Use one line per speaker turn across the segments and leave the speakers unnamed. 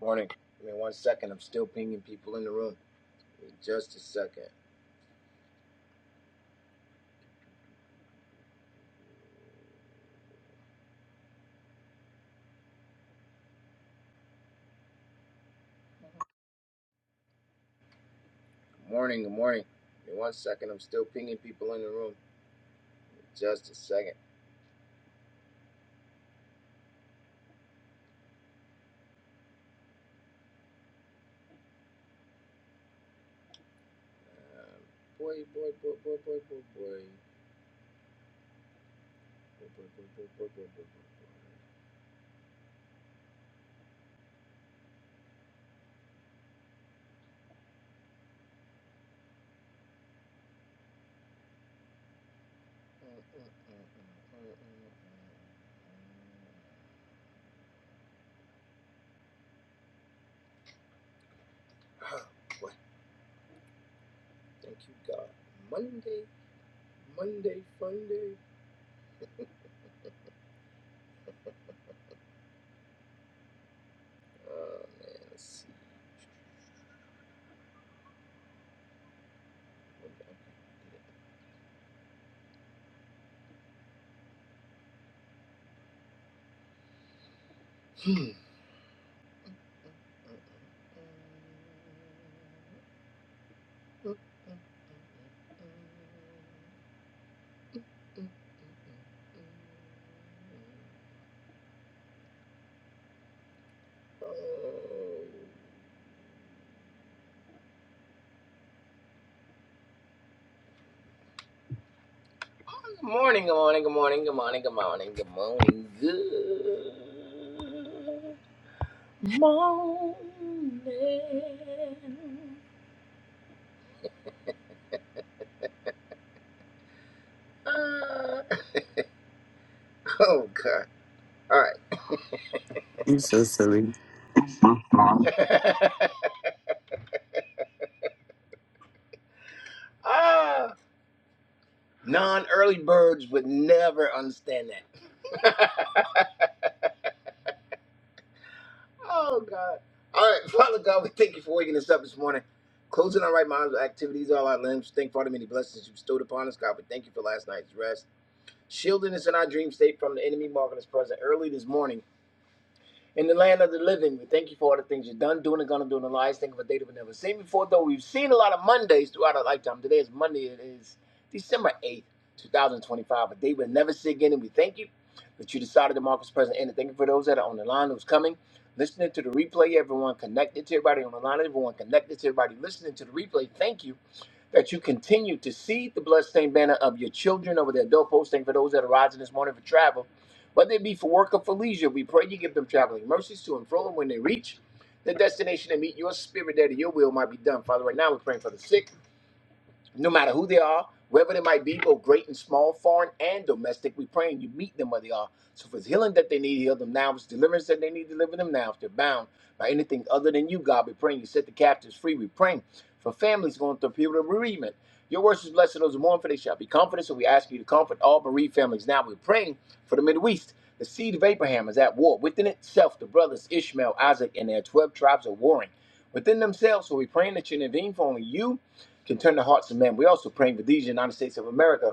Morning. Give me one second. I'm still pinging people in the room. Give me just a second. Good morning. Good morning. Give me one second. I'm still pinging people in the room. Give me just a second. Um, boy, boy, boy, boy, boy, boy, boy. Boy, boy, boy, boy, boy, boy, boy, boy, boy. Ah, boy. Thank you, God. Monday, Monday, fun day. Oh, man. Let's see. What did I do? Mm, mm, mm, mm, mm, mm. Good morning, good morning, good morning, good morning, good morning, good morning, good morning. Uh, oh, God. All
You so silly.
right. ah, non early birds would never understand that. Oh God. All right, Father God, we thank you for waking us up this morning. Closing our right minds with activities, all our limbs. Thank for the many blessings you bestowed upon us, God. We thank you for last night's rest. Shielding us in our dream state from the enemy, marking us present early this morning in the land of the living. We thank you for all the things you've done, doing, and gonna do in the lives. Thank of a day that we've never seen before, though we've seen a lot of Mondays throughout our lifetime. Today is Monday, it is December 8th, 2025, a day we'll never see again, and we thank you that you decided to mark us present. And thank you for those that are on the line who's coming, listening to the replay, everyone connected to everybody on the line, everyone connected to everybody listening to the replay. Thank you that you continue to see the bloodstained banner of your children over their doorpost. Thank you for those that are rising this morning for travel, whether it be for work or for leisure. We pray you give them traveling mercies to and fro, and when they reach the destination and meet your spirit there, that your will might be done. Father, right now we're praying for the sick no matter who they are, wherever they might be, both great and small, foreign and domestic. We pray and you meet them where they are. So if it's healing that they need, heal them now. If it's deliverance that they need, deliver them now. If they're bound by anything other than you, God, we praying you set the captives free. We praying for families going through a period of bereavement. Your words is blessed to those who mourn, for they shall be comforted. So we ask you to comfort all bereaved families. Now we're praying for the Middle East. The seed of Abraham is at war. Within itself, the brothers Ishmael, Isaac, and their 12 tribes are warring within themselves. So we praying that you intervene for only you can turn the hearts of men. We're also praying for these United States of America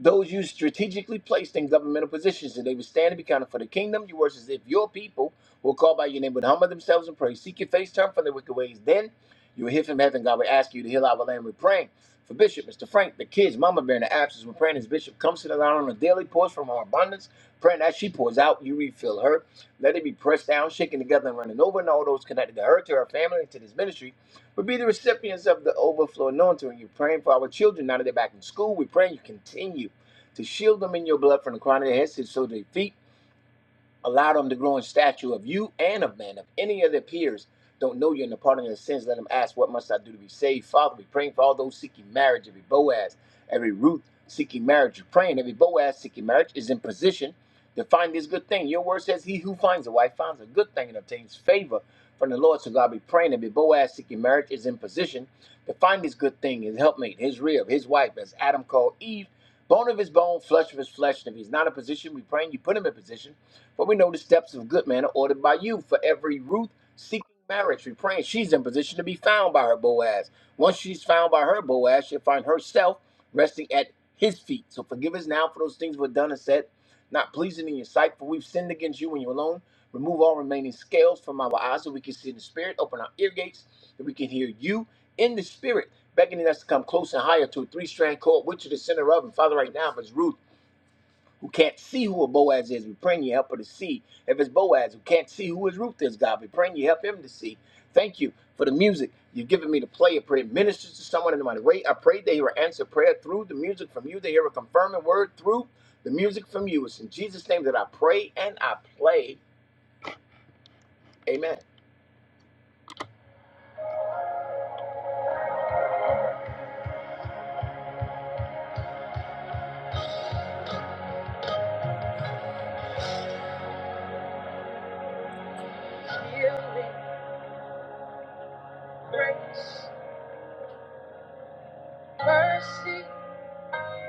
those you strategically placed in governmental positions, and they would stand and be counted for the kingdom. Your words is if your people will call by your name, would humble themselves and pray, seek your face, turn from their wicked ways, then you will hear from heaven. God will ask you to heal our land. We're praying for Bishop, Mr. Frank, the kids, Mama Bear, in the absence. We're praying as Bishop comes to the line on a daily pours from her abundance, praying as she pours out, you refill her. Let it be pressed down, shaken together, and running over, and all those connected to her, to her family, and to this ministry but be the recipients of the overflow anointing. You're praying for our children now that they're back in school. We're praying you continue to shield them in your blood from the crown of their heads so they feet Allow them to grow in stature of you and of men. If any of their peers don't know you in the pardon of their sins, let them ask, What must I do to be saved? Father, we praying for all those seeking marriage, every Boaz, every Ruth seeking marriage. You're praying every Boaz seeking marriage is in position to find this good thing. Your word says, He who finds a wife finds a good thing and obtains favor from the Lord. So God be praying every Boaz seeking marriage is in position to find this good thing, his helpmate, his rib, his wife, as Adam called Eve. Bone of his bone, flesh of his flesh. And if he's not in position, we praying you put him in position for we know the steps of a good men are ordered by you. For every Ruth seeking marriage, we praying she's in position to be found by her Boaz. Once she's found by her Boaz, she'll find herself resting at his feet. So forgive us now for those things we've done and said, not pleasing in your sight, for we've sinned against you and you alone. Remove all remaining scales from our eyes so we can see in the spirit. Open our ear gates that we can hear you in the spirit beckoning us to come close and higher to a three strand cord, which is the center of. And Father, right now, if it's Ruth who can't see who a Boaz is. We praying you help her to see if it's Boaz who can't see who his Ruth is, God. We praying you help him to see. Thank you for the music you've given me to play. I pray it ministers to someone in the mighty way. I pray they hear an answer prayer through the music from you. They hear a confirming word through the music from you. It's in Jesus' name that I pray and I play. Amen. Healing, grace, mercy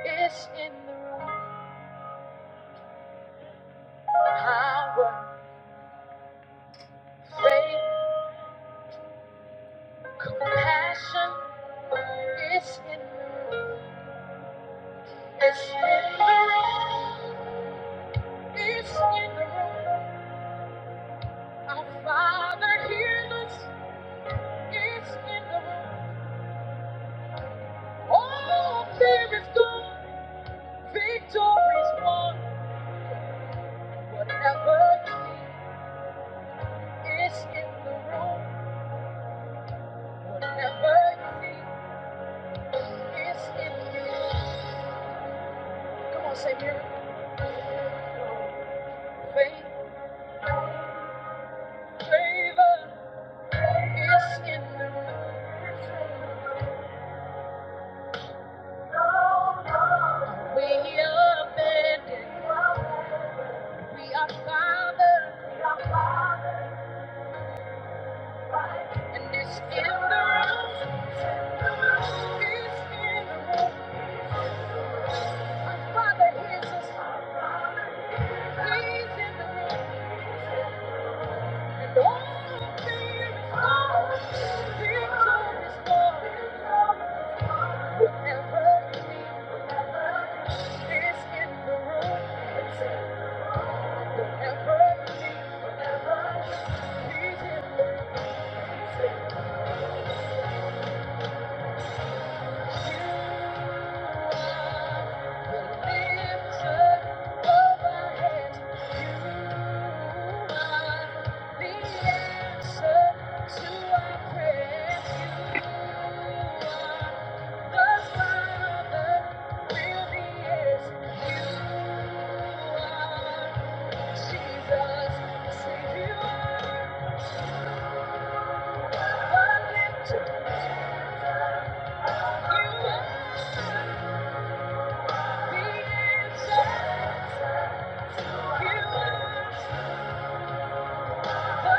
is in the room. Power, faith. Compassion is in the room. It's in the room. It's in the room. Our Father hears us. It's in the room. All fear is gone. Victory's won. Whatever you need, it's in the room. Whatever you need, it's in the room. Come on, say miracle. Faith, favor. Father is us. He's in the room. Thank you. Thank you. are Jesus.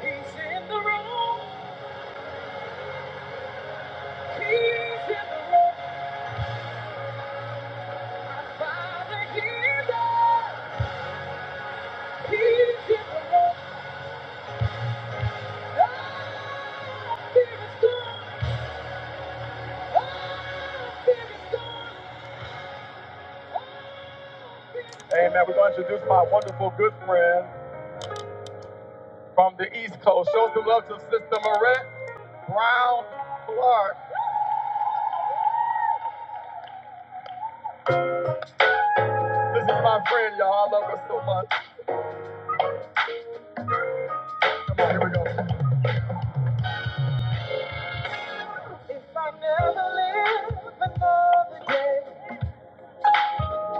He's in the room. My father, he's up. Amen. We're going to introduce my wonderful good friend from the East Coast. Show some love to Sister Marette Brown Clark. This is my friend, y'all. I love her so much. Come on, here we go. If I never live another day,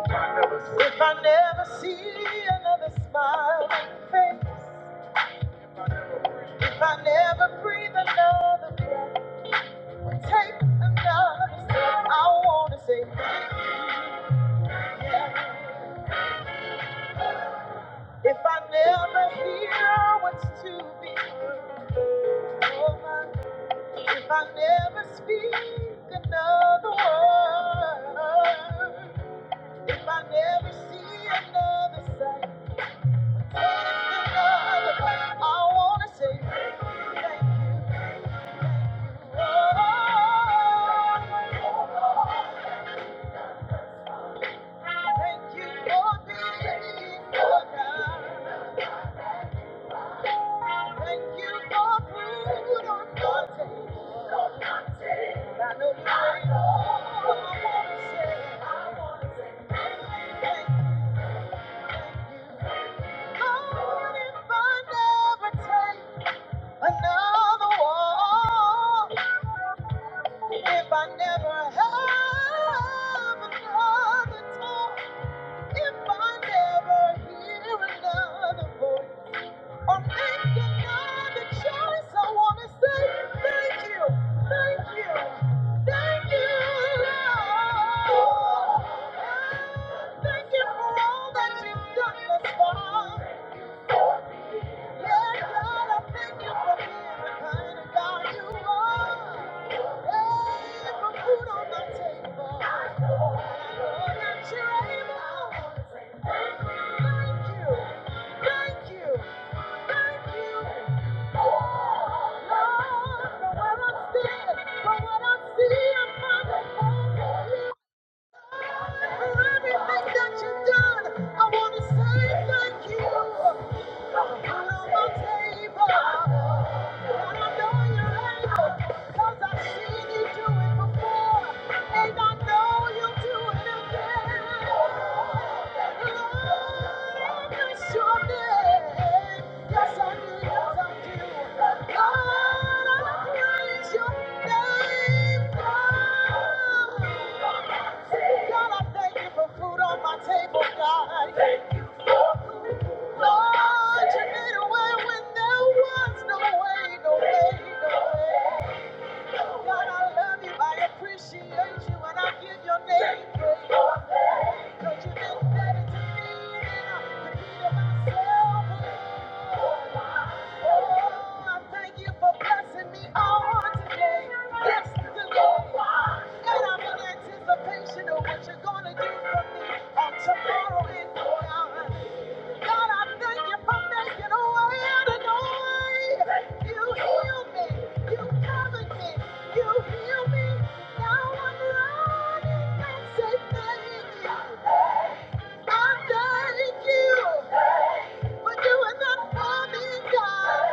if I never see, if I never see another smiling face, if I never breathe if I never breathe another breath. Take another step. I wanna say, if I never hear what's to be over, if I never speak another word, if I never see another sight, taste another bite, I wanna say thank you. Oh, thank you for being for God. Thank you for food on the table. I know you ain't all I wanna say. I wanna say thank you. Lord, if I never take another walk, if I never have another talk, if I never hear another voice. Oh, thank you, God, that choice. I want to say thank you, thank you, thank you, Lord. Thank you for all that you've done thus far. Thank you. For everything that you've done, I want to say thank you. Come on, my table. God, I thank you for food on my table, God. Lord, you made a way when there was no way, no way, no way. God, I love you, I appreciate you, and I give your name praise. Cause you've been better to me than I could be to myself. Oh, I thank you for blessing me on today, yesterday. And I'm in anticipation of what you're gonna do for me on tomorrow and beyond. God, I thank you for making a way out of no way. You heal me. You covered me. You heal me. Now I'm running and say thank you. I thank you for doing that for me, God.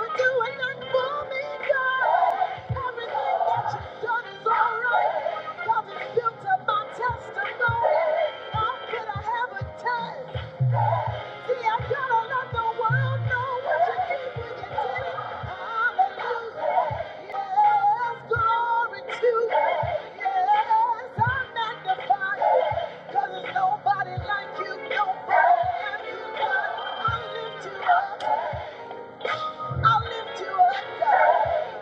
For doing that for me, God. Everything that you've done is all right. God, it's built up my testimony. How could I have a test? See, I'm to let the world know what you did when you did it. Hallelujah. Yes, glory to you. Yes, I magnify you. 'Cause there's nobody like you, nobody like you, God. I lift you up. I lift you up, God.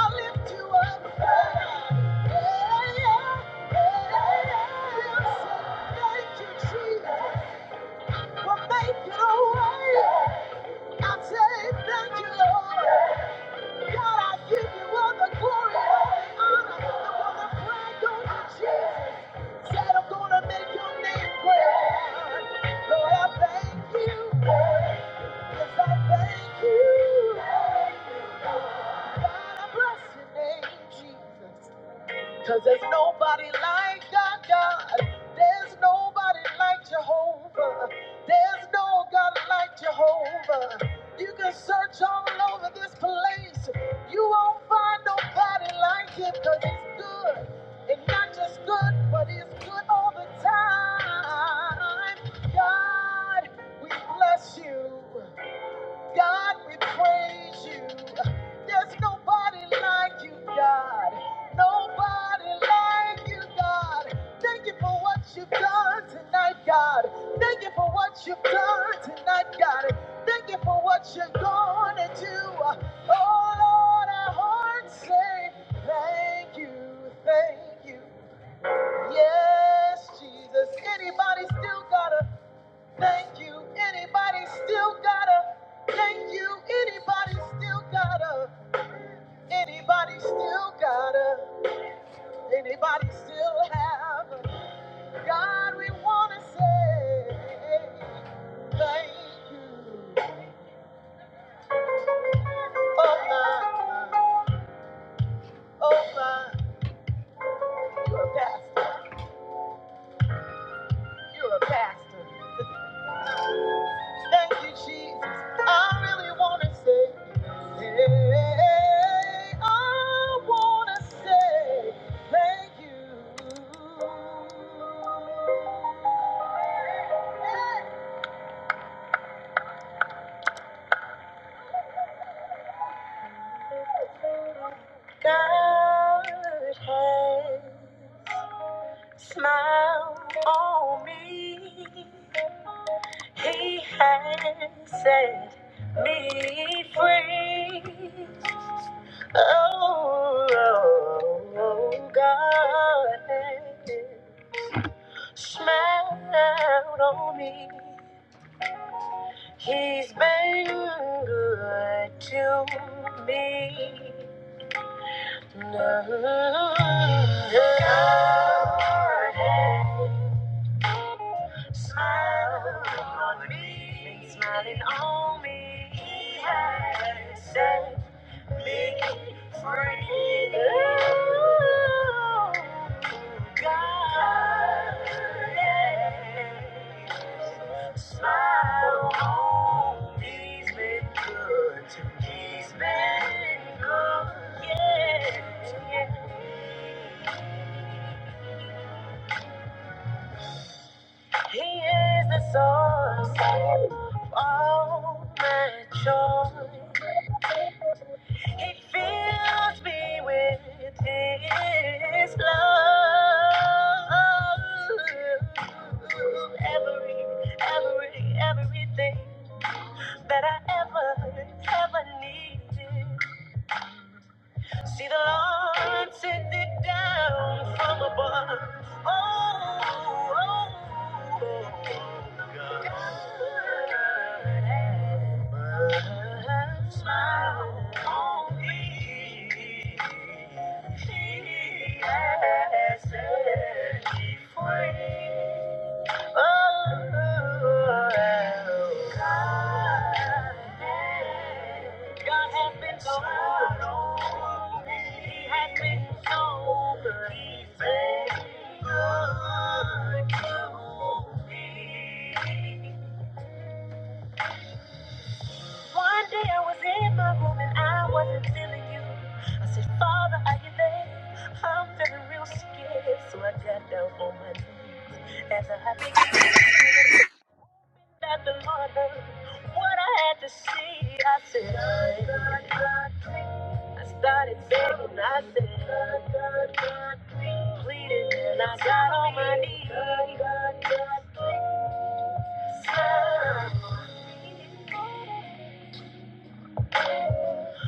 I lift you up, Yeah, yeah, yeah, yeah. Yes, thank you, Jesus, for making a way. I say thank you, Lord. God, I give you all the glory, all the honor, the wonderful praise, Go to Jesus. Said I'm gonna make your name great. Lord, I thank you. Yes, I thank you. God, I bless your name, Jesus. Cause there's nobody like God, God. There's nobody like Jehovah. There's no God like Jehovah. You can search all over this place. You won't find nobody like him because he's good. And not just good, but he's good all the time. God, we bless you. God, we praise you. There's nobody like you, God. Nobody like you, God. Thank you for what you've done tonight, God. Thank you for what you've done tonight, God. Thank you for what you're gonna do. Oh Lord, our hearts say thank you, thank you. Yes, Jesus. Anybody still gotta Thank you. Anybody still gotta. Thank you. Anybody still gotta. Anybody still gotta. Anybody still have. God, we wanna say thank you. Oh my, oh my. You're a pastor. You're a pastor. The Thank you, Jesus. I really want to say, hey, I want to say thank you. God has smiled on me. He has set me free. Oh, oh, oh, God, smiled on me. He's been good to me. God smiled on me. Smiling on me. He has said Smile he's been good to me. He's been good, yeah. He is the source of all my joy. He fills me with His love. Every, every, everything that I ever, ever needed. See the Lord send it down from above. Oh, oh, oh, God. God, smile on me. He has set me free. One day I was in my room and I wasn't feeling you. I said, Father, are you there? I'm feeling real scared, so I got down on my knees. As a happy. at the mother, what I had to see, I said, "God, God, God, please." I started begging, I said, "God, God, God, please." pleading, and I got on my knees. God, God, God, please. Someone.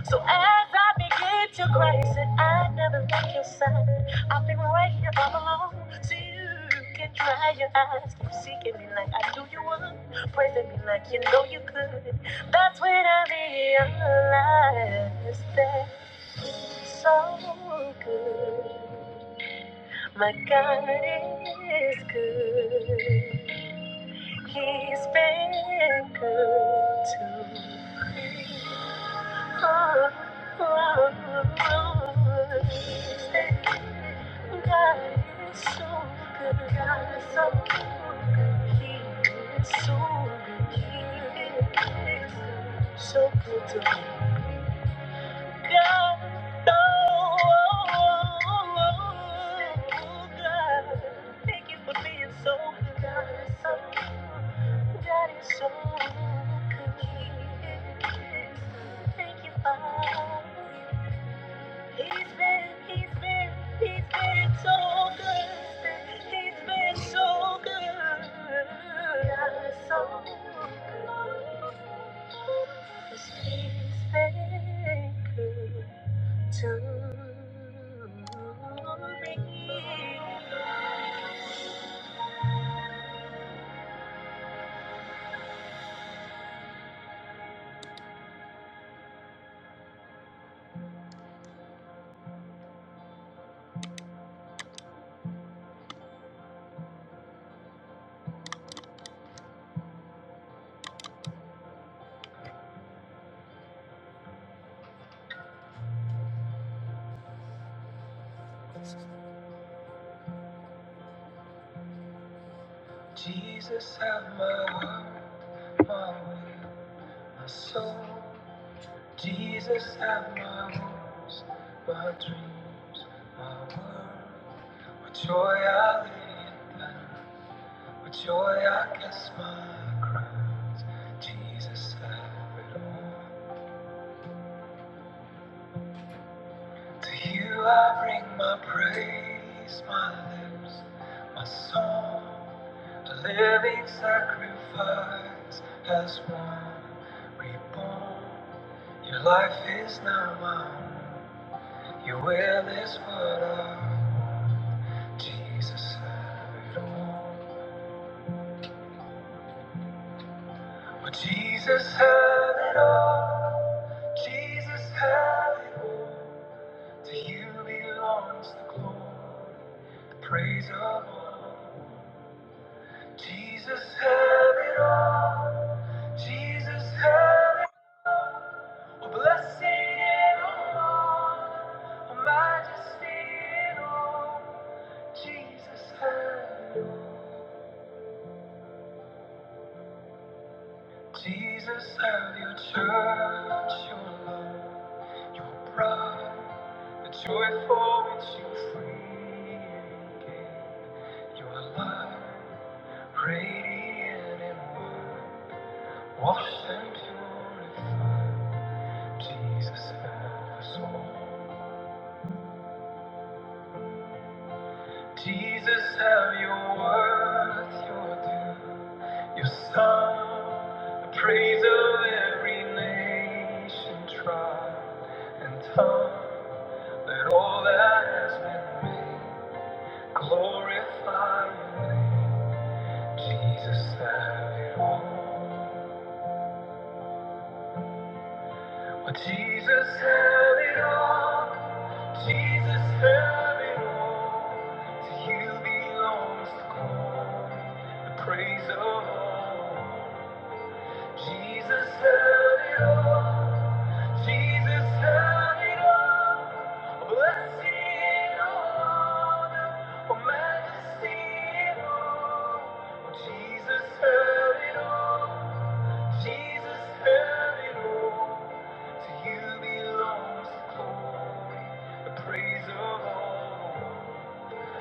So as I begin to cry, he said, I never left your side. I've been right here all along. So you can dry your eyes. Keep seeking me like I knew you would. Praising me like you know you could. That's when I realized that it's so good. My God is good. He's been good to me. Oh, oh, oh. God is so good. God is so good. He is so good. He is so good to me. He's been he's been, so good to me. Jesus, have my will, my way, my soul. Jesus, have my woes, my dreams, my world. With joy I lay it down, with joy I kiss my crowns. Jesus, have it all. To you I bring my praise, my lips, my song, a living sacrifice as one reborn. Your life is now mine, your will is what I want. Jesus had it all. Oh, Jesus had it all. Jesus had it all. To you belongs the glory, the praise of all. Jesus, have it all. Jesus, have it all. Oh, Blessing and honor, a majesty and all. Jesus, have it all. Jesus, have your church, your love, your bride, the joy for which you freely gave your life, radiant in white, washed and purified. Jesus, have us all. Jesus, have your worth, your due, your song, the praise of every nation, tribe, and tongue. Let all that has been made glorify your name. Jesus, have it all. But Jesus held it all. Jesus held it all. To you belongs the glory, the praise of all. Jesus held it all. Jesus held it all. Blessing and honor, oh majesty and all. Jesus held it all. Jesus held it all. To you belongs the glory, the praise of all.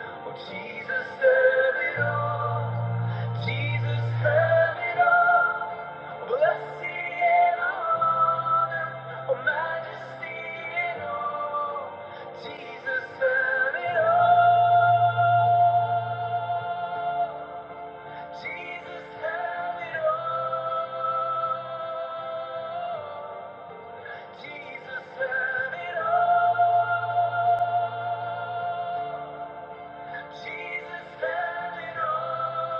Oh, Jesus held it all. Jesus held it all. Blessing and honor, oh, majesty and all. Jesus held it all. Jesus held it all. Jesus held it all. Jesus standing on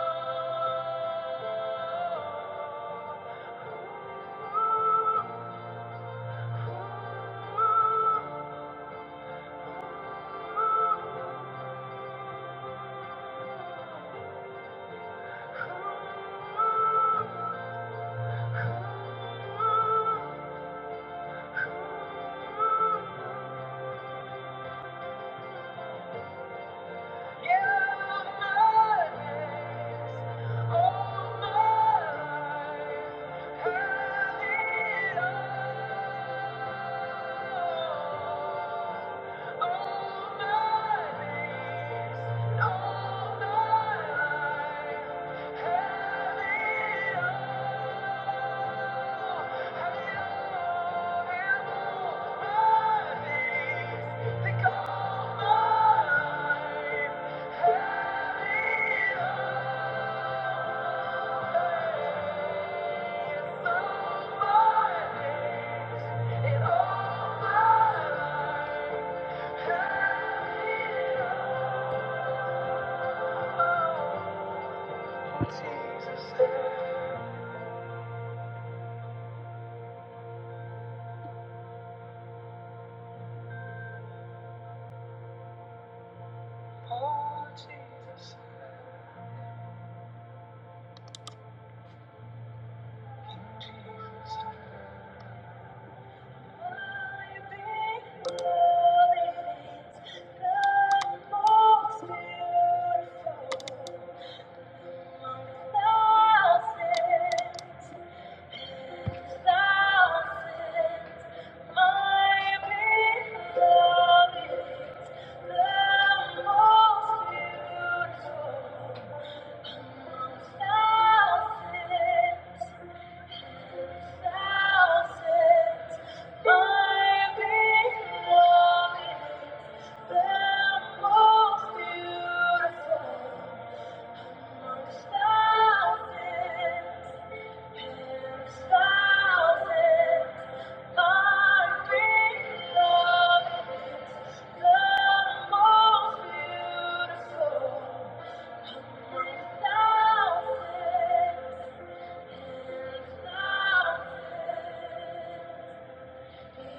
yeah, my days, all my life, had it all. All my days, all my life, had it all. Had it all and more. My days, think of my life. Thank you. Beautiful.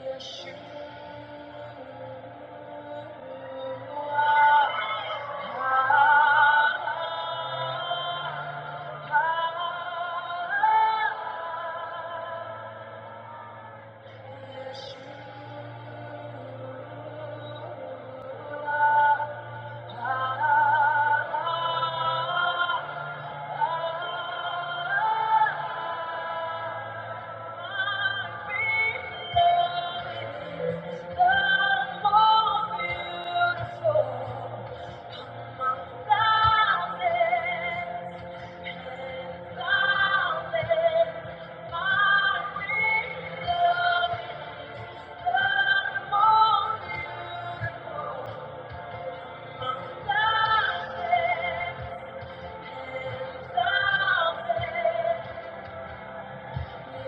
Yeshua. Yeshua.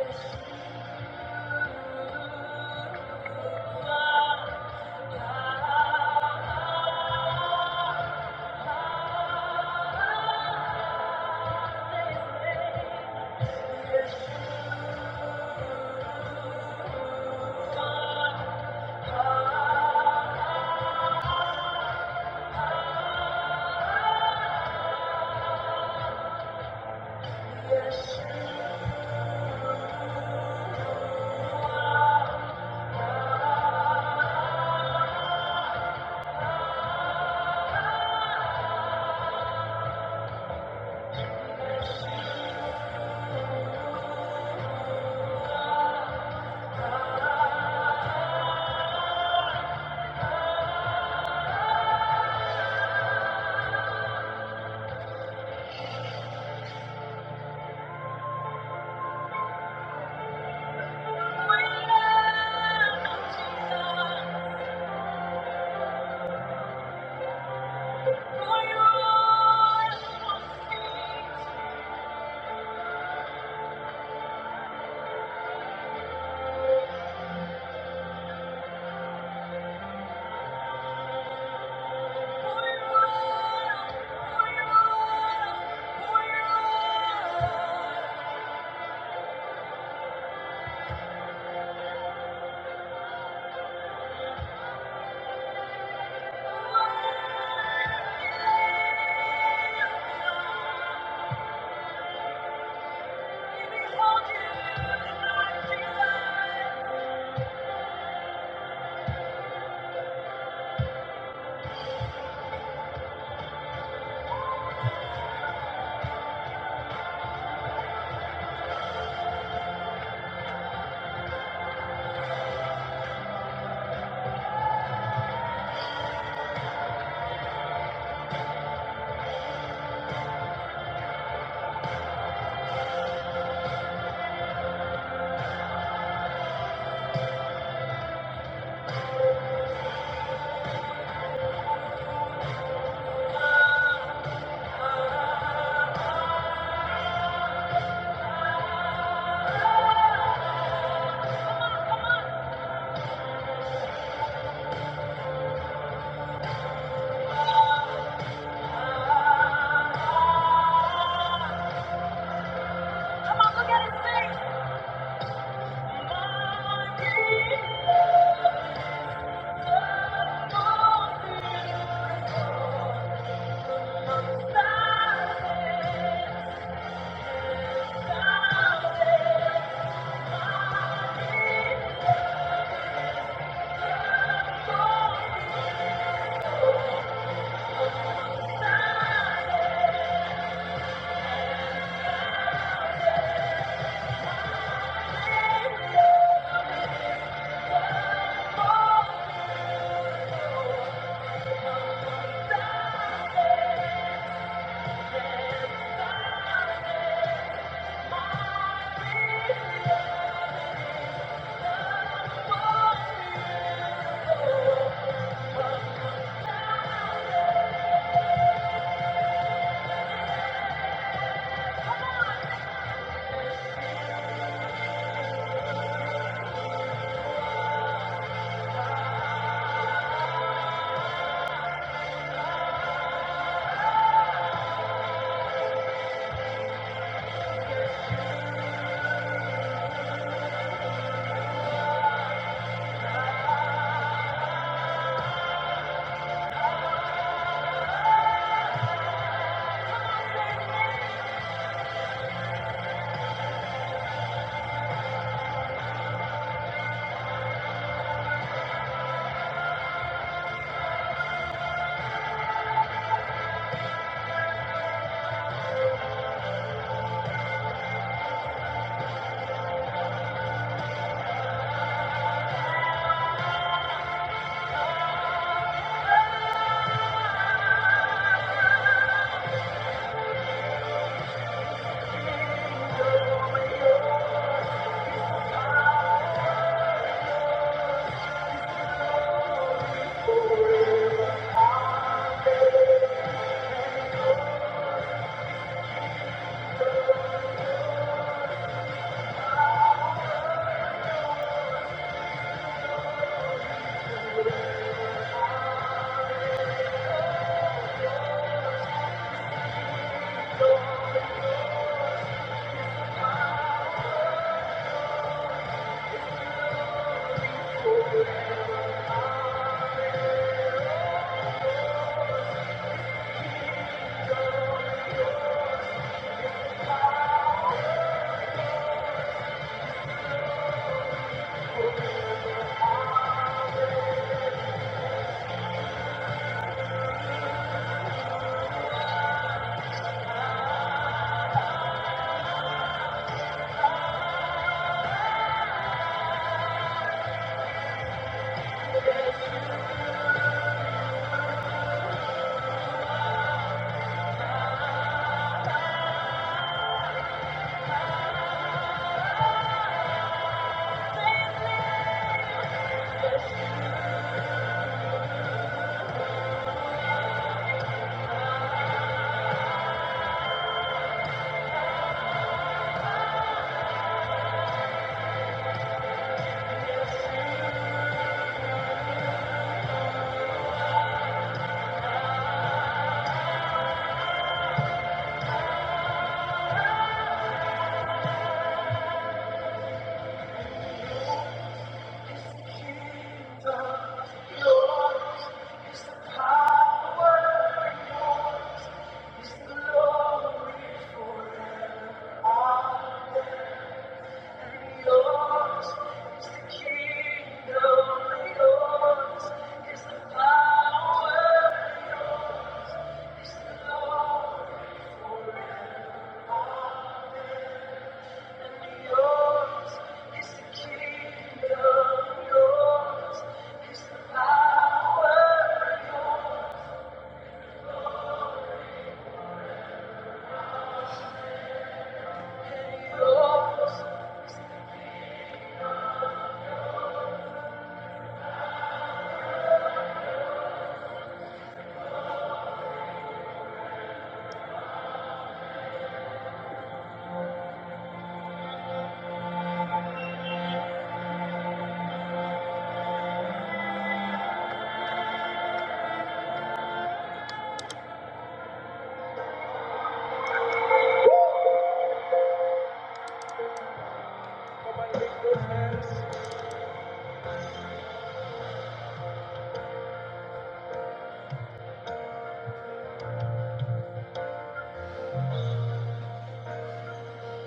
Thank you. Thank you. Come on, look at kingdom, yours, yours is the kingdom, yours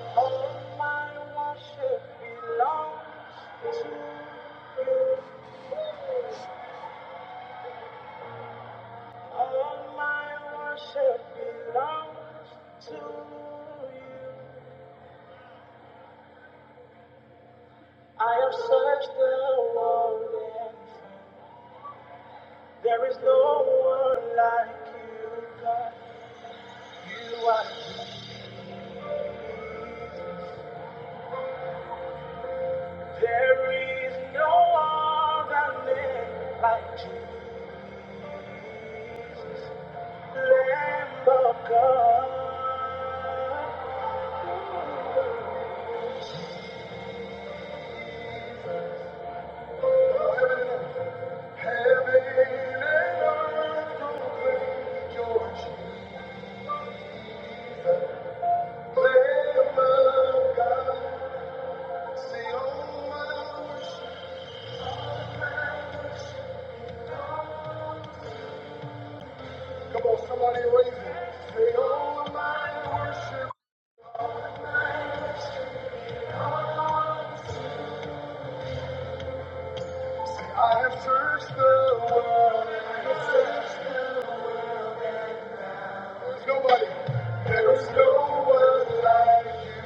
All my worship belongs to you. All my worship belongs to you. I have searched the world and There is no one like you, God. You are King. There is no other name like you, Lamb of God. Heaven and earth proclaim your chief, Lamb of God. See all the world says, Nobody, there is no one like you.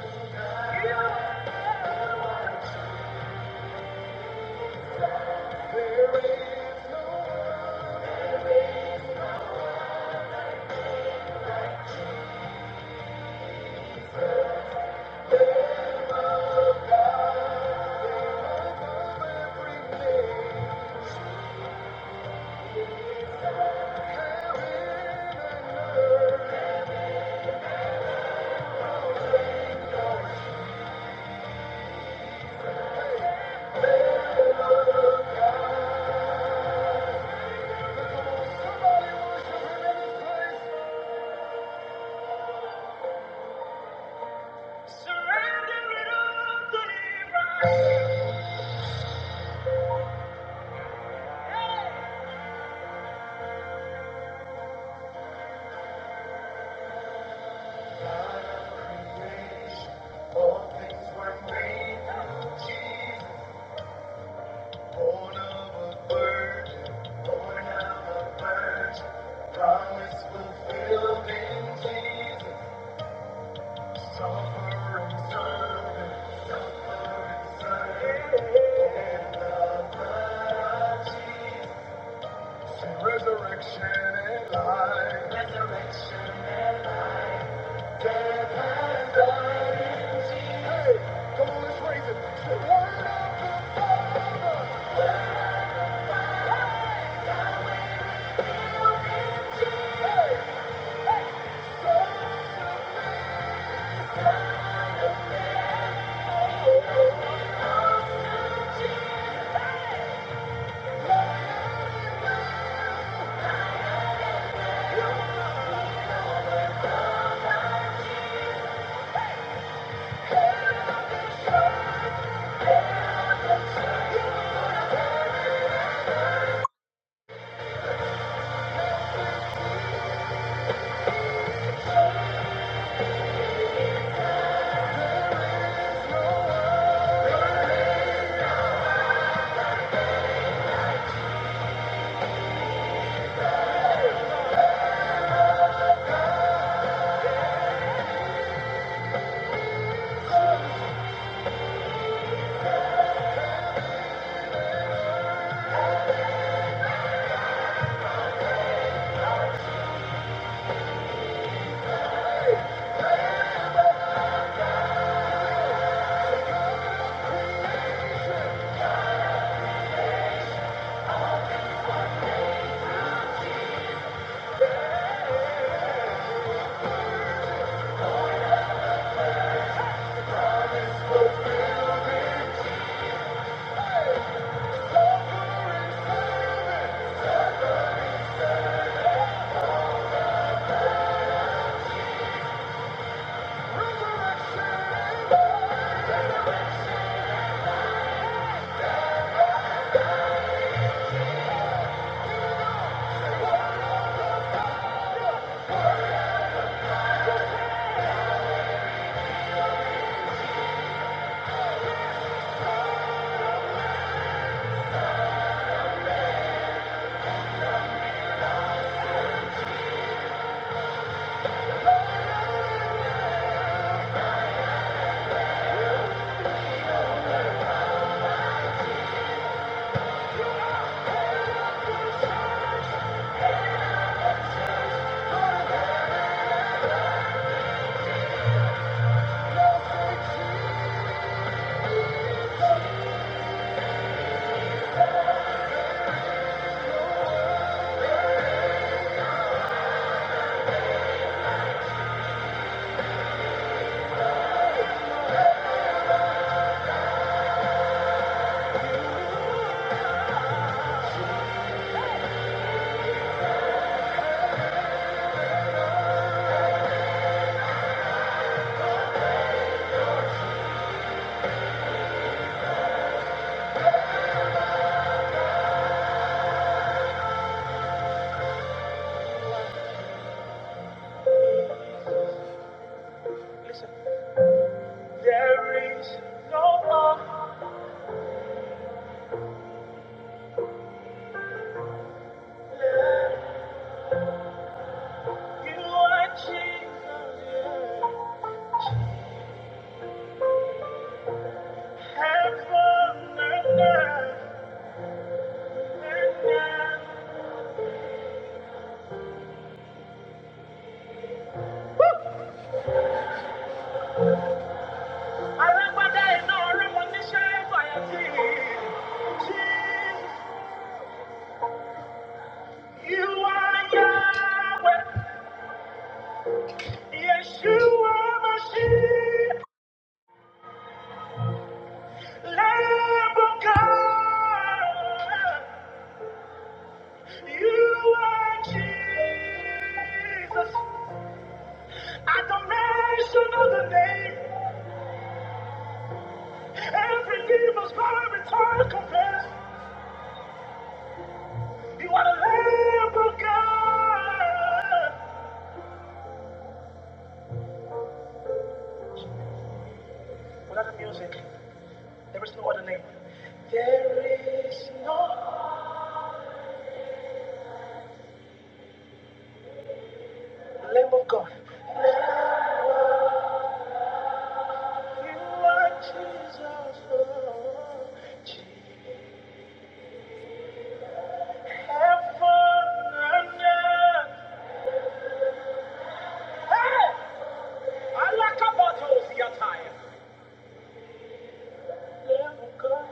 Resurrection and life. Hey, come on, let's raise it. Listen, there is no one like you are Jesus. Heaven and earth and earth. I like my day, no, I want to share my tears. Jesus, you are Yahweh. Yes, you are Mashiach, Lamb of God. You are Jesus. At the mention of the name, every knee must bow, every tongue confess. You are the Lamb of God. Without the music, there is no other name. There is no Lamb of God. You are Jesus. oh, Jesus. Heaven and earth. Hey! I like about those your time. Lamb of God.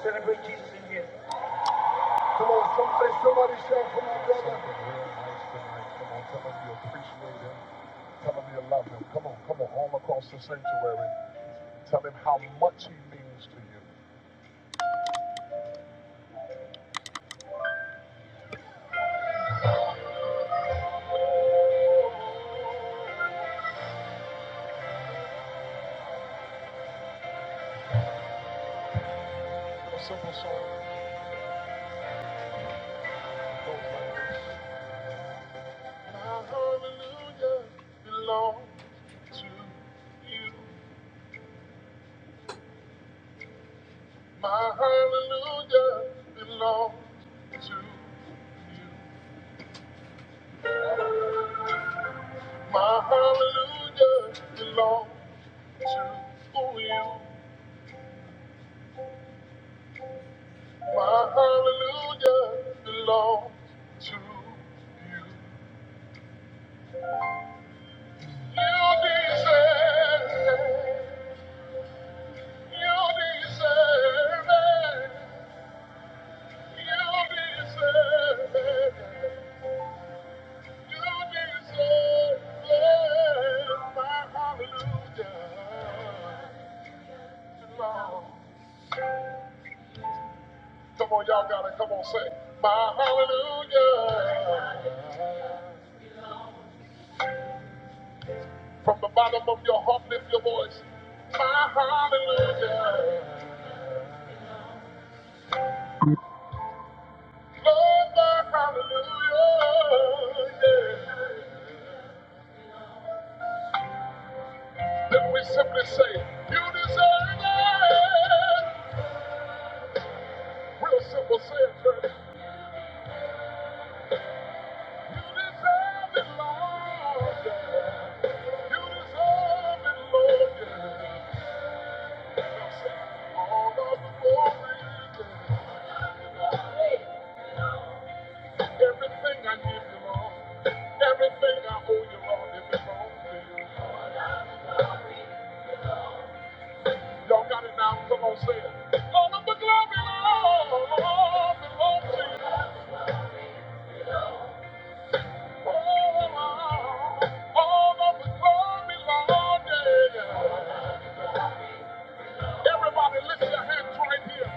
Celebrate Jesus in here. Come on, somebody, somebody shout for my brother. Something real nice tonight. Come on, tell him you appreciate him. Tell him you love him. Come on, come on, all across the sanctuary. Tell him how much he means to you. A simple song that goes like this. You, you deserve it. You deserve it. You deserve it. Come on, y'all gotta come on, say my hallelujah. From the bottom of your heart, lift your voice. My hallelujah. Lord, my hallelujah. Yeah. Then we simply say, You deserve it. Well, you deserve it, Lord. Yeah. You deserve it, Lord. Yeah. Everybody lift your hands right here.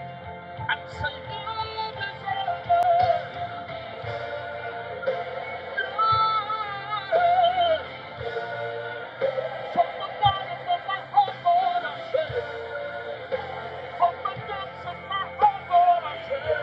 From the bottom of my heart, Lord, I say, from the depths of my heart, Lord, I say.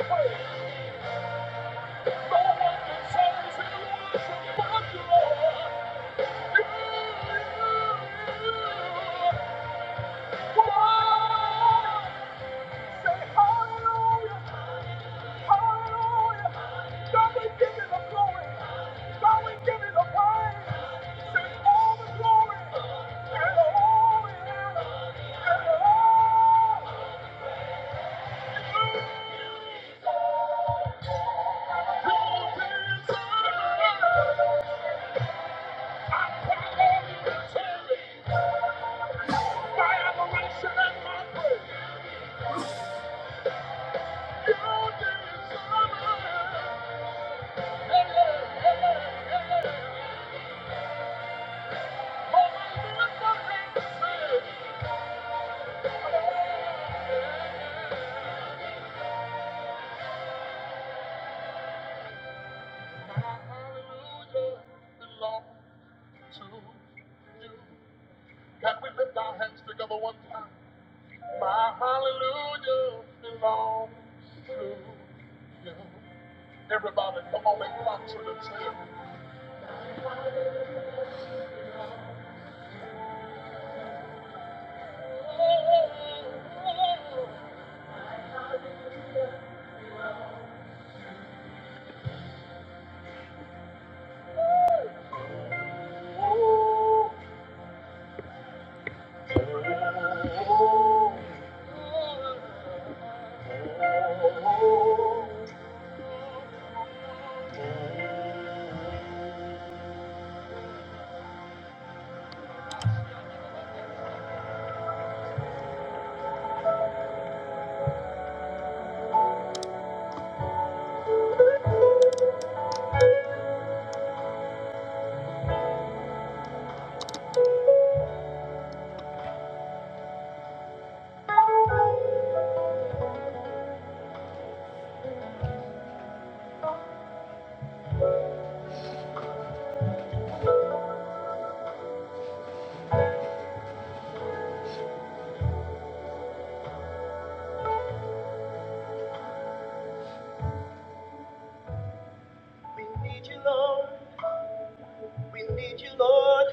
Thank you. Thank you. Can we lift our hands together one time? My hallelujah belongs to you. Everybody, come on and rock to the tune. We need you, Lord. We need you, Lord.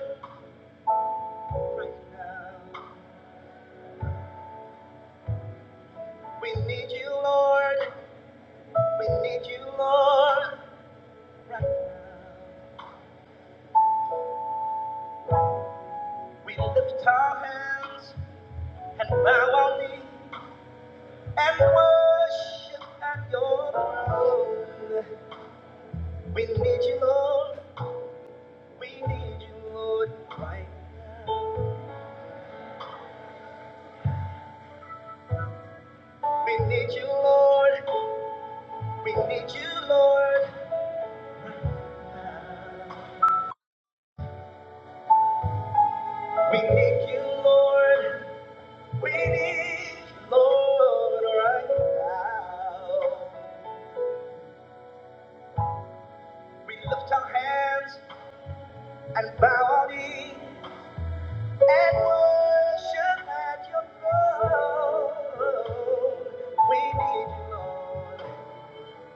Right now. We need you, Lord. We need you, Lord. Right now. We lift our hands and bow our knee and worship at your throne. We need you, Lord. We need you, Lord. Right now. We need you, Lord. We need you, Lord. We need you, Lord. We need you, Lord, right now. We lift our hands and bow our knee and worship at your throne. We need you, Lord.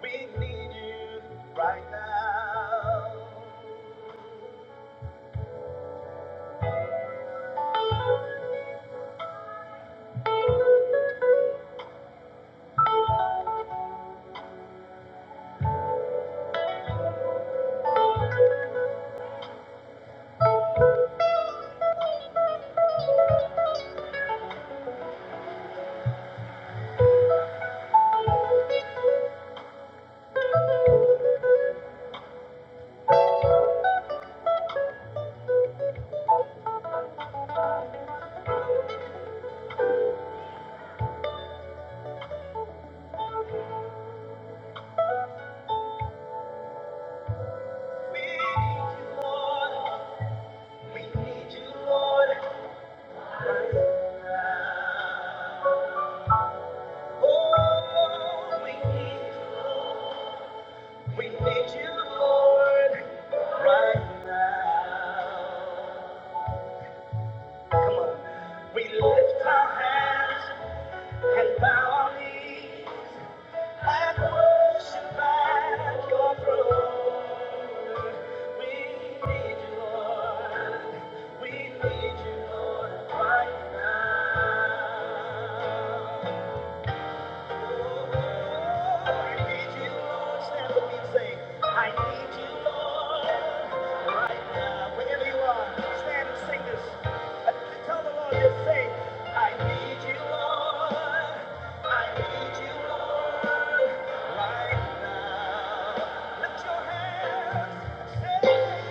We need you right now. We need you, Lord. We need you, Lord. Oh, we need you. We need you, Lord, right now. Come on. We lift our hands. And bow our knees and worship at your throne. We need you, Lord. We need you, Lord, right now. Lift your hands, say.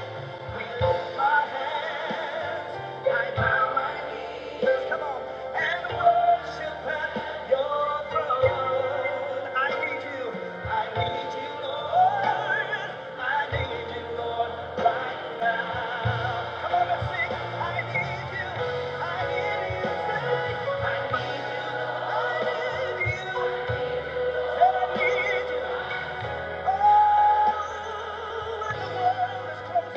With both my hands, I bow my knees. Come on and worship at Your throne. I need You, I need You, Lord. I need You, Lord, right now. Come on I need You, I need You, I need You, I need You, I need You. I lift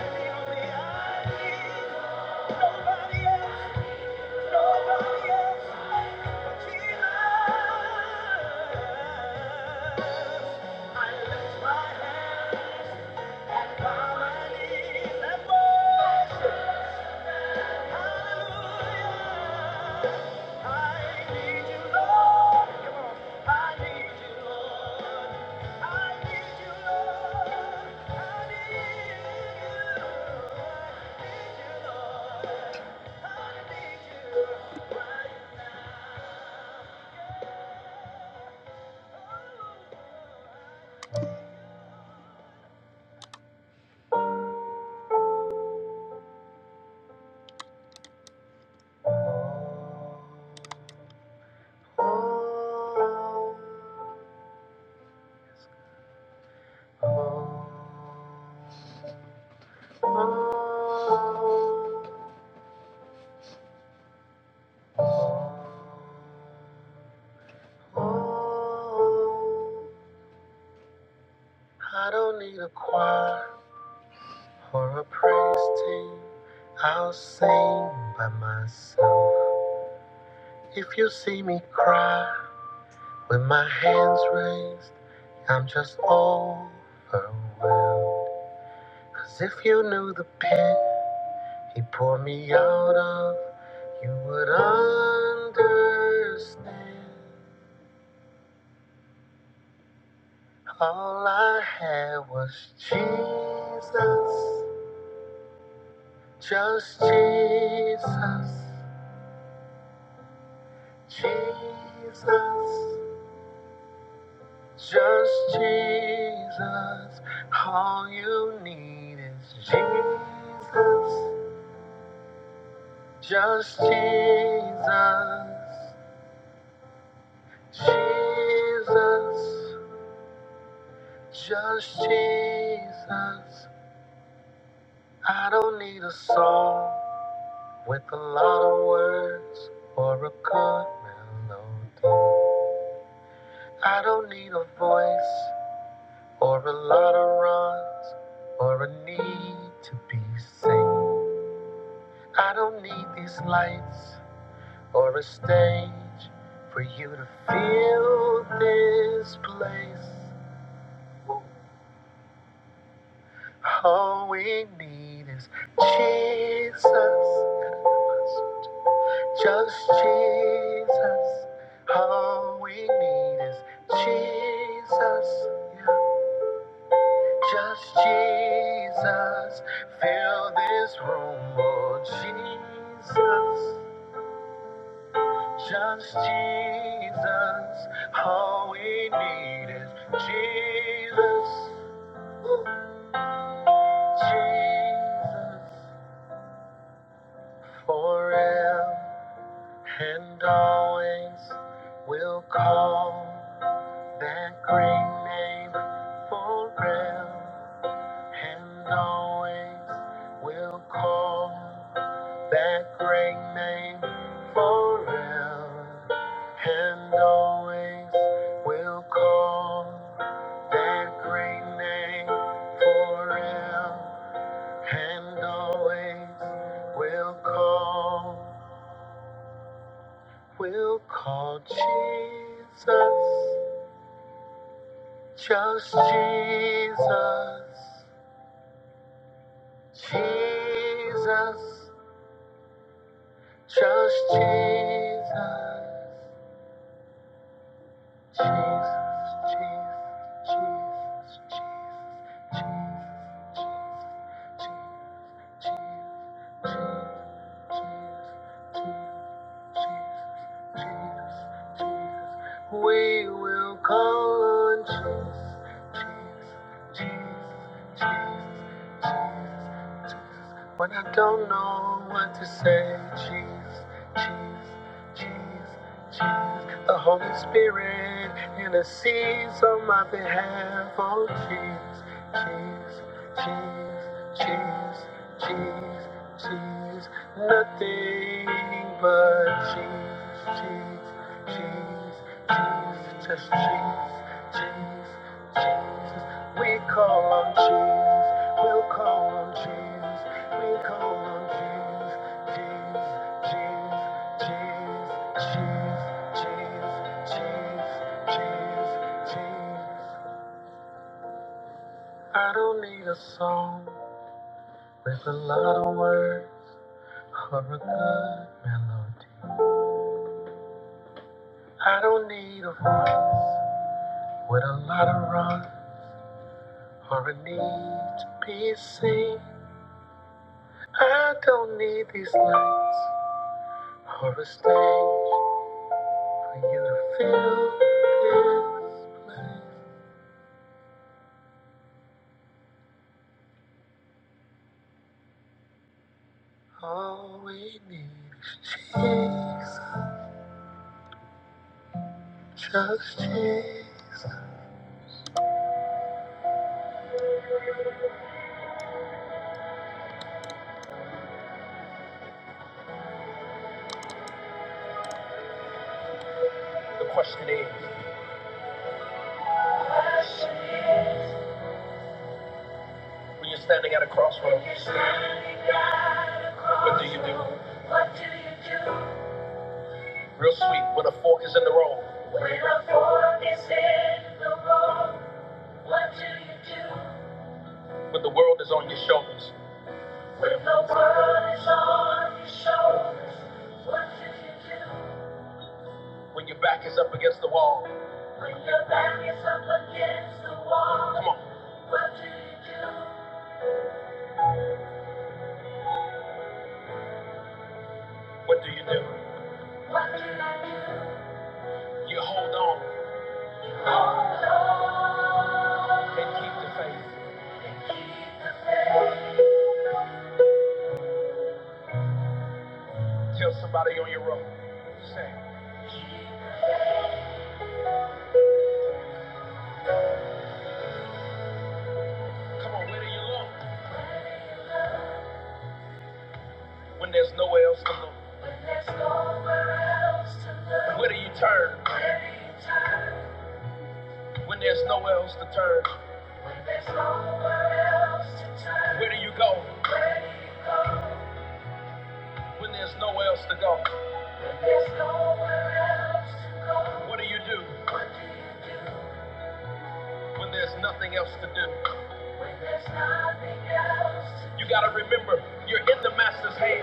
my my hands and Thank worship. I don't need a choir or a praise team. I'll sing by myself. If you see me cry with my hands raised, I'm just overwhelmed. Cause if you knew the pit he poured me out of, you would understand. All I had was Jesus, just Jesus, Jesus, just Jesus. All you need is Jesus, just Jesus, Jesus. Just Jesus. I don't need a song with a lot of words or a good melody. I don't need a voice or a lot of runs or a need to be seen. I don't need these lights or a stage for you to feel this place. All we need is Jesus. Just Jesus. All we need is Jesus. Yeah. Just Jesus. Fill this room, Lord Jesus. Just Jesus. All we need is Jesus. Jesus. Forever and always we'll call. That great name forever and always will call. That great name forever and always will call. That great name forever and always will call. Will call Jesus, just Jesus. Jesus, just Jesus. Jesus, Jesus, Jesus, Jesus, Jesus, Jesus, Jesus, Jesus, Jesus. Jesus, Jesus, Jesus, we will call on Jesus, Jesus, Jesus, Jesus, Jesus, Jesus. When I don't know what to say, Jesus, Jesus, Jesus, Jesus. The Holy Spirit intercedes on my behalf, oh Jesus, Jesus, Jesus, Jesus. Jesus, Jesus, Nothing but cheese, cheese, cheese, cheese, just cheese, cheese, cheese. We call on cheese, we'll call on cheese, we call on cheese, cheese, cheese, cheese, cheese, cheese, cheese, cheese, cheese. I don't need a song with a lot of words or a good melody. I don't need a voice with a lot of run or a need to be seen. I don't need these lights or a stage for you to feel this place. All we need is Jesus, just Jesus. What do you do? What do you do when a fork is in the road? What do you do? When your back is up against the wall. When your back is up against the wall. You hold on, bro. When there's nowhere else to look. When every time. When there's nowhere else to turn. When there's nowhere else to turn. Where do you go? Where do you go? When there's nowhere else to go. When there's nowhere else to go. What do you do? What do you do? When there's nothing else to do. You gotta remember, you're in the master's hand.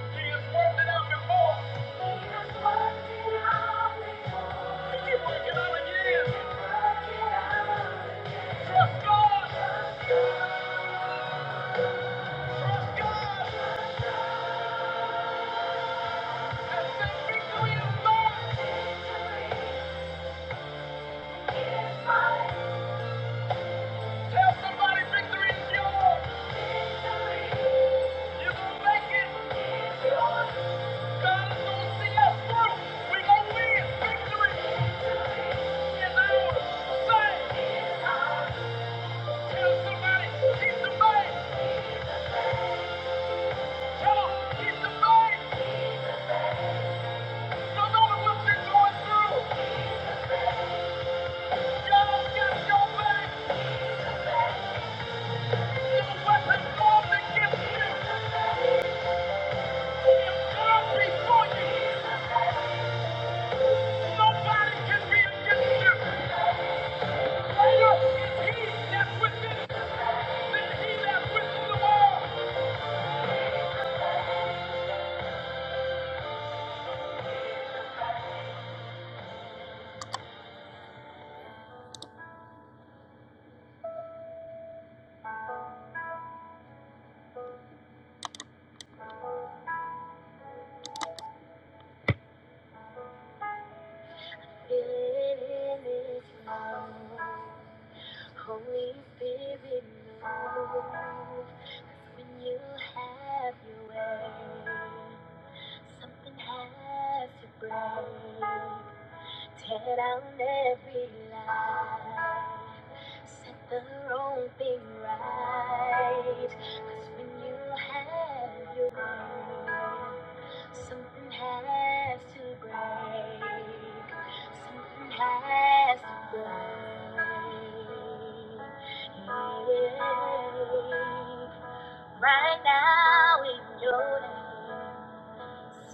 He has worked it out before. He has worked it out before. You keep working on it, yes. Trust God. Somebody, victory is yours. You will make it. God is gonna see us through. We gonna win. Victory is ours. Say it. Tell somebody, keep the faith. He's on, keep the faith. No what you're going through, God got your back. No weapon formed against you. If God you, nobody can be against you. Spirit, love. Holy Spirit, move. 'Cause when you have your way, something has to break. Tear down every lie. Set the wrong thing right. Cause when you have your way, something has to break. Something has to break. Yeah. Right now in your name.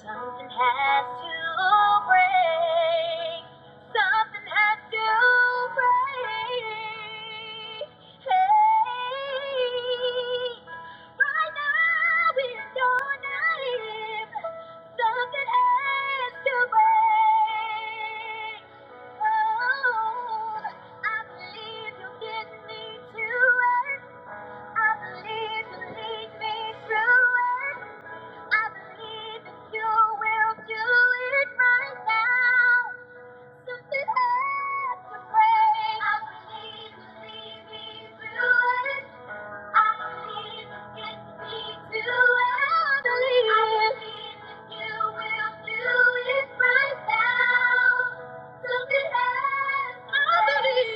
Something has to break. Something has to break. Hey, right now in your name, something has to break. Oh, I believe you will get me to it. I believe you will lead me through it. I believe that you will do it right now. Something has to break. I believe, believe, we will Something has to break. I believe.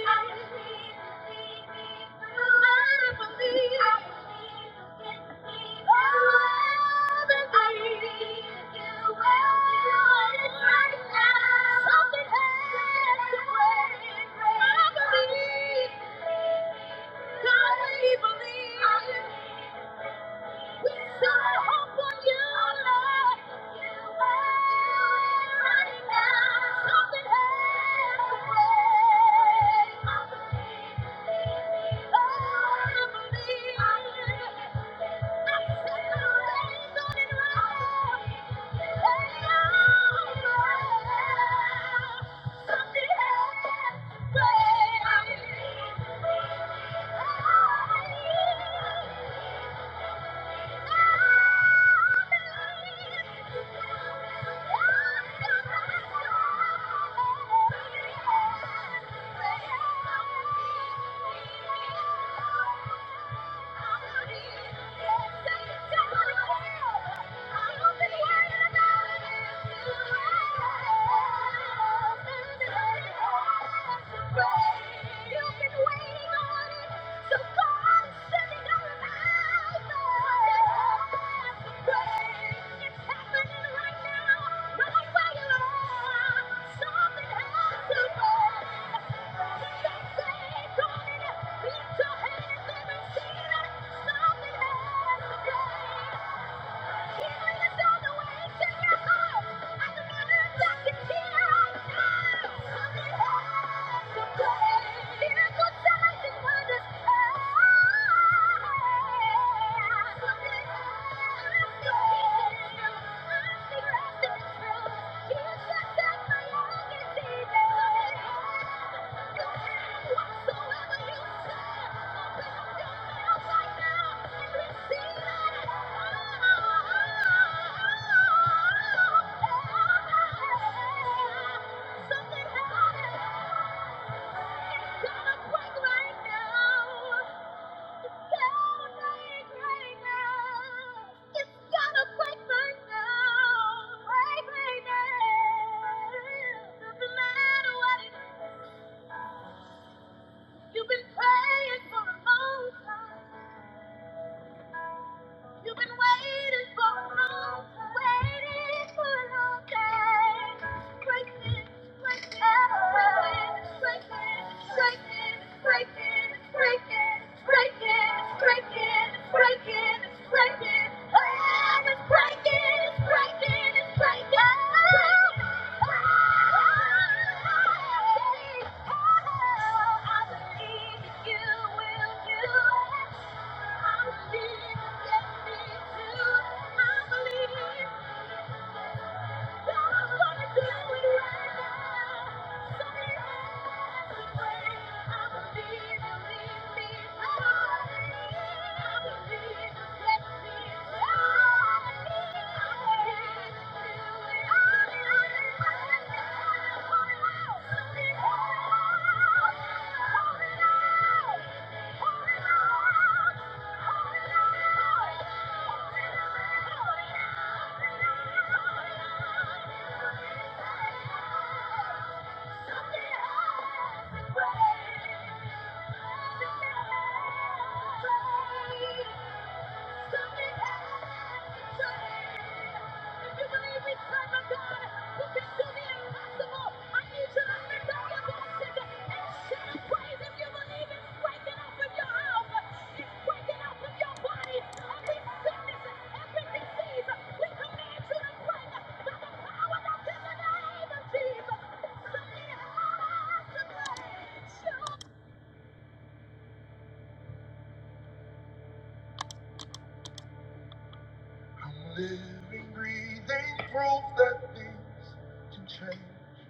Yeah. Yeah. Thank you. Thank you. Doesn't matter what it is. You've been praying for a long time. You've been waiting for a long time. Waiting for a long time. Breakthrough, breakthrough, breakthrough, breakthrough, breakthrough, breakthrough, breakthrough, breakthrough, breakthrough, breakthrough. Oh, it's Breaking, it's breaking, it's breaking. Thank you. Something I'm living, breathing proof that things can change.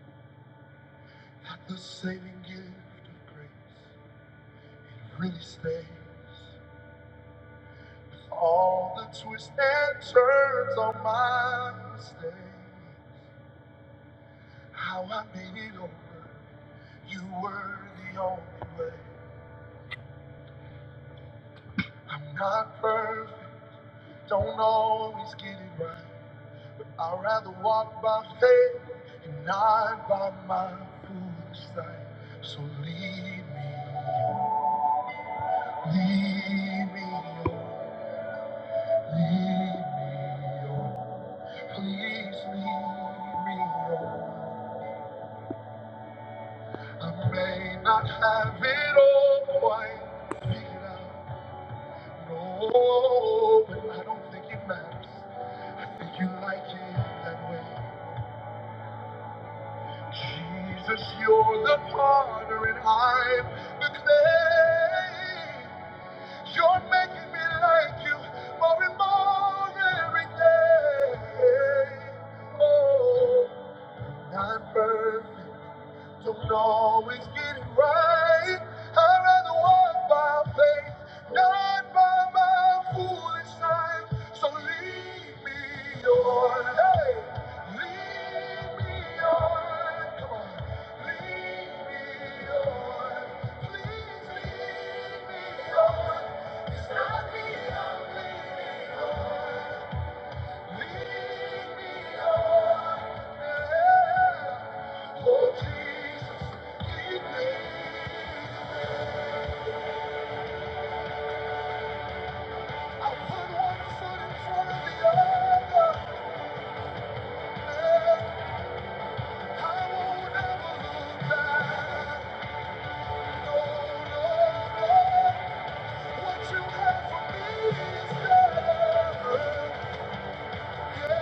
The saving gift of grace, it really stays. With all the twists and turns on my mistake, how I made it over, you were the only way. I'm not perfect, don't always get it right. I'd rather walk by faith and not by my foolish sight. So lead me, on, lead me. on. I may not have it all quite figured out. No, but I don't think it matters if you like it that way. Jesus, you're the potter and I'm the clay. You're making me like you more and more every day. Oh. I'm burning. I'd rather walk by faith, not so you're lead me on. Come on, lead me on. Yeah. Oh, Jesus, lead me. I put one foot in front of the other. Yeah. I won't ever look back. No, no, no. What you have for me is better. Will leave, you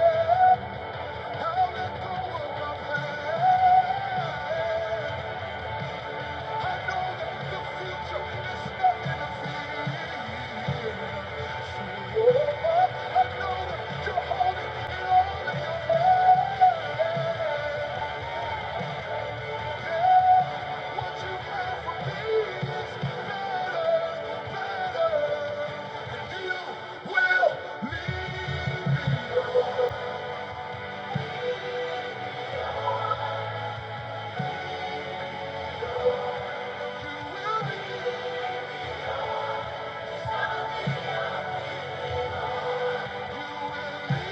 will leave, you will leave.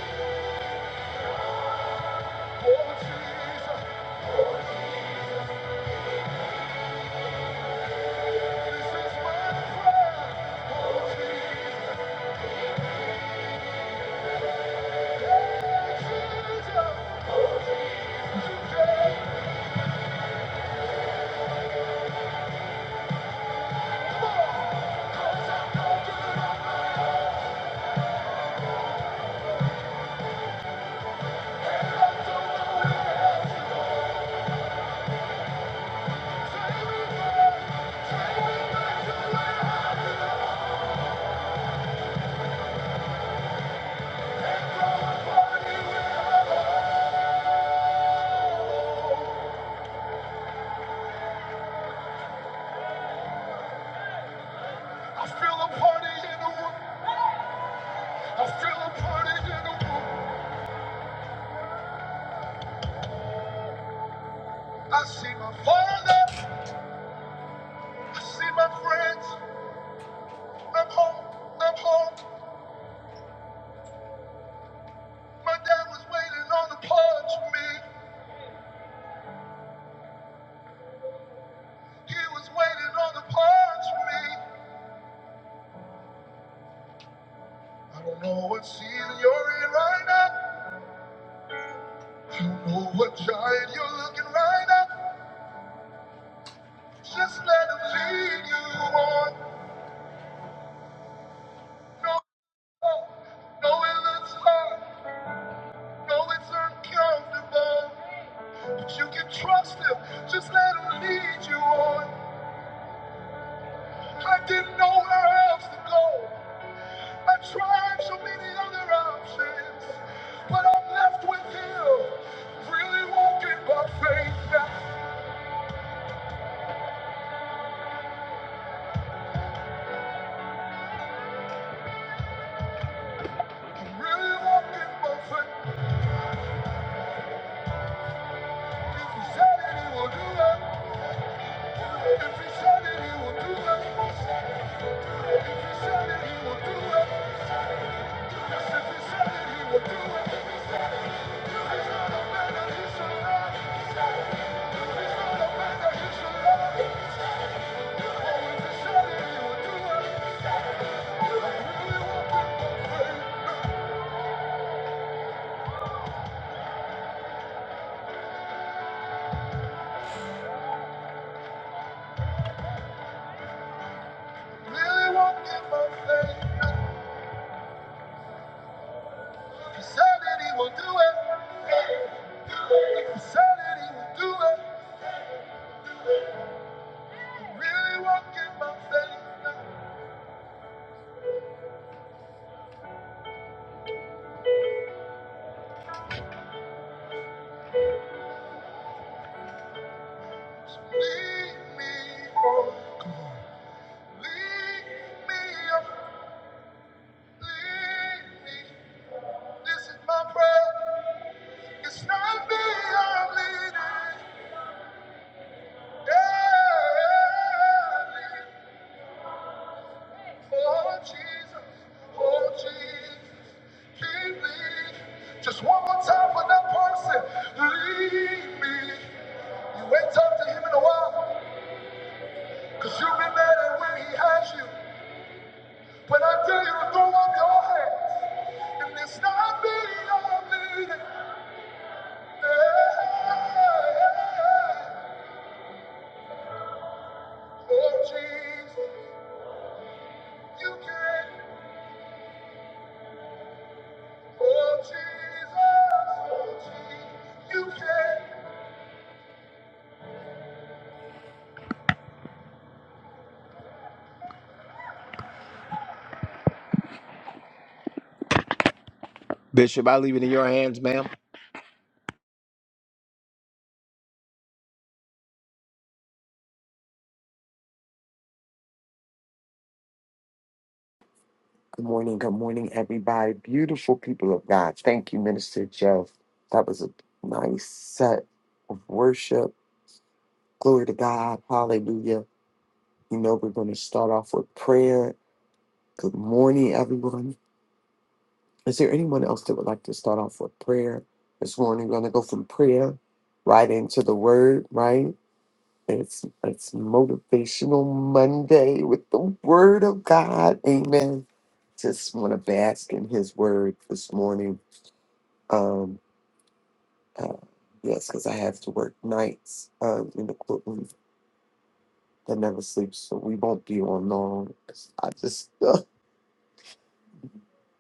I feel a party in the room. I feel a party in the room. I see my father. I see my friends. I'm home. I'm home. My dad was waiting on the punch me. He was waiting on the punch me. I don't know what season you're in right now. You know what giant you're looking right at. Just let him lead you on. No, no, it looks hard. No, it's uncomfortable. But you can trust him. Just let him lead you on. I didn't know where else to go. I tried so many other options. But I'm left with him. Really walking by faith now. I'm really walking by faith. If he said it, he will do it. If he said it, he will do it. If he said it, he will do it. Yes, if he said it, he will do it. He's not a man that he should lie. He's not a man that he should lie. Oh, if he said it, he will do it. I really want it by faith. Really want it by faith. If he said it, he will do it. If he said it, he will do it. Really want it by faith. Just one more time for that person. Lead me. You ain't talked to him in a while. you be mad at when he has you. But I dare you to throw up your hands. And it's not me I'm leading. Bishop, I leave it in your hands, ma'am.
Good morning, good morning, everybody. Beautiful people of God. Thank you, Minister Jeff. That was a nice set of worship. Glory to God. Hallelujah. You know, we're going to start off with prayer. Good morning, everyone. Is there anyone else that would like to start off with prayer this morning? We're going to go from prayer right into the word, right? It's it's motivational Monday with the Word of God. Amen. Just want to bask in His Word this morning. Um, uh, yes, because I have to work nights uh, in the courtroom that never sleeps, so we won't be on long. I just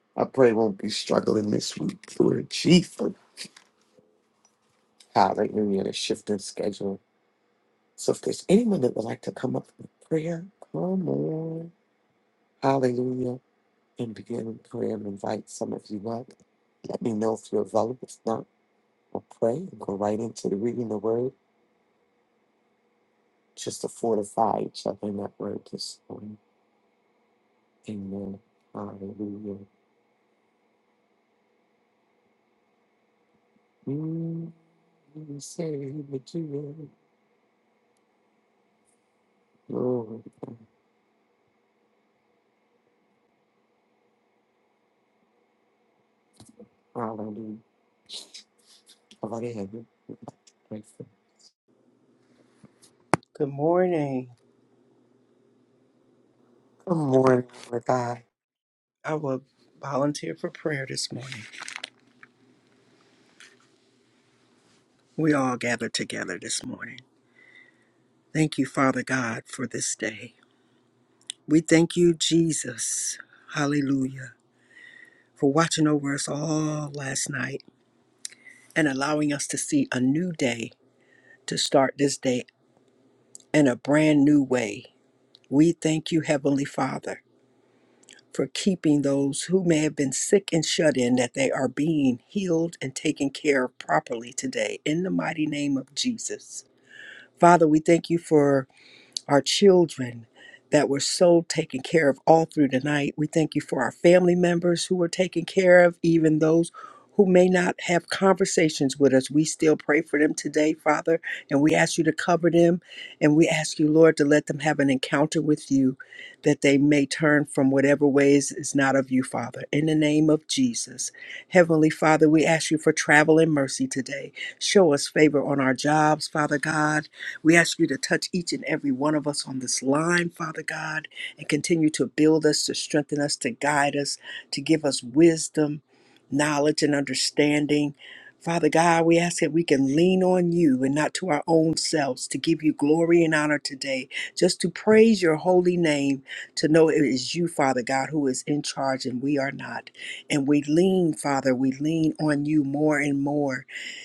I pray won't be struggling this week. Lord Jesus, Hallelujah! a shifting schedule. So if there's anyone that would like to come up with prayer, come on. Hallelujah. and begin in prayer and invite some of you up. Let me know if you're available. If not, we'll pray and go right into the reading of the word just to fortify each other in that word this morning. Amen. Hallelujah. Mm, you saved me too, Lord. Hallelujah. Already heaven. Grateful.
Good morning.
Good morning, Lord God.
I will volunteer for prayer this morning. We all gather together this morning. Thank you, Father God, for this day. We thank you, Jesus. Hallelujah. For watching over us all last night and allowing us to see a new day to start this day in a brand new way. We thank you, Heavenly Father, for keeping those who may have been sick and shut in that they are being healed and taken care of properly today in the mighty name of Jesus. Father, we thank you for our children that were so taken care of all through the night. We thank you for our family members who were taken care of, even those who may not have conversations with us. We still pray for them today, Father, and we ask you to cover them. And we ask you, Lord, to let them have an encounter with you that they may turn from whatever ways is not of you, Father. In the name of Jesus. Heavenly Father, we ask you for travel and mercy today. Show us favor on our jobs, Father God we ask you to touch each and every one of us on this line, Father God, and continue to build us, to strengthen us, to guide us, to give us wisdom, knowledge, and understanding. Father God, we ask that we can lean on you and not to our own selves to give you glory and honor today, just to praise your holy name, to know it is you, Father God, who is in charge and we are not. And we lean, Father, we lean on you more and more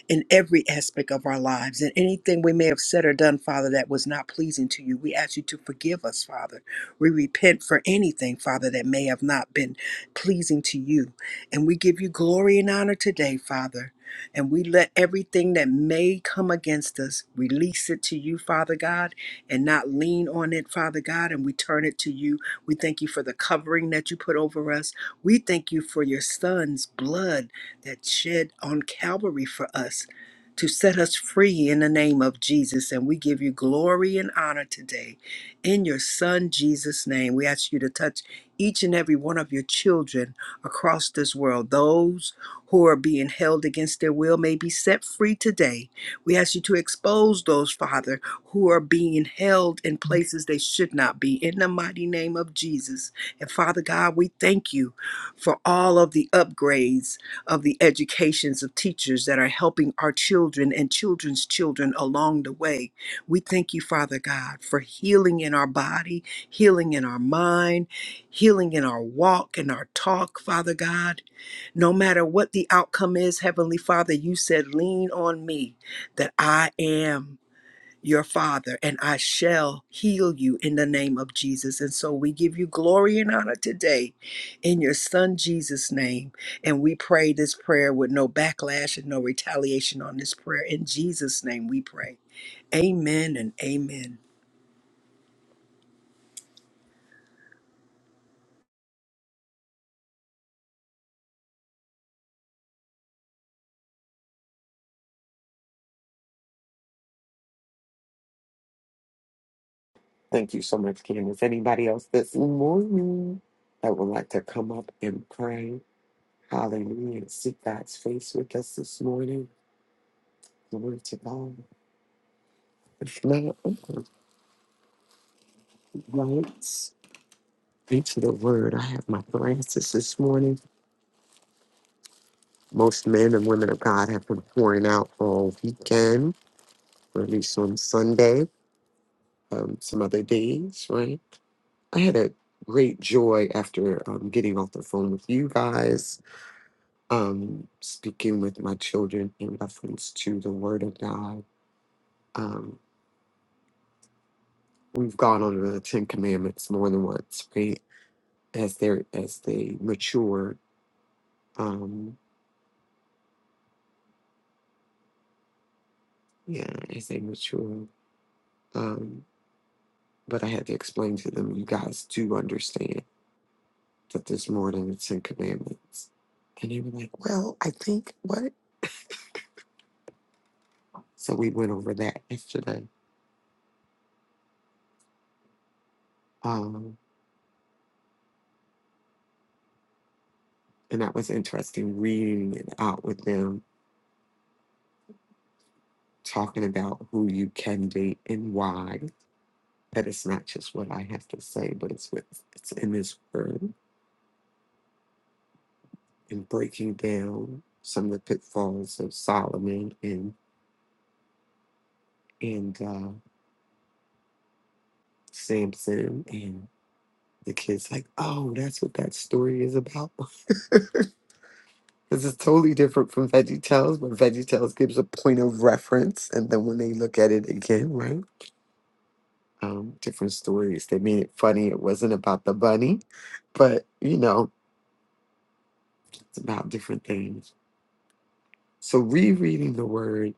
in every aspect of our lives and anything we may have said or done, Father, that was not pleasing to you. We ask you to forgive us, Father. We repent for anything, Father, that may have not been pleasing to you. And we give you glory and honor today, Father. And we let everything that may come against us release it to you, Father God, and not lean on it, Father God. And we turn it to you. We thank you for the covering that you put over us. We thank you for your son's blood that shed on Calvary for us to set us free in the name of Jesus. And we give you glory and honor today in your Son, Jesus' name. We ask you to touch each and every one of your children across this world. Those who are being held against their will may be set free today. We ask you to expose those, Father, who are being held in places they should not be in the mighty name of Jesus. And Father God, we thank you for all of the upgrades of the educations of teachers that are helping our children and children's children along the way. We thank you, Father God, for healing in our body, healing in our mind, healing in our walk and our talk, Father God. No matter what the outcome is, Heavenly Father, you said, lean on me that I am your father, and I shall heal you in the name of Jesus. And so we give you glory and honor today in your son Jesus' name. And we pray this prayer with no backlash and no retaliation on this prayer. In Jesus' name we pray. Amen and amen.
Thank you so much, Kim. Is anybody else this morning that would like to come up and pray? Hallelujah. and Seek God's face with us this morning. Glory to God. If not, I'm gonna be lights. Be to the word. I have my glasses this morning. Most men and women of God have been pouring out all weekend, or at least on Sunday, um, some other days, right? I had a great joy after um, getting off the phone with you guys, um, speaking with my children in reference to the word of God. Um, we've gone over the Ten Commandments more than once, right? As they are as they mature Um, yeah, as they mature. Um, but I had to explain to them, you guys do understand that there's more than the Ten Commandments. And they were like, well, I think what? So we went over that yesterday. Um, and that was interesting reading it out with them, talking about who you can date and why. That it's not just what I have to say, but it's with it's in this word and breaking down some of the pitfalls of Solomon and and uh, Samson and the kids like, oh, that's what that story is about. This is totally different from Veggie Tales, but Veggie Tales gives a point of reference, and then when they look at it again, right? Um, different stories. They made it funny. It wasn't about the bunny, but you know, it's about different things. So rereading the word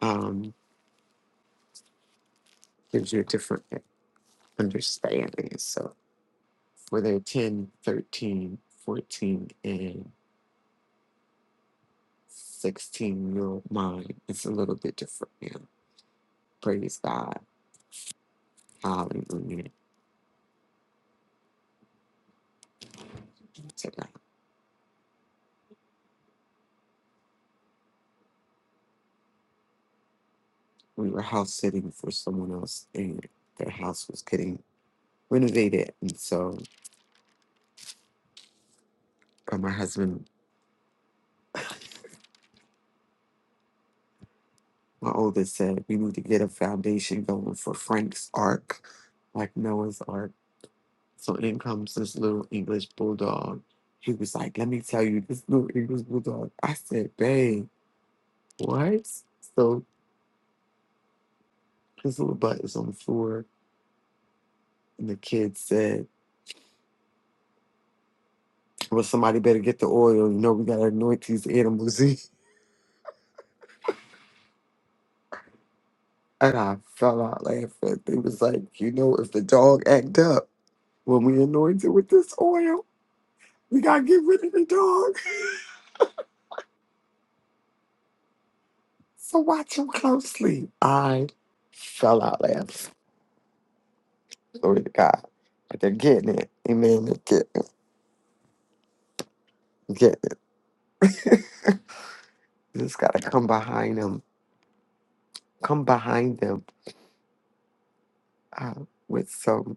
um, gives you a different understanding. So whether 10, 13, 14, and 16 year old mind. It's a little bit different now. Praise God. Hallelujah. To God. We were house sitting for someone else, and their house was getting renovated. And so uh, my husband, my oldest, said, We need to get a foundation going for Frank's Ark, like Noah's Ark. So in comes this little English bulldog. He was like, Let me tell you, this little English bulldog. I said, Babe, what? So this little butt is on the floor And the kid said, Well, somebody better get the oil. You know, we got to anoint these animals. and I fell out laughing. They was like, You know, if the dog act up when we anoint it with this oil, we got to get rid of the dog. So watch him closely. I fell out laughing. Glory to God. But they're getting it. Amen. They're getting it. Getting it. You just got to come behind them. Come behind them uh, with some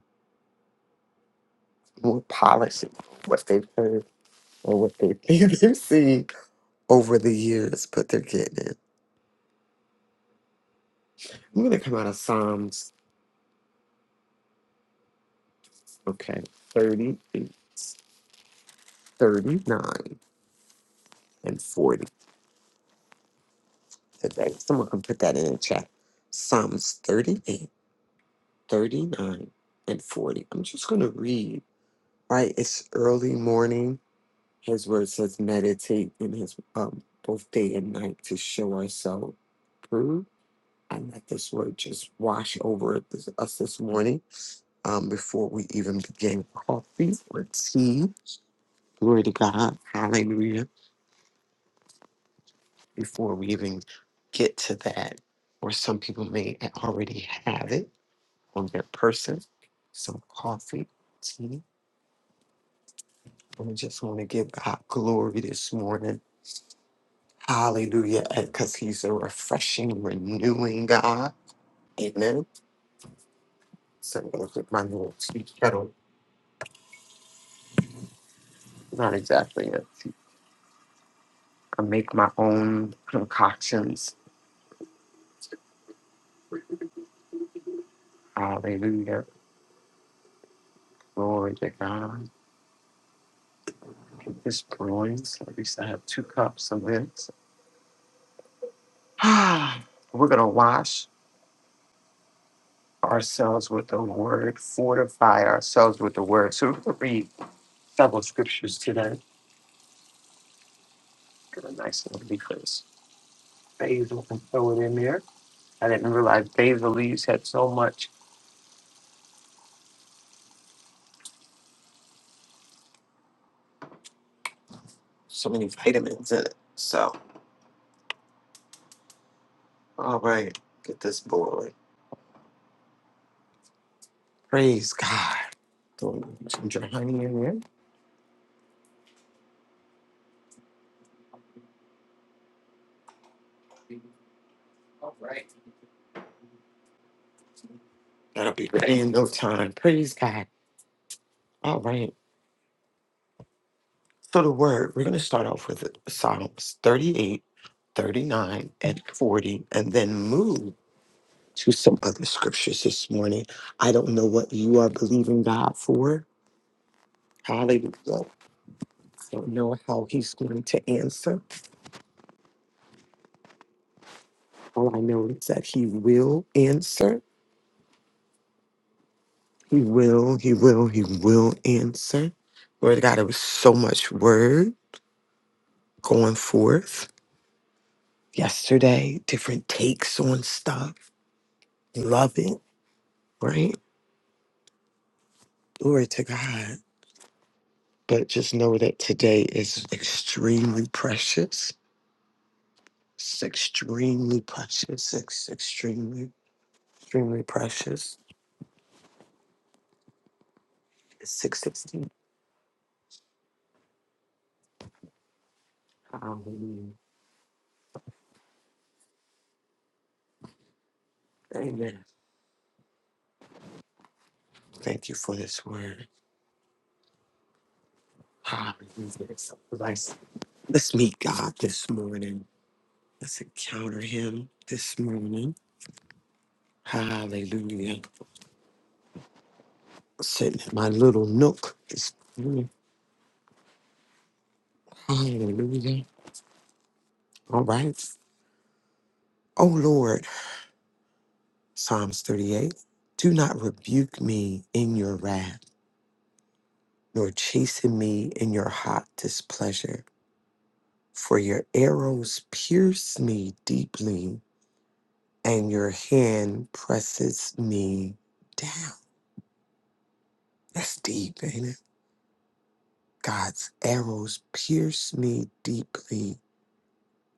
more polishing what they've heard or what they think they've seen over the years, but they're getting it. I'm going to come out of Psalms, okay, 38, 39, and 40 today. Someone can put that in the chat. Psalms 38, 39, and 40. I'm just going to read, right? It's early morning. His word says, meditate in his um, both day and night to show ourselves approved. And let this word just wash over us this morning um, before we even begin coffee or tea. Glory to God. Hallelujah. Before we even get to that, or some people may already have it on their person. Some coffee, tea. And we just want to give God glory this morning. Hallelujah. Because He's a refreshing, renewing God. Amen. So I'm going to put my little tea kettle. Not exactly a tea. I make my own concoctions. Hallelujah Glory to God. It's brewing. So at least I have two cups of this. We're going to wash ourselves with the word, fortify ourselves with the word. So we're going to read several scriptures today. Get a nice little because basil and throw it in there. I didn't realize basil leaves had so much, so many vitamins in it. So, all right, get this boiling. Praise God. Throw some ginger honey in there. All right. That'll be ready in no time. Praise God. All right. So the word, we're going to start off with Psalms 38, 39, and 40, and then move to some other scriptures this morning. I don't know what you are believing God for. Hallelujah. I don't know how he's going to answer. All I know is that he will answer. He will, he will, he will answer. Lord God, it was so much word going forth yesterday, different takes on stuff. Love it, right? Glory to God. But just know that today is extremely precious. It's extremely precious. It's extremely, extremely precious. It's 616. Hallelujah. Amen. Thank you for this word. Hallelujah. It's a blessing. Let's meet God this morning. Let's encounter Him this morning. Hallelujah. Sitting in my little nook this morning. Hallelujah. All right. Oh, Lord. Psalms 38. Do not rebuke me in your wrath, nor chasten me in your hot displeasure, for your arrows pierce me deeply, and your hand presses me down. That's deep, ain't it? God's arrows pierce me deeply,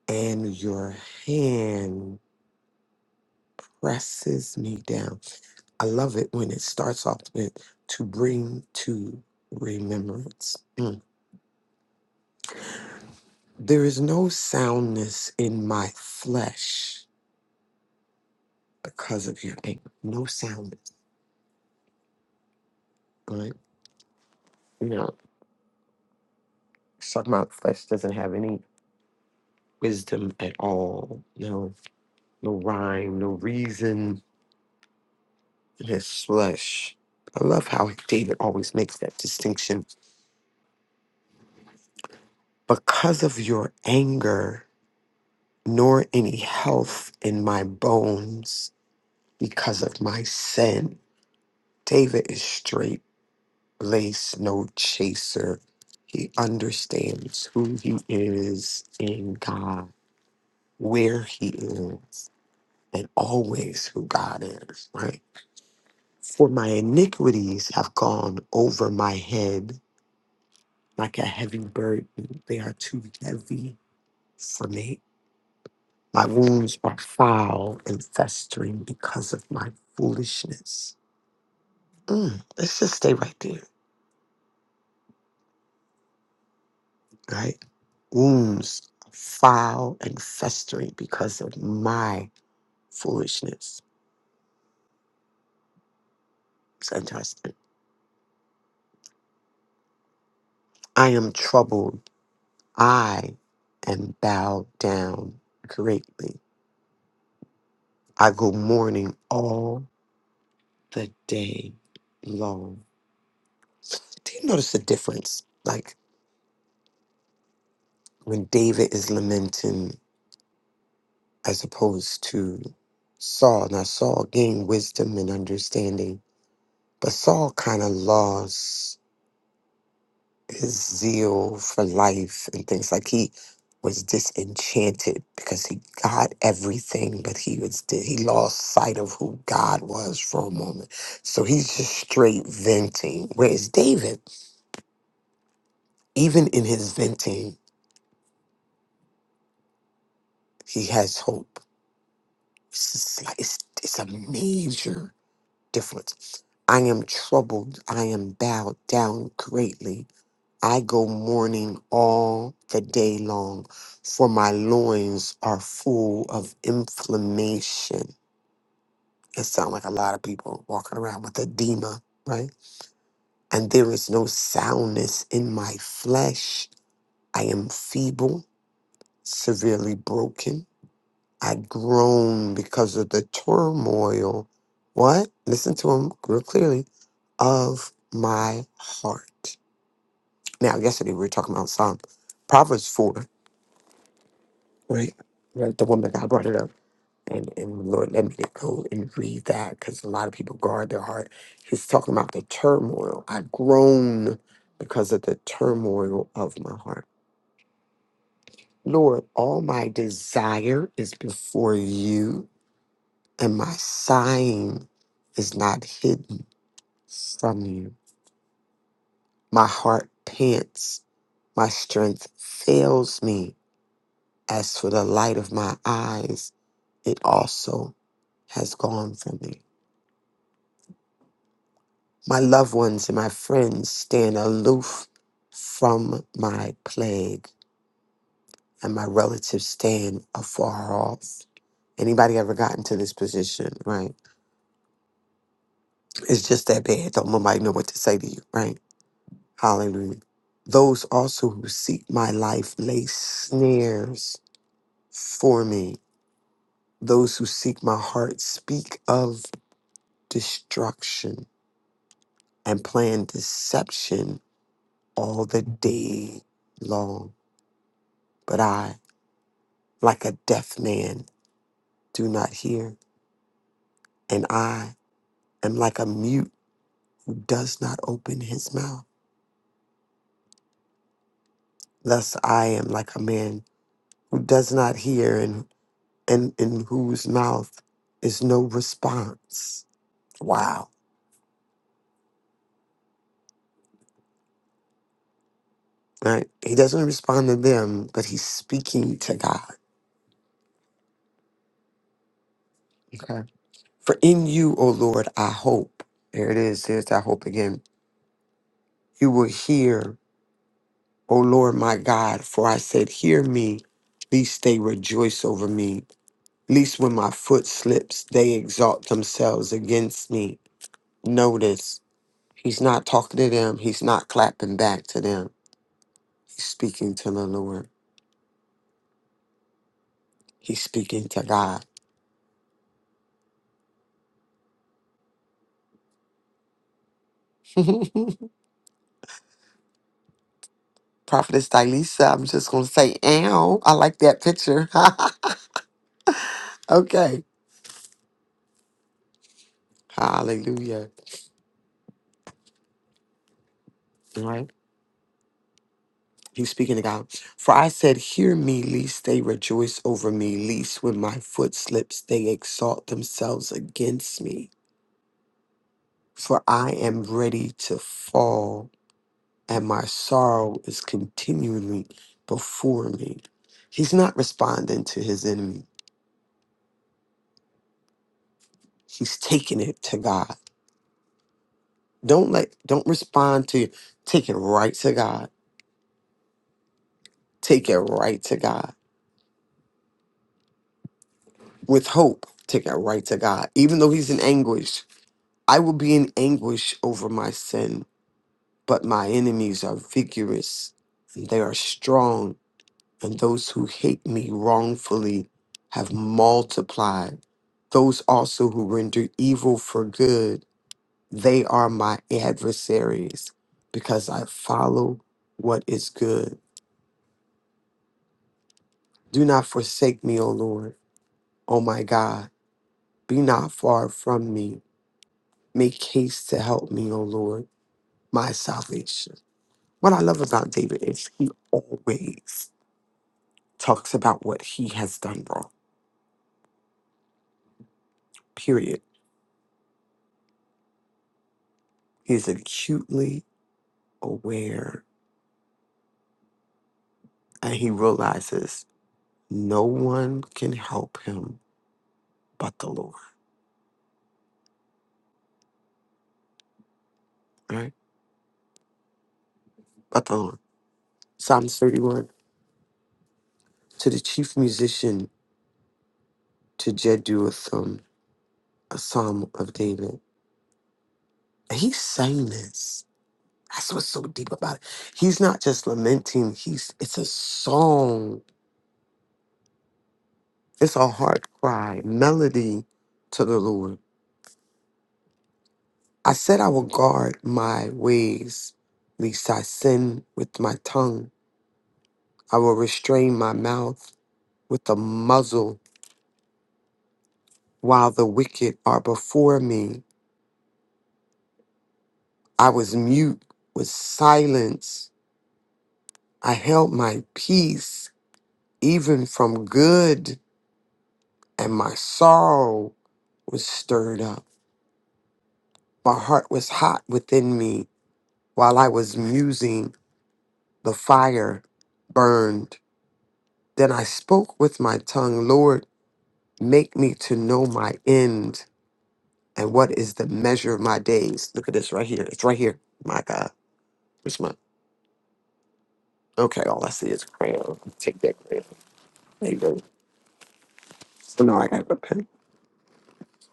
and your hand presses me down. I love it when it starts off with to bring to remembrance. Mm. There is no soundness in my flesh because of your anger. No soundness, right? You know, it's talking about flesh doesn't have any wisdom at all. No, no rhyme, no reason in his flesh. I love how David always makes that distinction. Because of your anger, nor any health in my bones because of my sin. David is straight lace, no chaser. He understands who he is in God, where he is, and always who God is, right? For my iniquities have gone over my head like a heavy burden. They are too heavy for me. My wounds are foul and festering because of my foolishness. Mm, let's just stay right there. right? Wounds are foul and festering because of my foolishness. It's interesting. I am troubled. I am bowed down greatly. I go mourning all the day long. Do you notice the difference? Like when David is lamenting as opposed to Saul. Now, Saul gained wisdom and understanding, but Saul kind of lost. his zeal for life and things like he was disenchanted because he got everything but he was di- he lost sight of who god was for a moment so he's just straight venting whereas david even in his venting he has hope it's just like it's, it's a major difference i am troubled i am bowed down greatly I go mourning all the day long, for my loins are full of inflammation. It sounds like a lot of people walking around with edema, right? And there is no soundness in my flesh. I am feeble, severely broken. I groan because of the turmoil. What? Listen to him real clearly. Of my heart. Now, yesterday we were talking about Psalm Proverbs 4. right? Like the woman that brought it up. And, and Lord, let me go and read that because a lot of people guard their heart. He's talking about the turmoil. I groan because of the turmoil of my heart. Lord, all my desire is before you, and my sighing is not hidden from you. My heart pants, my strength fails me. As for the light of my eyes, it also has gone from me. My loved ones and my friends stand aloof from my plague, and my relatives stand afar off. Anybody ever gotten to this position, right? It's just that bad. Don't nobody know what to say to you, right? Hallelujah. Those also who seek my life lay snares for me. Those who seek my heart speak of destruction and plan deception all the day long. But I. like a deaf man, do not hear, and I am like a mute who does not open his mouth. Thus I am like a man who does not hear and, and in whose mouth is no response. Wow. Right? He doesn't respond to them, but he's speaking to God. Okay. For in you, O Lord, I hope. There it is. There's that hope again. You will hear, O Lord my God, for I said, Hear me, lest they rejoice over me Least when my foot slips, they exalt themselves against me. Notice, he's not talking to them. He's not clapping back to them. He's speaking to the Lord. He's speaking to God. Prophetess Dilisa, I'm just going to say, ow, I like that picture. okay. Hallelujah. All right. He's speaking to God. For I said, Hear me, lest they rejoice over me, least when my foot slips, they exalt themselves against me. for I am ready to fall, and my sorrow is continually before me. He's not responding to his enemy. He's taking it to God. Don't let don't respond to take it right to God. Take it right to God. With hope, take it right to God. Even though he's in anguish. I will be in anguish over my sin, but my enemies are vigorous and they are strong and those who hate me wrongfully have multiplied. Those also who render evil for good, they are my adversaries, because I follow what is good. Do not forsake me, O Lord, O my God. Be not far from me. Make haste to help me, O Lord, my salvation. What I love about David is he always talks about what he has done wrong, period. He is acutely aware and he realizes no one can help him but the Lord, right? But the Lord. Psalms 31 to the chief musician to Jeduthun, a psalm of David. And He sang this. That's what's so deep about it. He's not just lamenting, he's it's a song. It's a heart cry, melody to the Lord. I said I will guard my ways, lest I sin with my tongue. I will restrain my mouth with a muzzle while the wicked are before me. I was mute with silence. I held my peace even from good, and my sorrow was stirred up. My heart was hot within me while I was musing. The fire burned. Then I spoke with my tongue, Lord, make me to know my end and what is the measure of my days. Look at this right here. It's right here. My God. Okay, all I see is crayon. Take that crayon. There you go. So now I got a pen.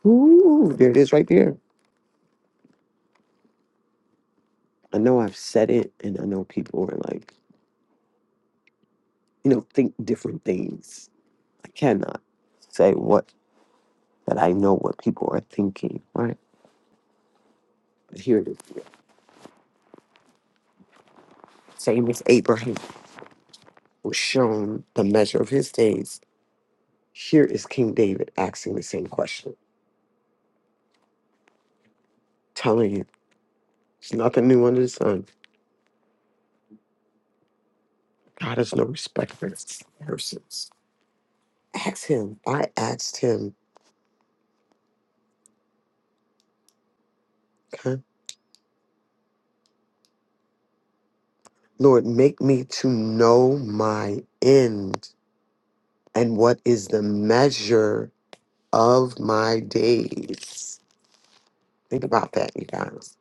Ooh, there it is right there. I know I've said it, and I know people are like, you know, think different things. I cannot say what that I know what people are thinking, right? But here it is. Same as Abraham was shown the measure of his days. Here is King David asking the same question, telling you there's nothing new under the sun. God is no respecter of persons. Ask him. I asked him Okay. Lord, make me to know my end and what is the measure of my days. Think about that, you guys.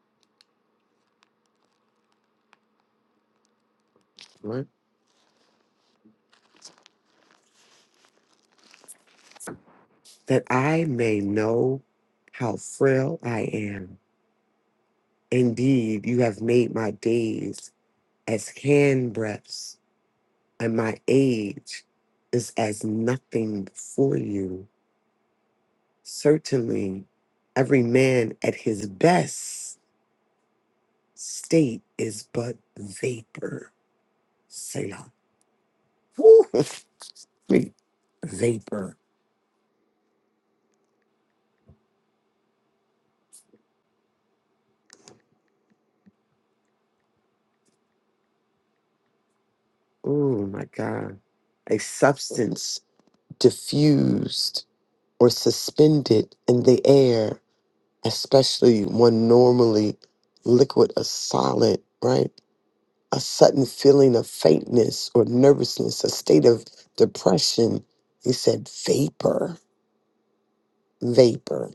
Right? That I may know how frail I am. Indeed, you have made my days as hand breaths, and my age is as nothing before you. Certainly, every man at his best state is but vapor. Selah. Woo! Wait, vapor. Oh my God. A substance diffused or suspended in the air, especially one normally liquid or solid, right? A sudden feeling of faintness or nervousness, a state of depression. He said vapor, vapor.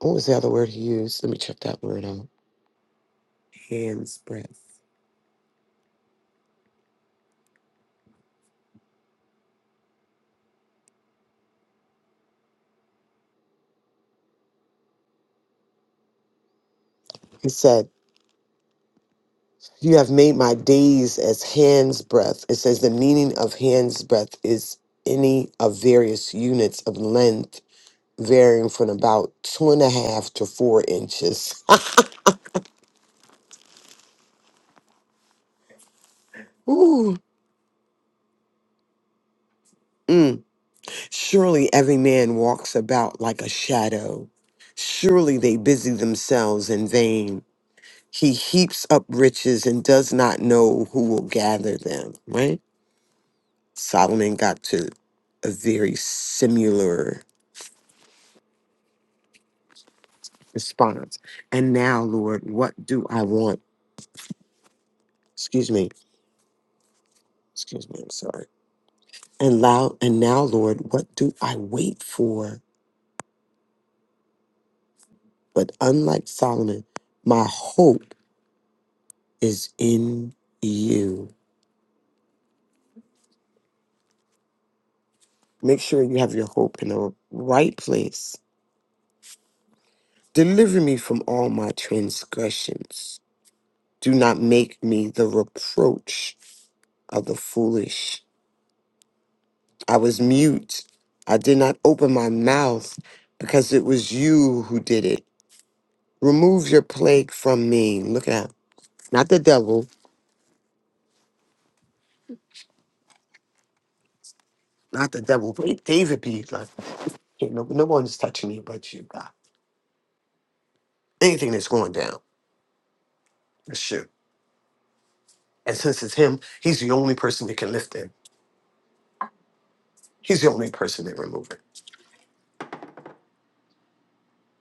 What was the other word he used? Let me check that word out. Hand's breadth. He said, You have made my days as hand's breadth. It says the meaning of hand's breadth is any of various units of length varying from about two and a half to four inches. Ooh. Mm. Surely every man walks about like a shadow. Surely they busy themselves in vain. He heaps up riches and does not know who will gather them, right? Solomon got to a very similar response. And now, Lord, what do I want? Excuse me. Excuse me. I'm sorry. And loud, and now, Lord, what do I wait for? But unlike Solomon, my hope is in you. Make sure you have your hope in the right place. Deliver me from all my transgressions. Do not make me the reproach of the foolish. I was mute. I did not open my mouth because it was you who did it. Remove your plague from me. Look at that. Not the devil. Not the devil. But David be like, "Hey, no, no one's touching me but you, God. Anything that's going down, it's you. And since it's him, he's the only person that can lift it. He's the only person that remove it.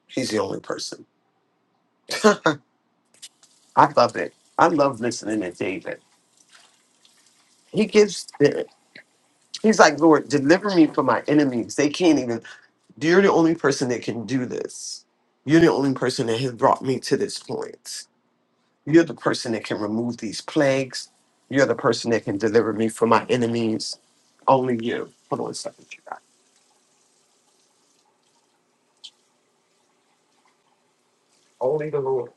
He's the only person. I love it. I love listening to David. He gives he's like, Lord, deliver me from my enemies. They can't even you're the only person that can do this. You're the only person that has brought me to this point. You're the person that can remove these plagues. You're the person that can deliver me from my enemies. Only you. Hold on a second, you guys. Only the Lord.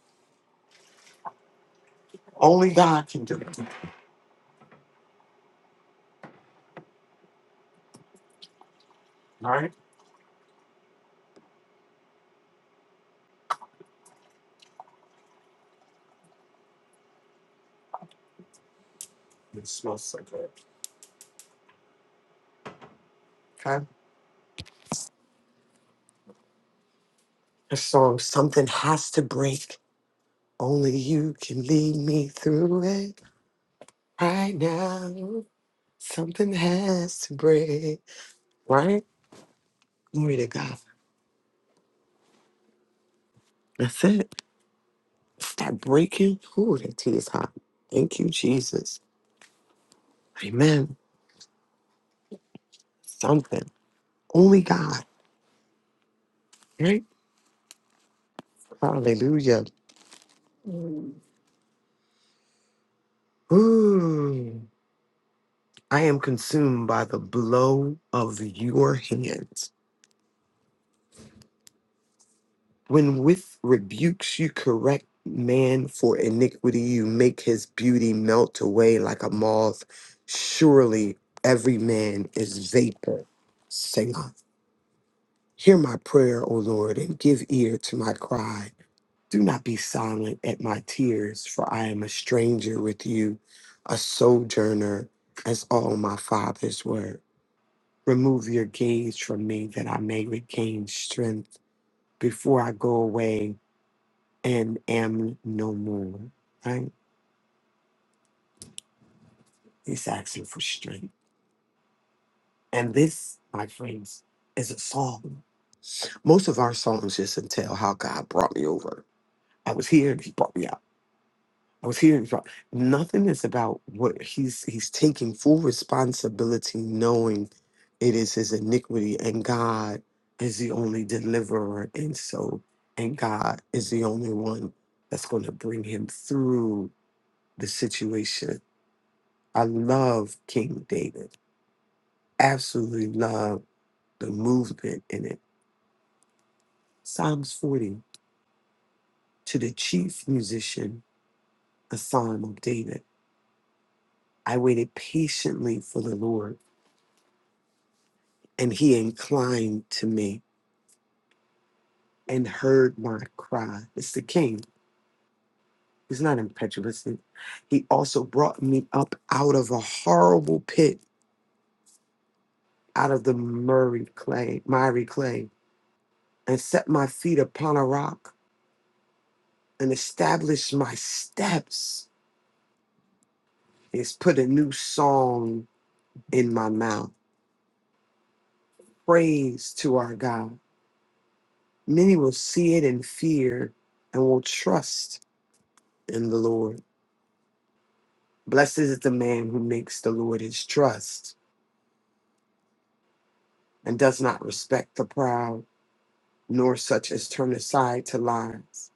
Only God can do it. Okay? And song. something has to break. Only you can lead me through it right now. Something has to break. Right? Glory to God. That's it. That breaking. Ooh, that tea is hot. Thank you, Jesus. Amen. Something. Only God. Right? Hallelujah. Ooh, I am consumed by the blow of your hands. When with rebukes you correct man for iniquity, you make his beauty melt away like a moth. Surely every man is vapor. Selah. Hear my prayer, O Lord, and give ear to my cry. Do not be silent at my tears, for I am a stranger with you, a sojourner, as all my fathers were. Remove your gaze from me that I may regain strength before I go away and am no more. Right? He's asking for strength. And this, my friends, is a song. Most of our songs just entail how God brought me over. I was here and he brought me out. I was hearing from nothing is about what he's he's taking full responsibility, knowing it is his iniquity, and God is the only deliverer, and so and God is the only one that's going to bring him through the situation. I love King David. Absolutely love the movement in it. Psalms 40 to the chief musician, a psalm of David. I waited patiently for the Lord and he inclined to me and heard my cry. It's the king. He's not impetuous. He also brought me up out of a horrible pit, out of the miry clay, miry clay, and set my feet upon a rock and established my steps. He's put a new song in my mouth. Praise to our God. Many will see it in fear and will trust in the Lord. Blessed is the man who makes the Lord his trust and does not respect the proud, nor such as turn aside to lies.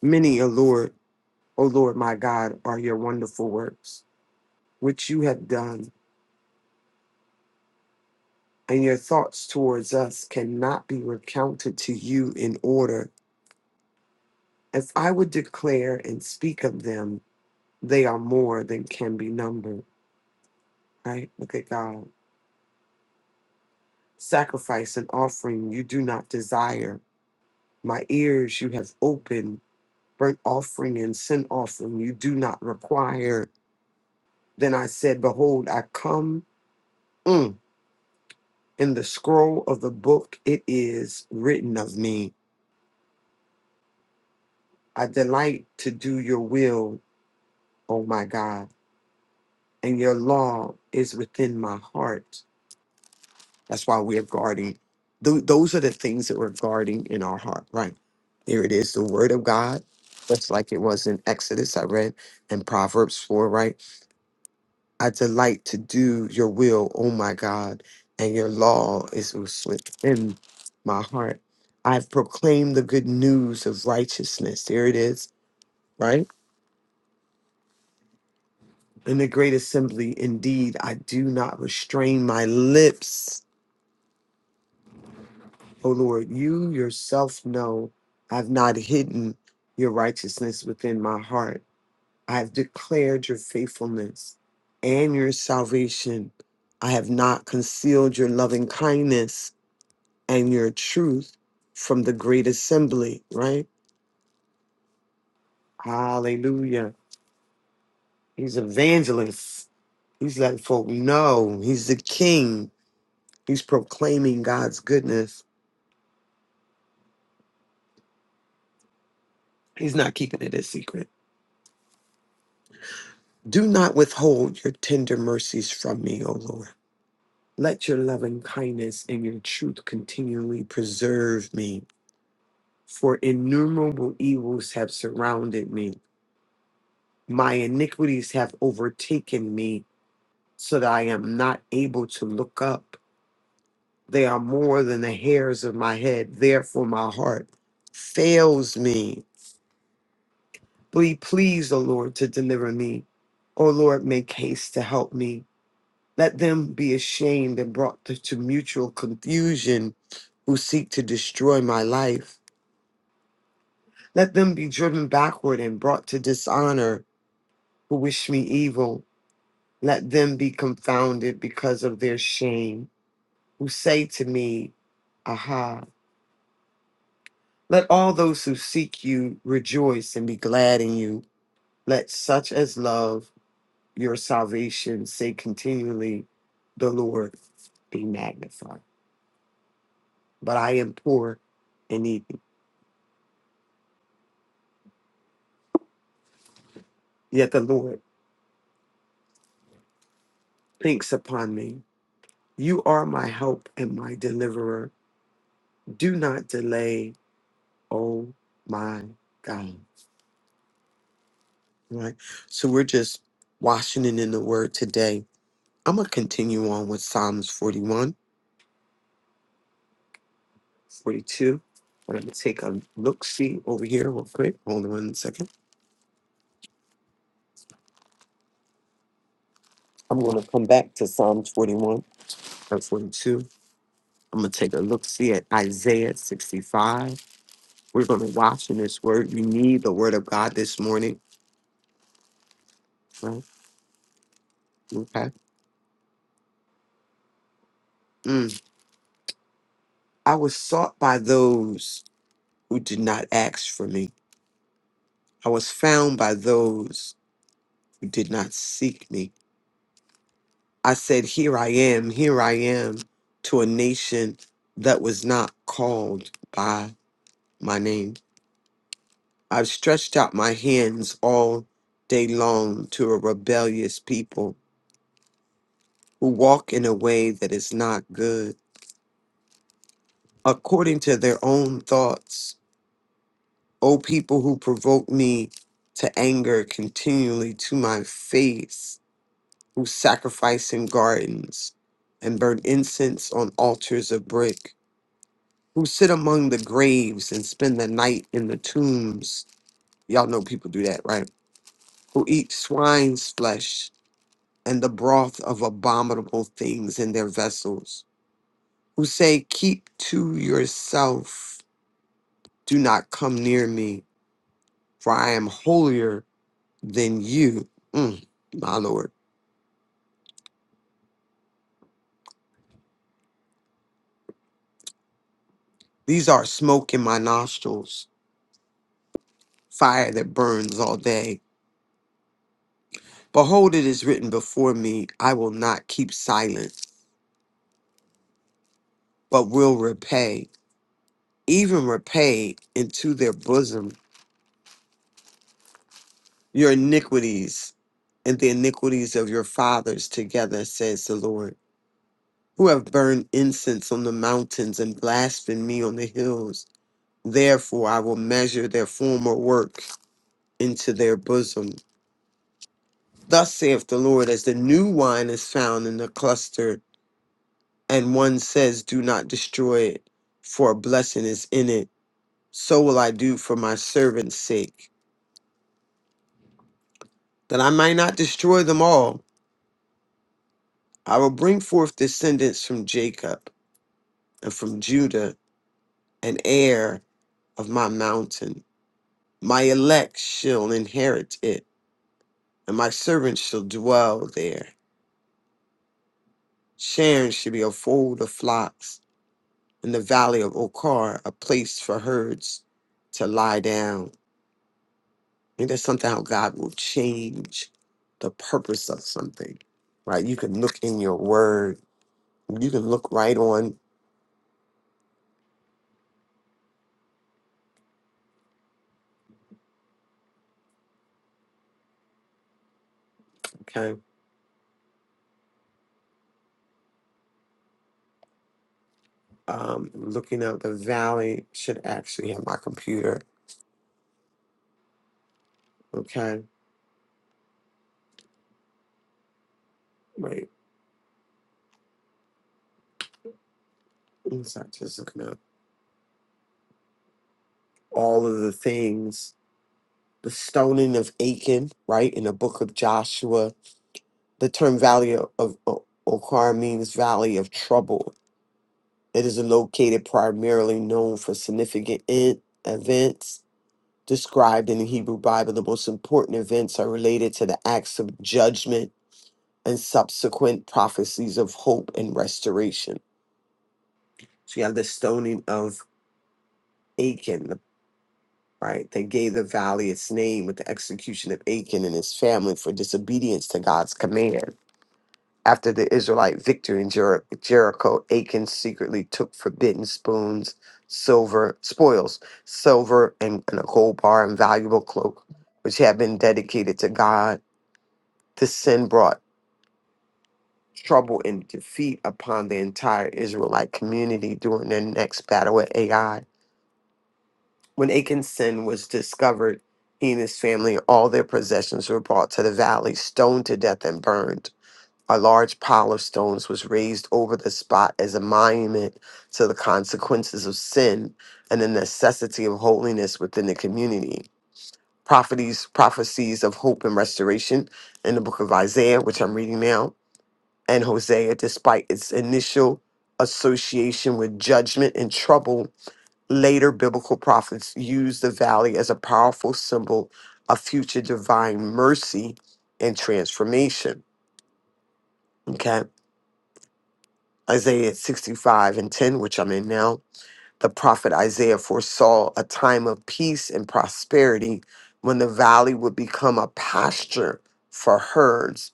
Many, O Lord, O Lord my God, are your wonderful works, which you have done, and your thoughts towards us cannot be recounted to you in order. If I would declare and speak of them, they are more than can be numbered. Right? Look at God. Sacrifice and offering you do not desire. My ears you have opened burnt offering and sin offering you do not require. Then I said, Behold, I come mm, in the scroll of the book, it is written of me. I delight to do your will, O my God, and your law is within my heart. That's why we're guarding. Th- those are the things that we're guarding in our heart, right? There it is, the word of God, just like it was in Exodus, I read, and Proverbs 4, right? I delight to do your will, O my God, and your law is within my heart. I've proclaimed the good news of righteousness. There it is, right? In the great assembly, indeed, I do not restrain my lips. O Lord, you yourself know I've not hidden your righteousness within my heart. I have declared your faithfulness and your salvation. I have not concealed your loving kindness and your truth from the great assembly, right? Hallelujah. He's evangelist. He's letting folk know he's the king. He's proclaiming God's goodness. He's not keeping it a secret. Do not withhold your tender mercies from me, O Lord. Let your loving kindness and your truth continually preserve me, for innumerable evils have surrounded me. My iniquities have overtaken me, so that I am not able to look up. They are more than the hairs of my head. Therefore, my heart fails me. Be pleased, O Lord, to deliver me. O Lord, make haste to help me. Let them be ashamed and brought to, to mutual confusion who seek to destroy my life. Let them be driven backward and brought to dishonor who wish me evil. Let them be confounded because of their shame, who say to me, Aha. Let all those who seek you rejoice and be glad in you. Let such as love your salvation say continually, The Lord be magnified. But I am poor and needy, yet the Lord thinks upon me. You are my help and my deliverer. Do not delay, O my God. Right? So we're just washing it in the word today. I'm going to continue on with Psalms 41 42. I'm going to take a look see over here real quick. Hold on one second. I'm going to come back to Psalms 41 and 42. I'm going to take a look see at Isaiah 65. We're going to watch in this word. You need the word of God this morning. Right? Okay. Mm. I was sought by those who did not ask for me, I was found by those who did not seek me. I said, Here I am, here I am to a nation that was not called by my name. I've stretched out my hands all day long to a rebellious people who walk in a way that is not good, according to their own thoughts. O people who provoke me to anger continually to my face, who sacrifice in gardens and burn incense on altars of brick, who sit among the graves and spend the night in the tombs. Y'all know people do that, right? Who eat swine's flesh and the broth of abominable things in their vessels, who say, Keep to yourself, do not come near me, for I am holier than you. Mm, my Lord, these are smoke in my nostrils, fire that burns all day. Behold, it is written before me, I will not keep silent, but will repay, even repay into their bosom your iniquities and the iniquities of your fathers together, says the Lord. who have burned incense on the mountains and blasphemed me on the hills. Therefore, I will measure their former work into their bosom. Thus saith the Lord, as the new wine is found in the cluster, and one says, Do not destroy it, for a blessing is in it. So will I do for my servant's sake, that I might not destroy them all. I will bring forth descendants from Jacob and from Judah, an heir of my mountain. My elect shall inherit it, and my servants shall dwell there. Sharon shall be a fold of flocks, in the valley of Okar, a place for herds to lie down. And that's something how God will change the purpose of something, right? You can look in your word. You can look right on, okay? Um, looking up the valley should actually have my computer, okay? Wait, it's not just looking up all of the things the stoning of Achan, right, in the book of Joshua. The term Valley of O- Okar means Valley of Trouble. It is located primarily known for significant in- events described in the Hebrew Bible. The most important events are related to the acts of judgment and subsequent prophecies of hope and restoration. So you have the stoning of Achan, right? They gave the valley its name with the execution of Achan and his family for disobedience to God's command After the Israelite victory in Jer- Jericho, Achan secretly took forbidden spoons, silver spoils, silver and, and a gold bar and valuable cloak, which had been dedicated to God. This sin brought trouble and defeat upon the entire Israelite community during their next battle with Ai. When Achan's sin was discovered, he and his family and all their possessions were brought to the valley, stoned to death, and burned. A large pile of stones was raised over the spot as a monument to the consequences of sin and the necessity of holiness within the community. Prophecies, prophecies of hope and restoration in the book of Isaiah, which I'm reading now, and Hosea, despite its initial association with judgment and trouble, later biblical prophets used the valley as a powerful symbol of future divine mercy and transformation. Okay Isaiah 65 and 10, which I'm in now, the prophet Isaiah foresaw a time of peace and prosperity when the valley would become a pasture for herds.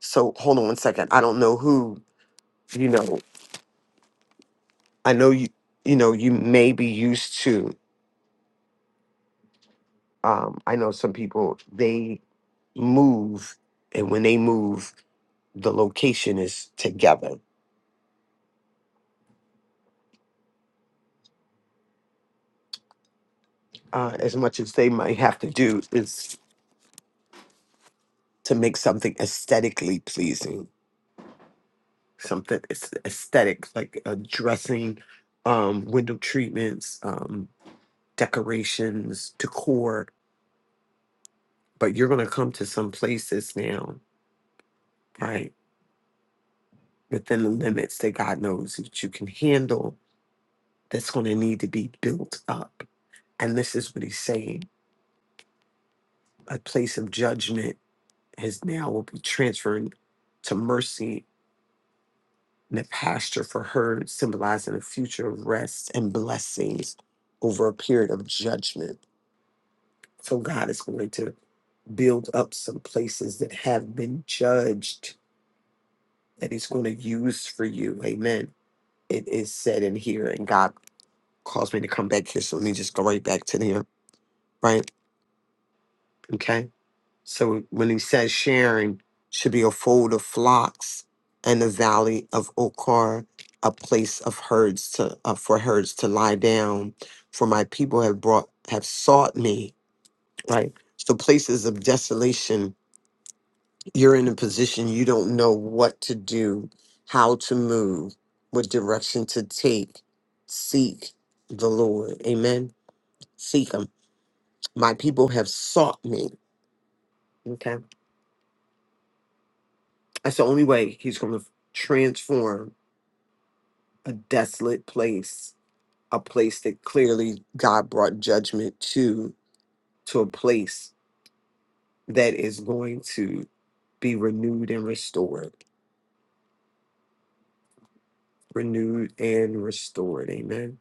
So hold on one second. I don't know who, you know, I know you, you know, you may be used to, um, I know some people, they move, and when they move, the location is together. Uh, as much as they might have to do is to make something aesthetically pleasing something it's aesthetic like uh, dressing um window treatments um decorations decor but you're going to come to some places now right within the limits that god knows that you can handle that's going to need to be built up and this is what he's saying a place of judgment has now will be transferred to mercy and a pasture for her symbolizing a future of rest and blessings over a period of judgment So God is going to build up some places that have been judged that He's going to use for you. Amen. It is said in here, and God caused me to come back here. So let me just go right back to there, right? Okay. So when He says sharing should be a fold of flocks and a valley of Okar, a place of herds to uh, for herds to lie down, for my people have brought have sought me, right? So places of desolation you're in a position you don't know what to do, how to move, what direction to take, seek the Lord. Amen. Seek Him. My people have sought me. Okay. That's the only way He's going to transform a desolate place, a place that clearly God brought judgment to, to a place that is going to be renewed and restored. Renewed and restored. Amen.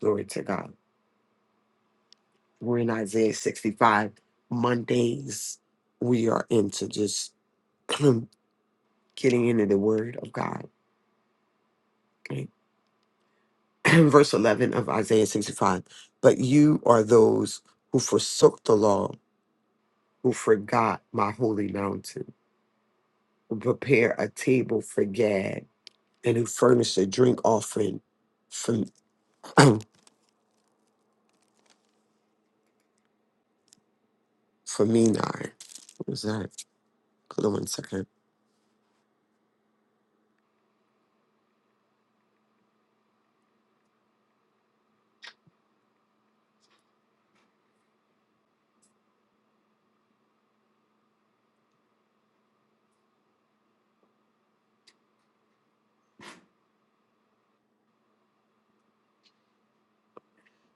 Glory to God. We're in Isaiah 65. Mondays, we are into just getting into the word of God. Okay. Verse 11 of Isaiah 65. But you are those who forsook the law, who forgot my holy mountain, who prepare a table for Gad, and who furnish a drink offering for, for Menon. What was that? Hold on one second.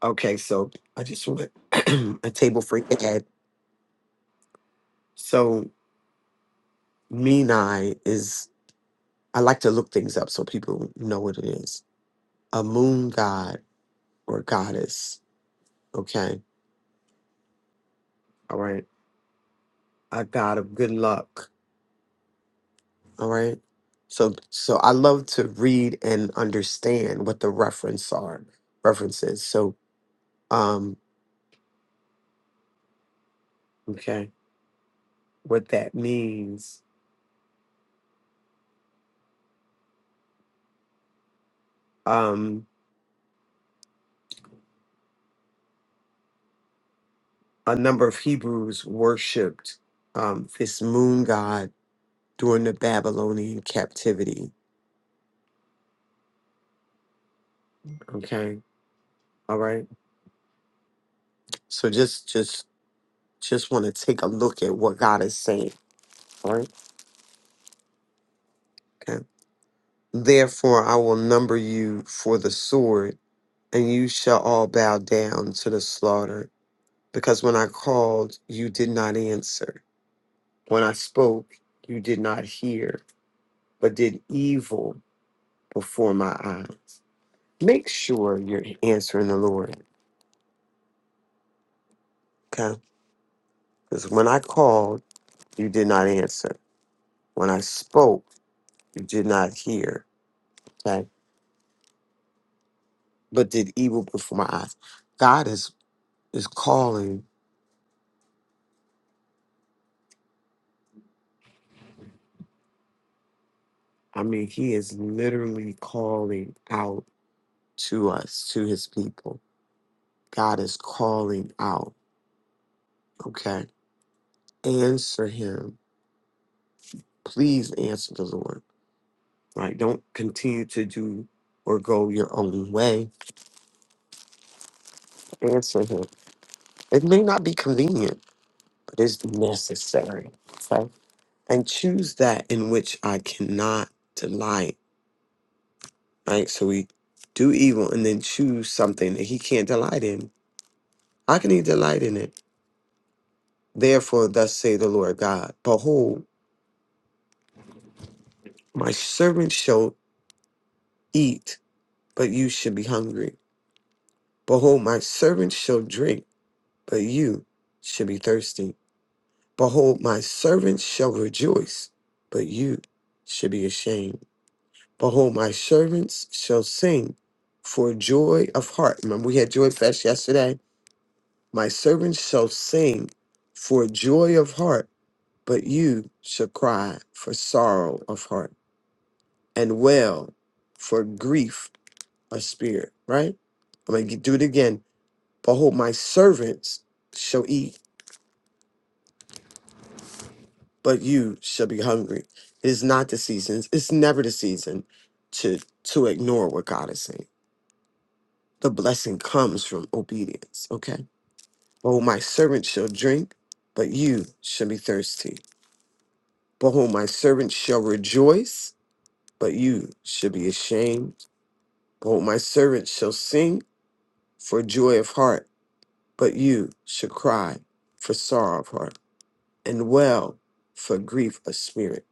Okay, so I just want a table for Gad. So Menai is, I like to look things up so people know what it is. A moon god or goddess. Okay. All right. A god of good luck. All right. So, so I love to read and understand what the reference are, references. So, um, okay, what that means. Um, a number of Hebrews worshipped um this moon god during the Babylonian captivity. Okay. All right So just just just want to take a look at what God is saying. All right. Okay. Therefore I will number you for the sword, and you shall all bow down to the slaughter. Because when I called, you did not answer. When I spoke, you did not hear, but did evil before my eyes. Make sure you're answering the Lord. Okay. Because when I called, you did not answer. When I spoke, you did not hear. okay? but did evil before my eyes. God is is calling. I mean, He is literally calling out to us, to His people. God is calling out. Okay, answer Him, please answer the Lord. Right? Don't continue to do or go your own way. Answer Him. It may not be convenient, but it's necessary. Okay, and choose that in which I cannot delight right? So we do evil and then choose something that he can't delight in. How can he delight in it? Therefore, thus say the Lord God Behold, my servant shall eat, but you should be hungry. Behold, my servant shall drink, but you should be thirsty. Behold, my servants shall rejoice, but you should be ashamed. Behold, my servants shall sing for joy of heart. Remember, we had joy fest yesterday My servants shall sing for joy of heart, but you shall cry for sorrow of heart and wail for grief of spirit. Right? I'm going to do it again. Behold, my servants shall eat, but you shall be hungry. It is not the season. It's never the season to to ignore what God is saying. The blessing comes from obedience. Okay. Behold, my servants shall drink, but you shall be thirsty. For whom my servants shall rejoice, but you shall be ashamed. For whom my servants shall sing for joy of heart, but you shall cry for sorrow of heart, and well for grief of spirit.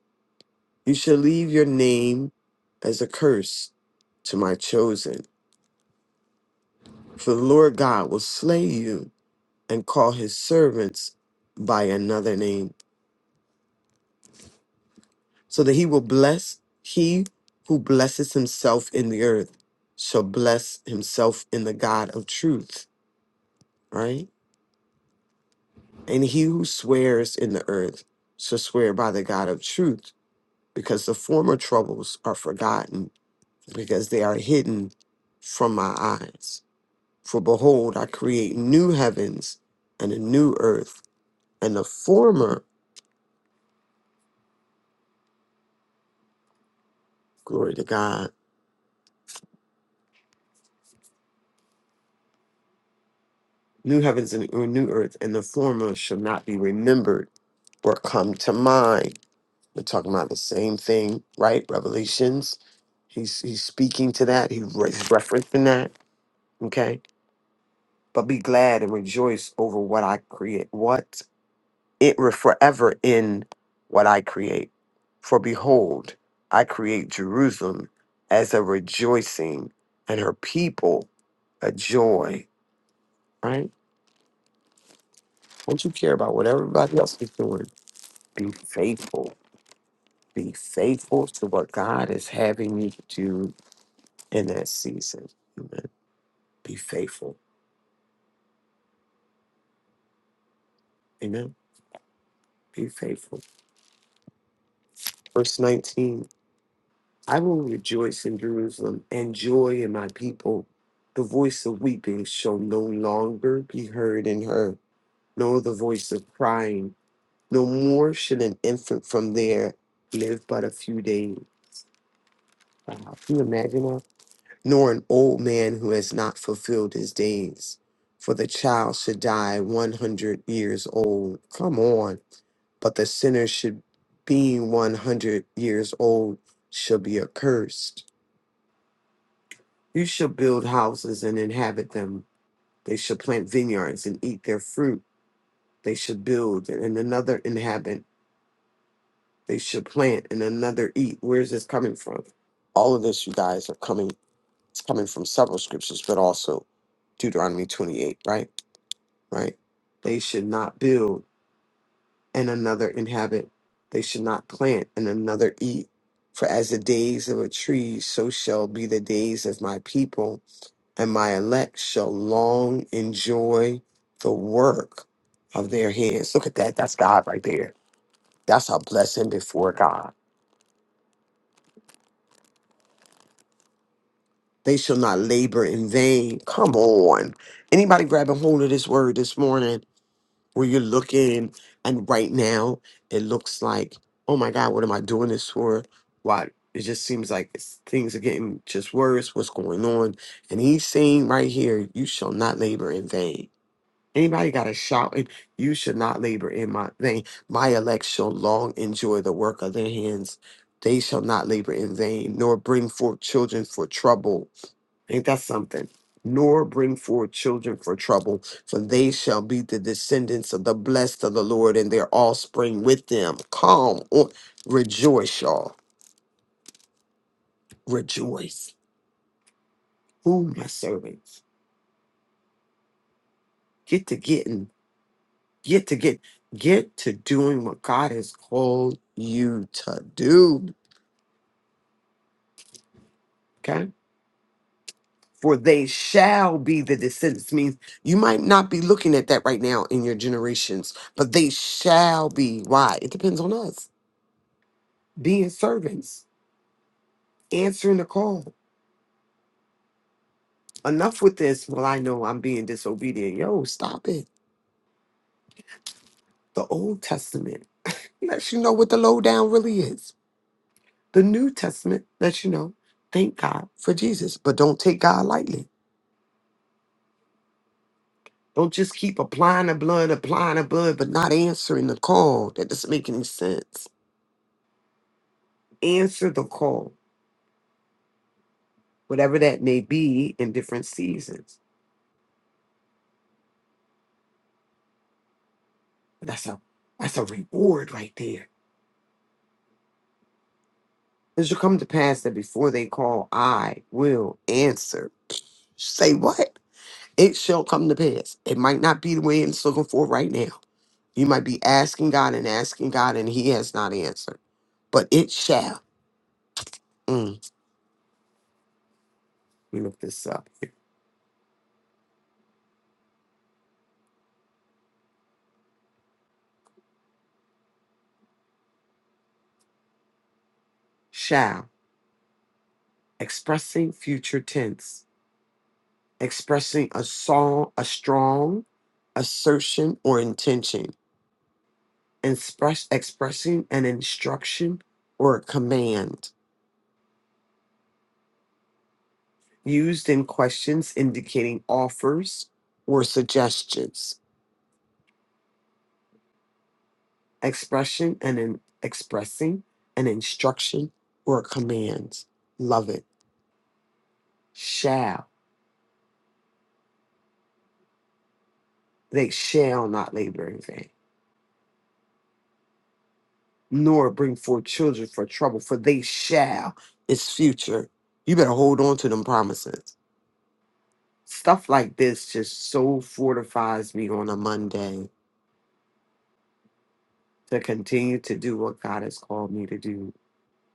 You shall leave your name as a curse to my chosen. For the Lord God will slay you and call his servants by another name so that he will bless he who blesses himself in the earth shall bless himself in the God of truth, right? And he who swears in the earth shall swear by the God of truth, because the former troubles are forgotten, because they are hidden from my eyes. For behold, I create new heavens and a new earth, and the former, glory to God, new heavens and a new earth, and the former shall not be remembered were come to mind. We're talking about the same thing, right? Revelations. He's he's speaking to that. He re- he's referencing that. Okay, but be glad and rejoice over what I create. What it re- forever in what I create. For behold, I create Jerusalem as a rejoicing, and her people a joy. Right? Don't you care about what everybody else is doing? Be faithful Be faithful to what God is having you to do in that season. Amen. Be faithful. Amen. Be faithful. Verse 19 I will rejoice in Jerusalem and joy in my people. The voice of weeping shall no longer be heard in her, nor the voice of crying. No more should an infant from there live but a few days. Wow. Can you imagine that? nor an old man who has not fulfilled his days. For the child should die 100 years old. Come on. But the sinner should, being 100 years old, shall be accursed. You shall build houses and inhabit them. They shall plant vineyards and eat their fruit. They shall build and another inhabit. They shall plant and another eat. Where is this coming from? All of this, you guys, are coming. It's coming from several scriptures, but also Deuteronomy 28, right? right? They should not build and another inhabit. They should not plant and another eat. For as the days of a tree, so shall be the days of my people, and my elect shall long enjoy the work of their hands. Look at that. That's God right there. That's a blessing before God. They shall not labor in vain. Come on. Anybody grabbing hold of this word this morning? where you're looking and right now it looks like oh my god what am i doing this for why it just seems like it's, things are getting just worse what's going on and he's saying right here you shall not labor in vain anybody got a shout and you should not labor in my vain my elect shall long enjoy the work of their hands they shall not labor in vain nor bring forth children for trouble Ain't that something? Nor bring forth children for trouble, for they shall be the descendants of the blessed of the Lord and their offspring with them. Come on, rejoice, y'all. Rejoice. Ooh, my servants, get to getting, get to get, get to doing what God has called you to do. Okay. For they shall be the descendants. Means you might not be looking at that right now in your generations, but they shall be. Why? It depends on us being servants, answering the call. Enough with this. Well, I know I'm being disobedient. Yo, stop it. The Old Testament lets you know what the lowdown really is. The New Testament lets you know, thank God for Jesus, but don't take God lightly. Don't just keep applying the blood, applying the blood, but not answering the call. That doesn't make any sense. Answer the call, whatever that may be in different seasons. That's a that's a reward right there It shall come to pass that before they call, I will answer. Say what? It shall come to pass. It might not be the way it's looking for right now. You might be asking God and asking God, and He has not answered. But it shall. Mm, let me look this up. Shall. Expressing future tense. Expressing a song, a strong assertion or intention. Express, expressing an instruction or a command used in questions indicating offers or suggestions, expression and in expressing an instruction or a command. Love it. Shall. They shall not labor in vain, nor bring forth children for trouble, for they shall. It's future. You better hold on to them promises. Stuff like this just so fortifies me on a Monday to continue to do what God has called me to do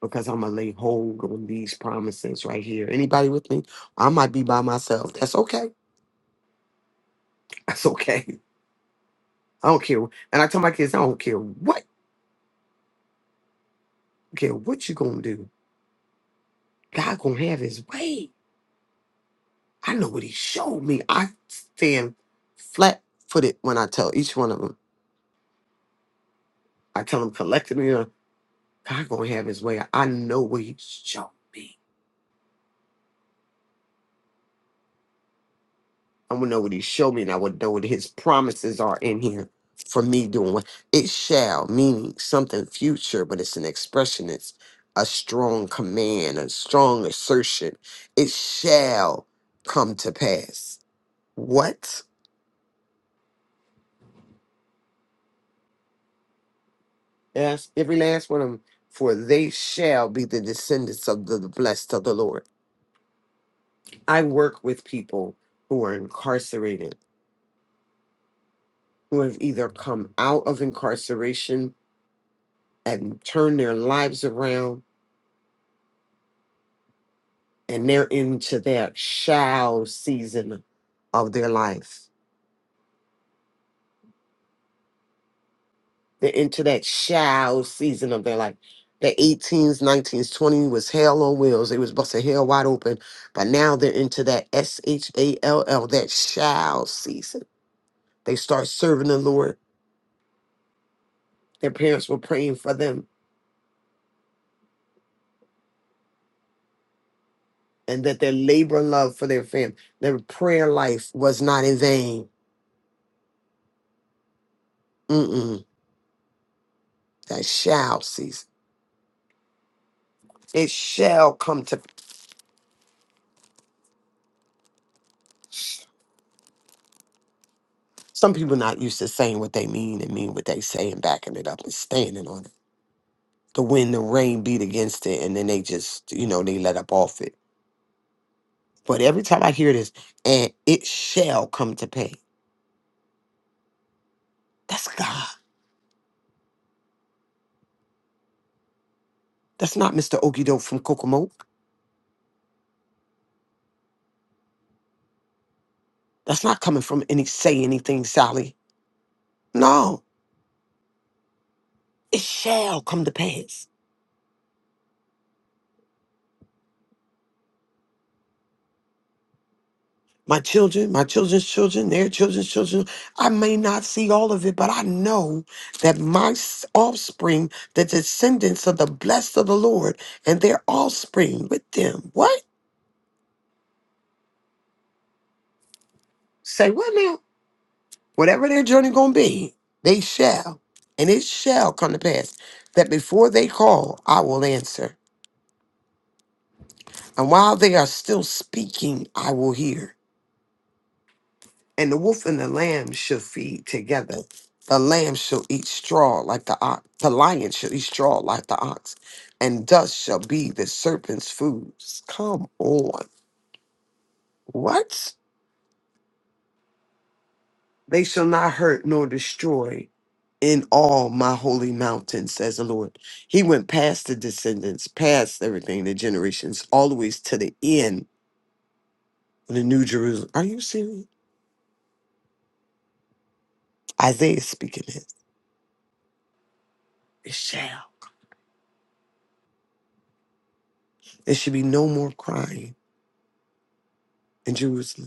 because I'm gonna lay hold on these promises right here. Anybody with me? I might be by myself. That's okay. That's okay. I don't care. And I tell my kids, I don't care what, care what you gonna do. God gonna have His way. I know what He showed me. I stand flat footed when I tell each one of them. I tell them collectively, you know, God gonna have His way. I know what He showed me. I want to know what he showed me, and I would know what his promises are in here for me doing what it shall, meaning something future, but it's an expression, it's a strong command, a strong assertion. It shall come to pass. What? Yes, every last one of them. For they shall be the descendants of the blessed of the Lord. I work with people who are incarcerated, who have either come out of incarceration and turned their lives around and they're into that shall season of their life. They're into that shall season of their life. The 18s, 19s, 20 was hell on wheels. It was busting hell wide open. But now they're into that S H A L L, that shall season. They start serving the Lord. Their parents were praying for them and that their labor and love for their family, their prayer life was not in vain. Mm-mm. That shall season. It shall come to Some people not used to saying what they mean and mean what they say and backing it up and standing on it. The wind, the rain beat against it, and then they just, you know, they let up off it. But every time I hear this, and it shall come to pay. That's God. That's not Mr. Okie Doke from Kokomo. That's not coming from any say anything, Sally. No, it shall come to pass. my children, my children's children, their children's children. I may not see all of it, but I know that my s- offspring, the descendants of the blessed of the Lord, and their offspring with them. What? Say what now? Whatever their journey gonna be, they shall, and it shall come to pass that before they call, I will answer, and while they are still speaking, I will hear. And the wolf and the lamb shall feed together. The lamb shall eat straw like the ox. The lion shall eat straw like the ox. And dust shall be the serpent's food. Come on. What? They shall not hurt nor destroy in all my holy mountain, says the Lord. He went past the descendants, past everything, the generations, always to the end of the New Jerusalem. Are you serious? Isaiah is speaking this. It shall. There should be no more crying in Jerusalem.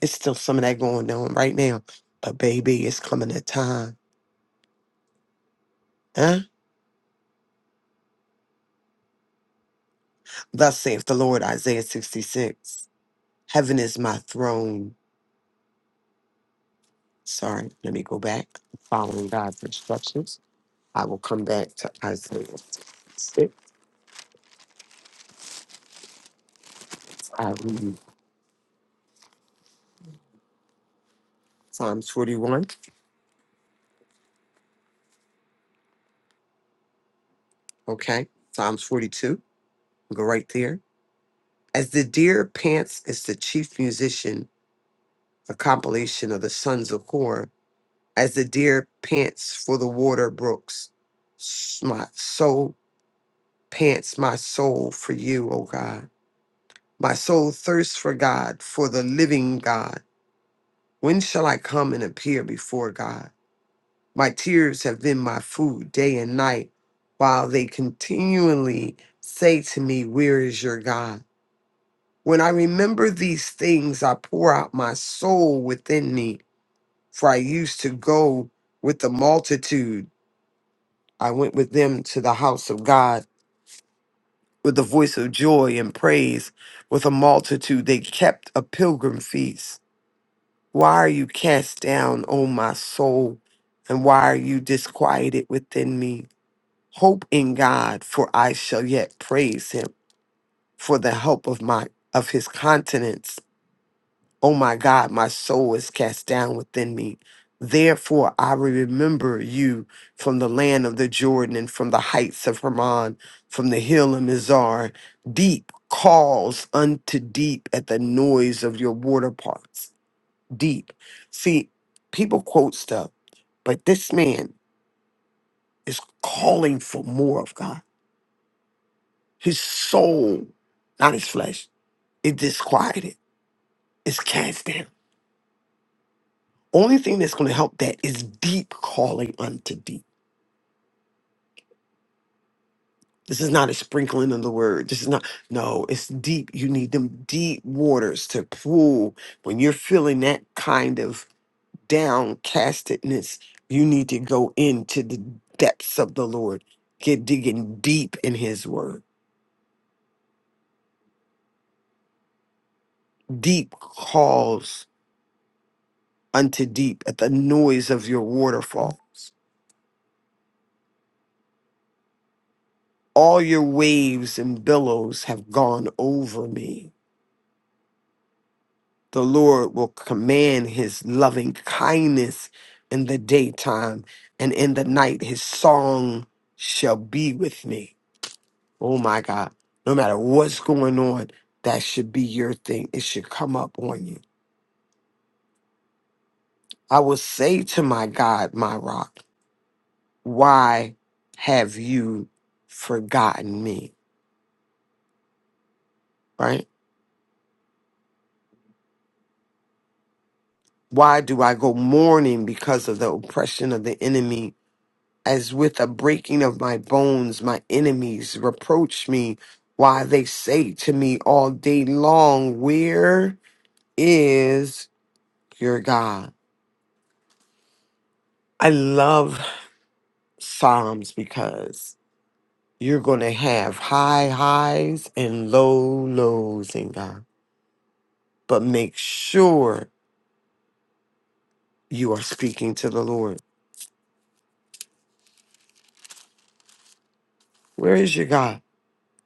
It's still some of that going on right now. But baby, it's coming a time. Huh? Thus saith the Lord, Isaiah 66. Heaven is my throne. Sorry, let me go back. Following God's instructions, I will come back to Isaiah 66. I read Psalms 41. Okay. Psalms 42. Go right there. As the deer pants is the chief musician, a compilation of the sons of Korah? as the deer pants for the water brooks. s- My soul pants, my soul for you, O God. My soul thirsts for God, for the living God. When shall I come and appear before God? My tears have been my food day and night, while they continually say to me, Where is your God? When I remember these things, I pour out my soul within me, for I used to go with the multitude I went with them to the house of God with the voice of joy and praise with a multitude. They kept a pilgrim feast. Why are you cast down, O my soul? And why are you disquieted within me? Hope in God, for I shall yet praise him for the help of my of his countenance Oh my God, my soul is cast down within me. Therefore, I will remember you from the land of the Jordan and from the heights of Hermon, from the hill of Mizar. Deep calls unto deep at the noise of your water parts. Deep. See, people quote stuff, but this man is calling for more of God. His soul, not his flesh, is disquieted, is cast down. Only thing that's going to help that is deep calling unto deep. This is not a sprinkling of the word. This is not, no, it's deep. You need them deep waters to pull. When you're feeling that kind of downcastedness, you need to go into the depths of the Lord. Get digging deep in his word. Deep calls unto deep at the noise of your waterfalls. All your waves and billows have gone over me the Lord will command his loving kindness in the daytime, and in the night his song shall be with me. Oh my God. No matter what's going on, that should be your thing. It should come up on you. I will say to my God, my rock, why have you forgotten me? Right? Why do I go mourning because of the oppression of the enemy? as with a breaking of my bones, my enemies reproach me, why they say to me all day long, Where is your God? I love Psalms because you're going to have high highs and low lows in God, but make sure you are speaking to the Lord. Where is your God?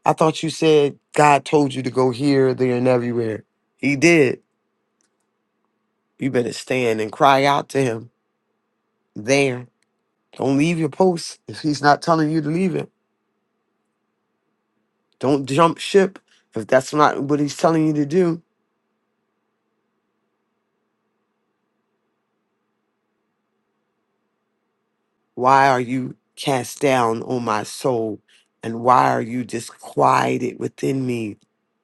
I thought you said God told you to go here, there, and everywhere. He did. You better stand and cry out to Him there. Don't leave your post if he's not telling you to leave it. Don't jump ship if that's not what he's telling you to do. Why are you cast down on my soul? And why are you disquieted within me?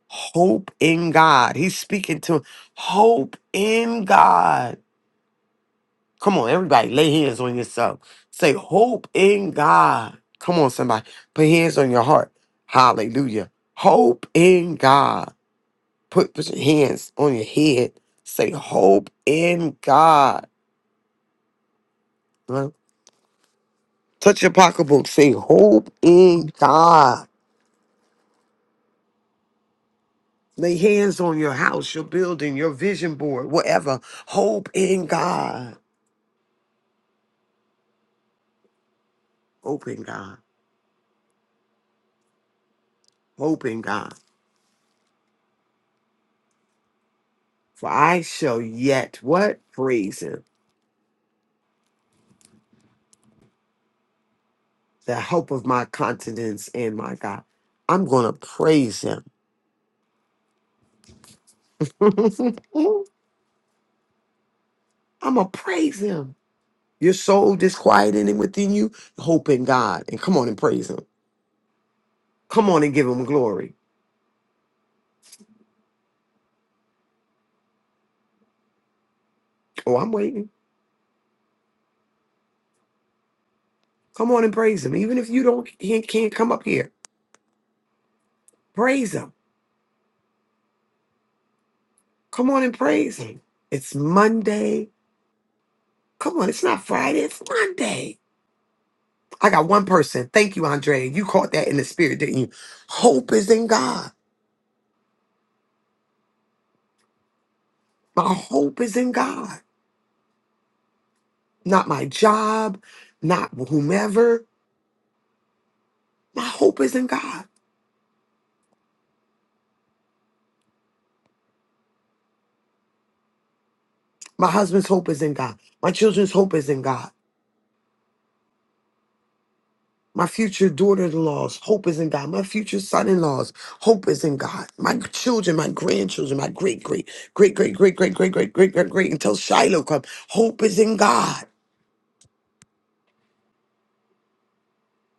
Hope in God. He's speaking to hope in God. Come on, everybody, lay hands on yourself. Say, hope in God. Come on, somebody, put hands on your heart. Hallelujah. Hope in God. Put, put your hands on your head. Say hope in God. Right? Touch your pocketbook. Say hope in God. Lay hands on your house, your building, your vision board, whatever. Hope in God. Hope in God. Hope in God. For I shall yet what? Praise him. The hope of my continence and my God. I'm gonna praise him. I'm gonna praise him. Your soul disquieting and within you, hope in God. And come on and praise Him. Come on and give Him glory. Oh, I'm waiting. Come on and praise Him. Even if you don't he can't come up here, praise Him. Come on and praise Him. It's Monday. Come on, it's not Friday. It's Monday. I got one person. Thank you, Andrea. You caught that in the spirit, didn't you? Hope is in God. My hope is in God, not my job, not whomever. My hope is in God. My husband's hope is in God. My children's hope is in God. My future daughter in laws, hope is in God. My future son in laws, hope is in God. My children, my grandchildren, my great, great, great, great, great, great, great, great, great, great, great, until Shiloh comes. Hope is in God.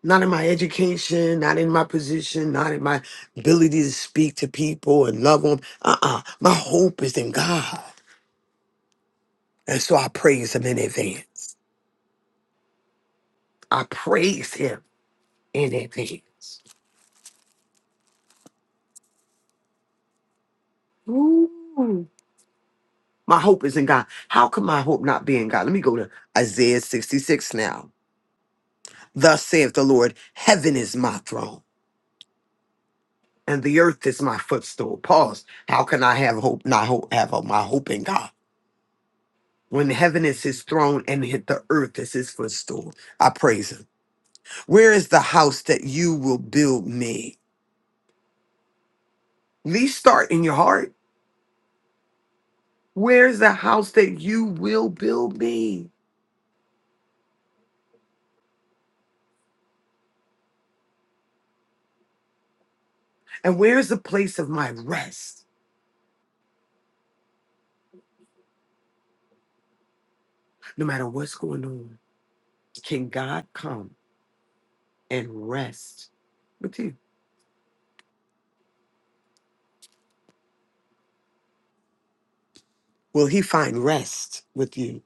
Not in my education, not in my position, not in my ability to speak to people and love them. Uh uh My hope is in God. And so I praise Him in advance. I praise Him in advance. Ooh. My hope is in God. How can my hope not be in God? Let me go to Isaiah 66 now. Thus saith the Lord, heaven is my throne and the earth is my footstool. Pause. How can I have hope, not hope, have hope, my hope in God? When heaven is his throne and hit the earth is his footstool, I praise him. Where is the house that you will build me? These start in your heart. Where's the house that you will build me? And where's the place of my rest? No matter what's going on, can God come? and rest with you. Will he find rest with you?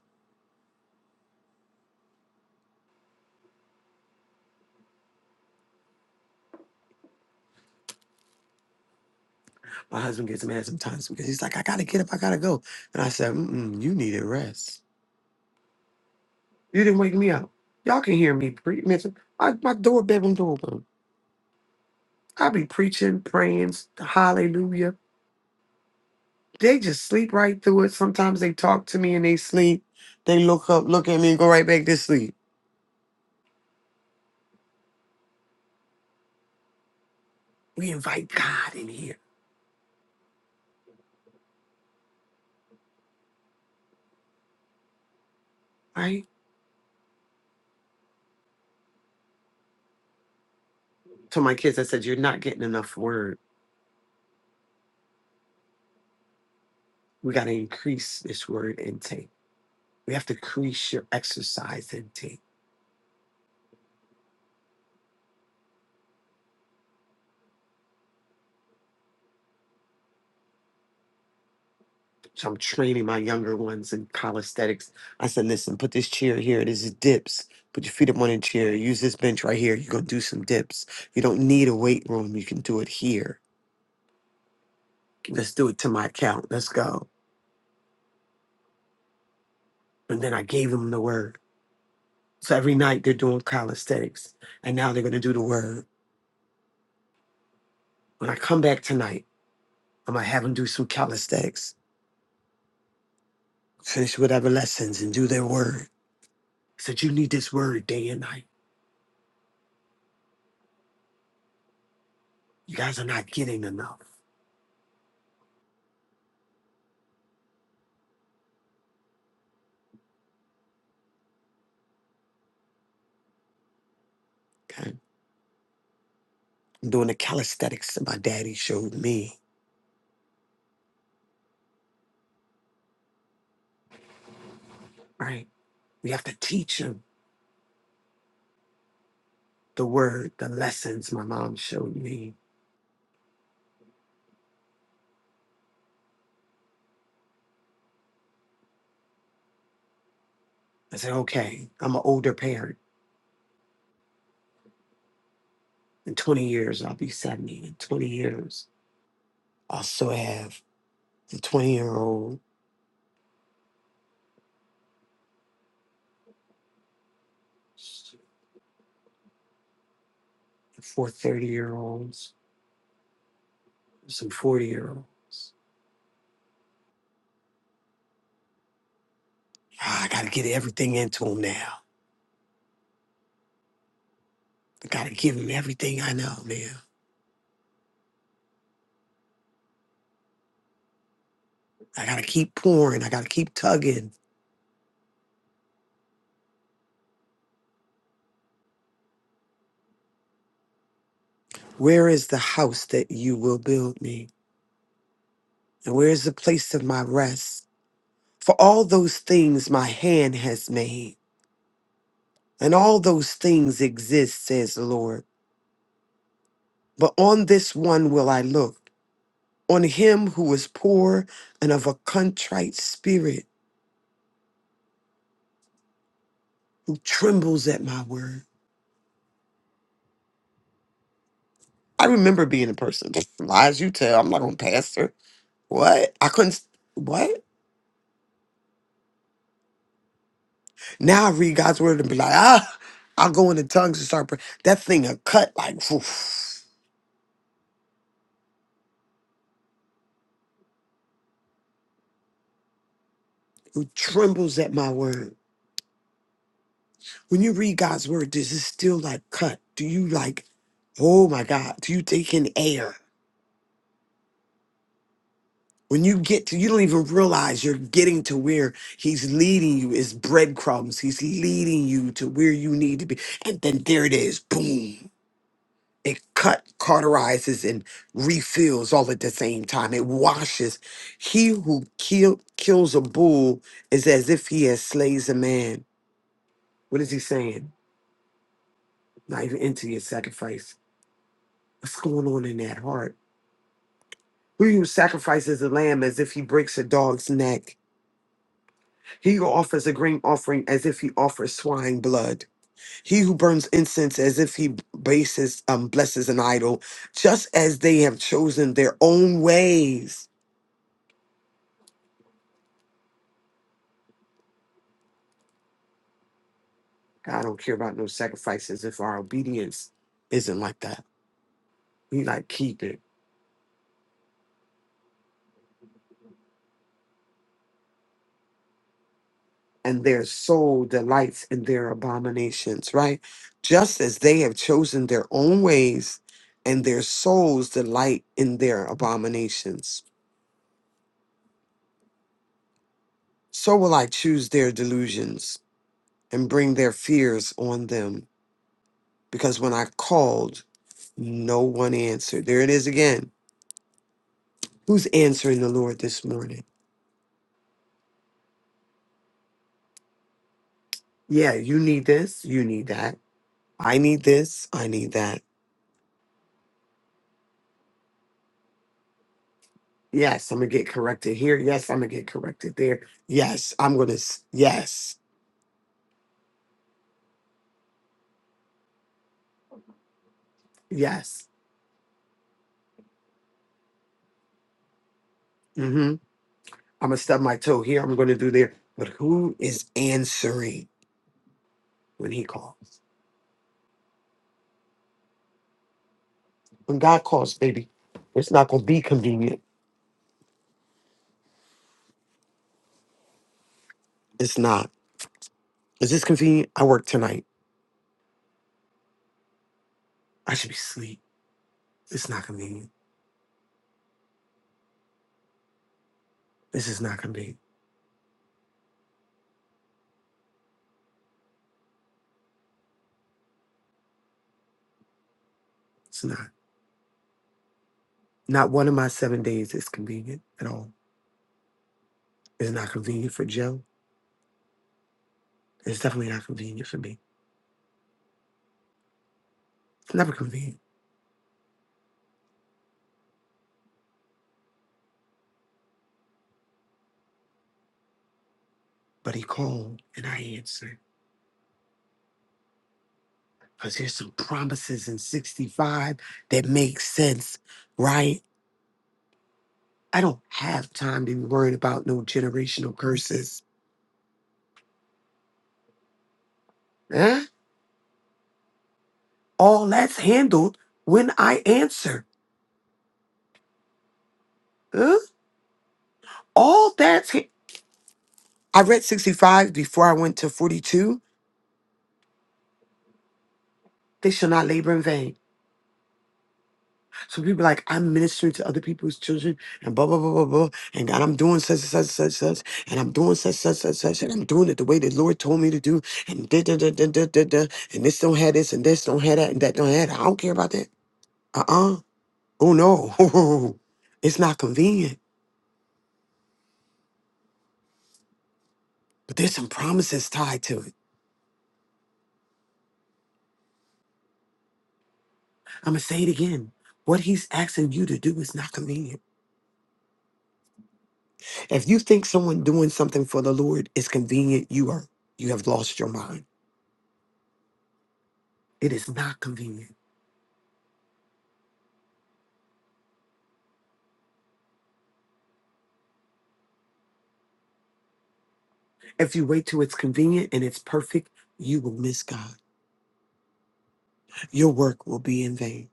My husband gets mad sometimes because he's like, I gotta get up, I gotta go. And I said, Mm-mm, you needed rest. You didn't wake me up. Y'all can hear me preach. My, my door, bedroom door open. I be preaching, praying, hallelujah. They just sleep right through it. Sometimes they talk to me and they sleep. They look up, look at me, and go right back to sleep. We invite God in here, right? To my kids, I said, You're not getting enough word. We gotta increase this word intake We have to increase your exercise intake. So I'm training my younger ones in calisthenics. I said, listen, put this chair here. This is dips. Put your feet up on a chair. Use this bench right here. You're going to do some dips. You don't need a weight room. You can do it here. Let's do it to my account. Let's go. And then I gave them the word. So every night they're doing calisthenics. And now they're going to do the word. When I come back tonight, I'm going to have them do some calisthenics, finish whatever lessons, and do their word. I said, you need this word day and night. You guys are not getting enough. Okay. I'm doing the calisthenics that my daddy showed me. Right. We have to teach them the word, the lessons my mom showed me. I said, okay, I'm an older parent. In 20 years, I'll be 70. In 20 years, I'll still have the 20 year old, four 30 year olds, some 40 year olds. I got to get everything into them now. I got to give them everything I know, man. I got to keep pouring. I got to keep tugging. Where is the house that you will build me? And where is the place of my rest? For all those things my hand has made, and all those things exist, says the Lord. But on this one will I look, on him who is poor and of a contrite spirit, who trembles at my word. I remember being a person. Lies you tell, I'm not going to pastor. What? I couldn't. s- What? Now I read God's word and be like, ah, I'll go in the tongues and start praying. That thing will cut like, phew. who trembles at my word. When you read God's word, does it still like cut? Do you like, oh my God, do you take in air? When you get to, you don't even realize you're getting to where he's leading you is breadcrumbs. He's leading you to where you need to be. And then there it is, boom. It cut, cauterizes, and refills all at the same time. It washes. He who kill, kills a bull is as if he has slays a man. What is he saying? Not even into your sacrifice. What's going on in that heart? Who you sacrifices a lamb as if he breaks a dog's neck? He who offers a grain offering as if he offers swine blood. He who burns incense as if he bases, um, blesses an idol, just as they have chosen their own ways. God don't care about no sacrifices if our obedience isn't like that. We like keep it. and their soul delights in their abominations, right? Just as they have chosen their own ways and their souls delight in their abominations, so will I choose their delusions and bring their fears on them. Because when I called, no one answered. There it is again. Who's answering the Lord this morning? Yeah, you need this, you need that. I need this, I need that. Yes, I'm gonna get corrected here. Yes, I'm gonna get corrected there. Yes, I'm gonna. s- Yes, yes. Mm-hmm. I'm gonna stub my toe here. I'm gonna do there. But who is answering when he calls? When God calls, baby, it's not gonna be convenient. It's not. Is this convenient? I work tonight. I should be asleep. It's not convenient. This is not convenient. It's not. Not one of my seven days is convenient at all. It's not convenient for Joe. It's definitely not convenient for me. It's never convenient. But he called and I answered. because there's some promises in 65 that make sense, right? I don't have time to be worrying about no generational curses. Huh? All that's handled when I answer. Huh? All that's. ha- I read 65 before I went to 42. They shall not labor in vain. So people like, I'm ministering to other people's children and blah, blah, blah, blah, blah. And God, I'm doing such, such, such, such, and I'm doing such, such, such, such, and I'm doing it the way the Lord told me to do. And da, da, da, da, da, da, da, and this don't have this, and this don't have that, and that don't have that. I don't care about that. Uh-uh. Oh, no. it's not convenient. But there's some promises tied to it. I'm going to say it again. What he's asking you to do is not convenient. If you think someone doing something for the Lord is convenient, you are, you have lost your mind. It is not convenient. If you wait till it's convenient and it's perfect, you will miss God. Your work will be in vain.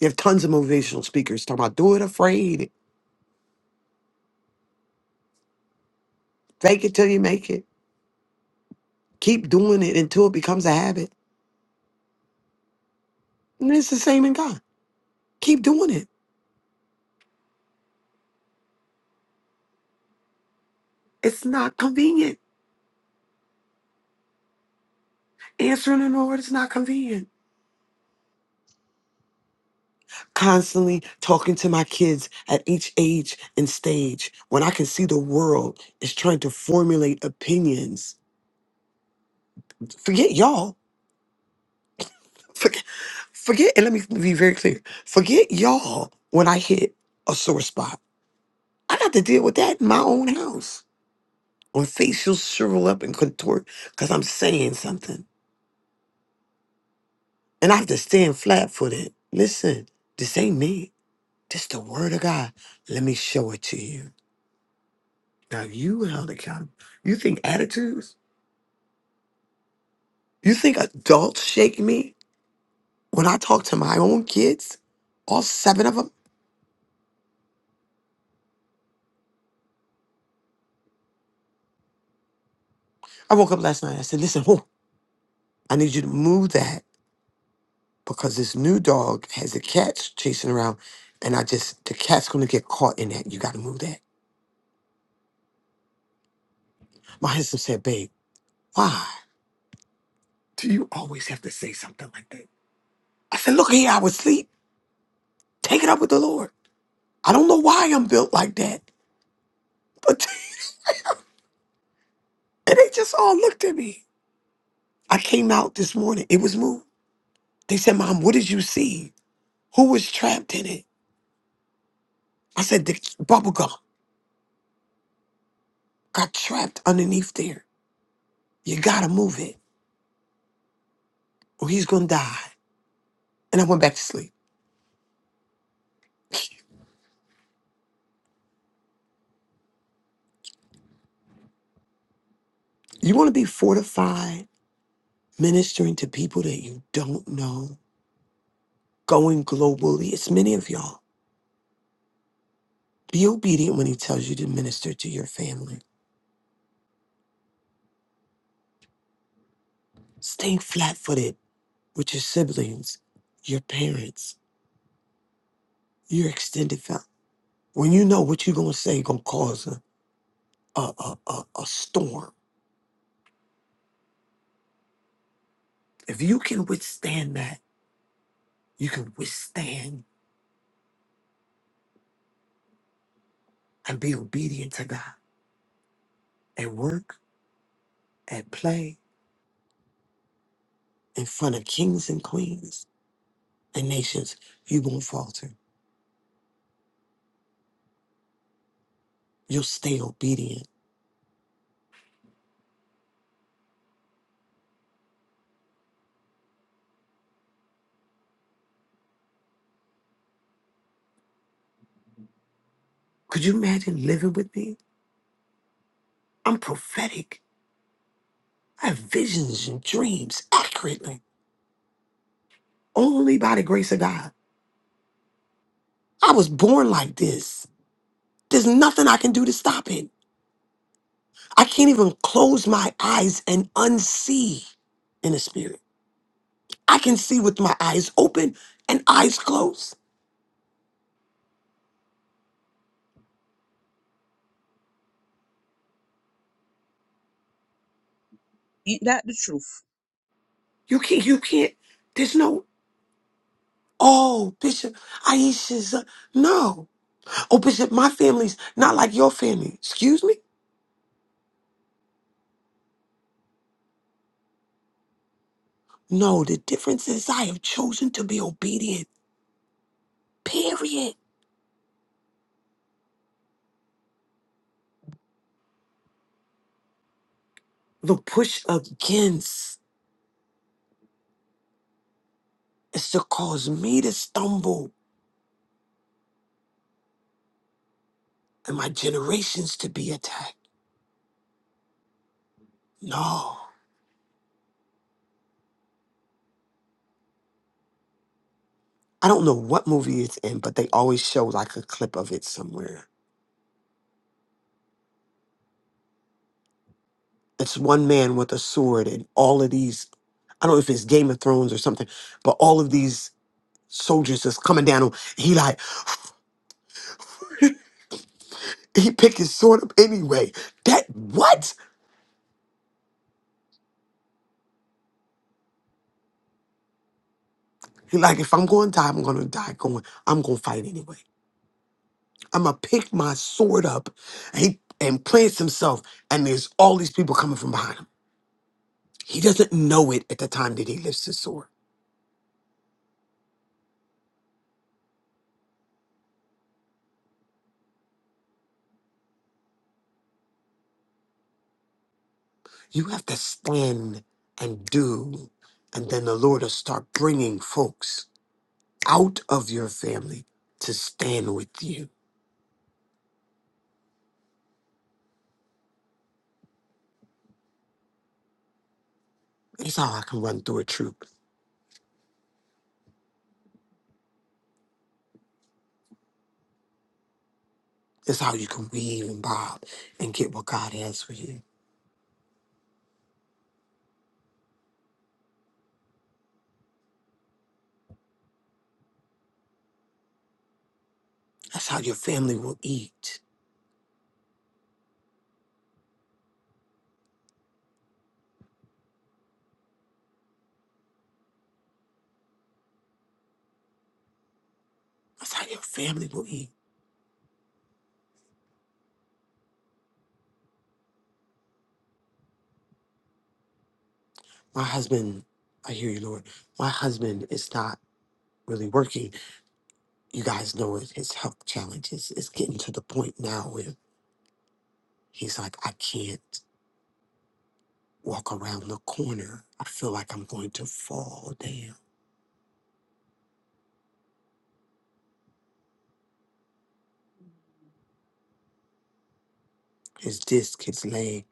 You have tons of motivational speakers talking about do it afraid, fake it till you make it, keep doing it until it becomes a habit. And it's the same in God. Keep doing it. It's not convenient. Answering the Lord is not convenient. Constantly talking to my kids at each age and stage when I can see the world is trying to formulate opinions. Forget y'all. Forget, forget, and let me be very clear. Forget y'all when I hit a sore spot. I got to deal with that in my own house when facials shrivel up and contort because I'm saying something. And I have to stand flat footed. Listen, this ain't me. This the word of God. Let me show it to you. Now you held accountable. You think attitudes? You think adults shake me when I talk to my own kids? All seven of them? I woke up last night. I said, listen, whoa, I need you to move that. because this new dog has the cats chasing around, and I just the cat's gonna get caught in that. You gotta move that. My handsome said, babe, why do you always have to say something like that? I said, look here, I was asleep. Take it up with the Lord. I don't know why I'm built like that, but and they just all looked at me. I came out this morning. It was moved. They said, Mom, what did you see? Who was trapped in it? I said, the bubble gum got trapped underneath there. You gotta move it or he's gonna die. And I went back to sleep. You want to be fortified ministering to people that you don't know, going globally. It's many of y'all. Be obedient when he tells you to minister to your family. Stay flat footed with your siblings, your parents, your extended family. When you know what you're going to say going to cause a, a, a, a, a storm, if you can withstand that, you can withstand and be obedient to God at work, at play, in front of kings and queens and nations. You won't falter You'll stay obedient. Could you imagine living with me? I'm prophetic. I have visions and dreams accurately, only by the grace of God. I was born like this. There's nothing I can do to stop it. I can't even close my eyes and unsee in the spirit. I can see with my eyes open and eyes closed.
Ain't that the truth?
You can't, you can't, there's no, oh, Bishop, Aisha's, uh, no. Oh, Bishop, my family's not like your family. Excuse me? No, the difference is I have chosen to be obedient, period. The push against is to cause me to stumble and my generations to be attacked. No. I don't know what movie it's in, but they always show like a clip of it somewhere. It's one man with a sword and all of these, I don't know if it's Game of Thrones or something, but all of these soldiers is coming down on he like he picked his sword up anyway. That what? Like if I'm going to die, I'm going to die. Going, I'm going to fight anyway. I'm gonna pick my sword up. And he and plants himself, and there's all these people coming from behind him. He doesn't know it at the time that he lifts his sword. You have to stand and do, and then the Lord will start bringing folks out of your family to stand with you. That's how I can run through a troop. That's how you can weave and bob and get what God has for you. That's how your family will eat. That's how your family will eat. my husband, I hear you, Lord. My husband is not really working. You guys know it. His health challenges is getting to the point now where he's like, I can't walk around the corner. I feel like I'm going to fall down. His disc, his leg.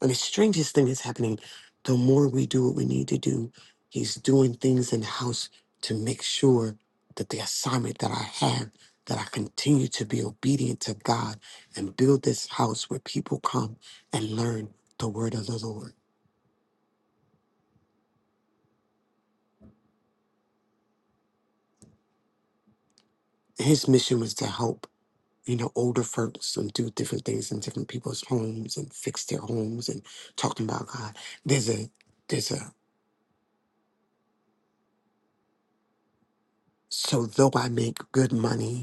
And the strangest thing is happening. The more we do what we need to do, he's doing things in house to make sure that the assignment that I have, that I continue to be obedient to God and build this house where people come and learn the word of the Lord. And his mission was to help, you know, older folks and do different things in different people's homes and fix their homes and talking about God. There's a there's a so though I make good money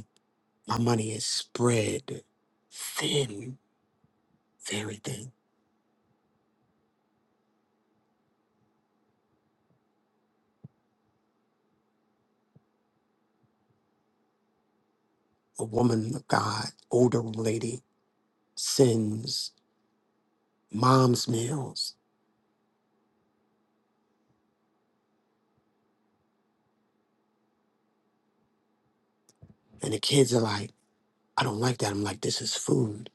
My money is spread thin, very thin. A woman of God, older lady, sends mom's meals. And the kids are like, I don't like that. I'm like, this is food.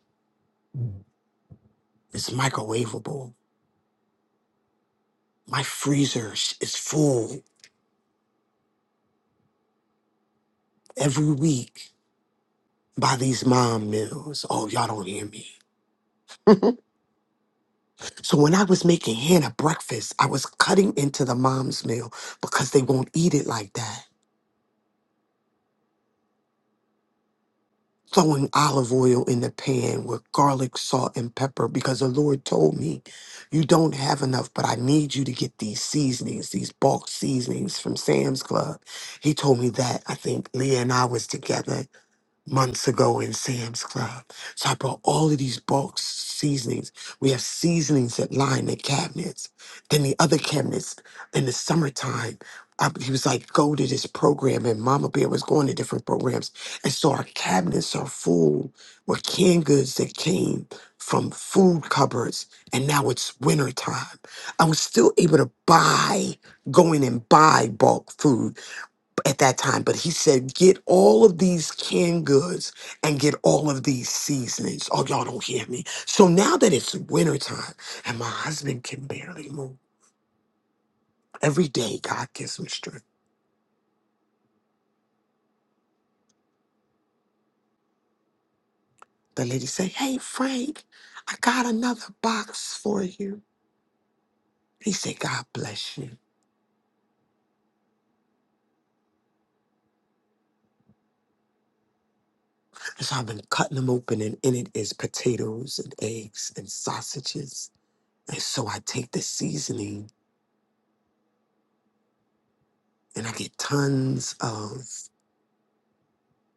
It's microwavable. My freezer sh- is full every week by these mom meals. Oh, y'all don't hear me. so when I was making Hannah breakfast, I was cutting into the mom's meal because they won't eat it like that. throwing olive oil in the pan with garlic, salt, and pepper because the Lord told me, You don't have enough, but I need you to get these seasonings, these bulk seasonings from Sam's Club. He told me that. I think Leah and I was together months ago in Sam's Club. So I brought all of these bulk seasonings. We have seasonings that line the cabinets. Then the other cabinets in the summertime, I, he was like, go to this program. And Mama Bear was going to different programs. And so our cabinets are full with canned goods that came from food cupboards. And now it's wintertime. I was still able to buy, go in and buy bulk food at that time, but he said, Get all of these canned goods and get all of these seasonings. Oh, y'all don't hear me. So now that it's wintertime and my husband can barely move, every day God gives me strength. The lady said, Hey, Frank, I got another box for you. He said, God bless you. And so I've been cutting them open, and in it is potatoes and eggs and sausages. And so I take the seasoning and I get tons of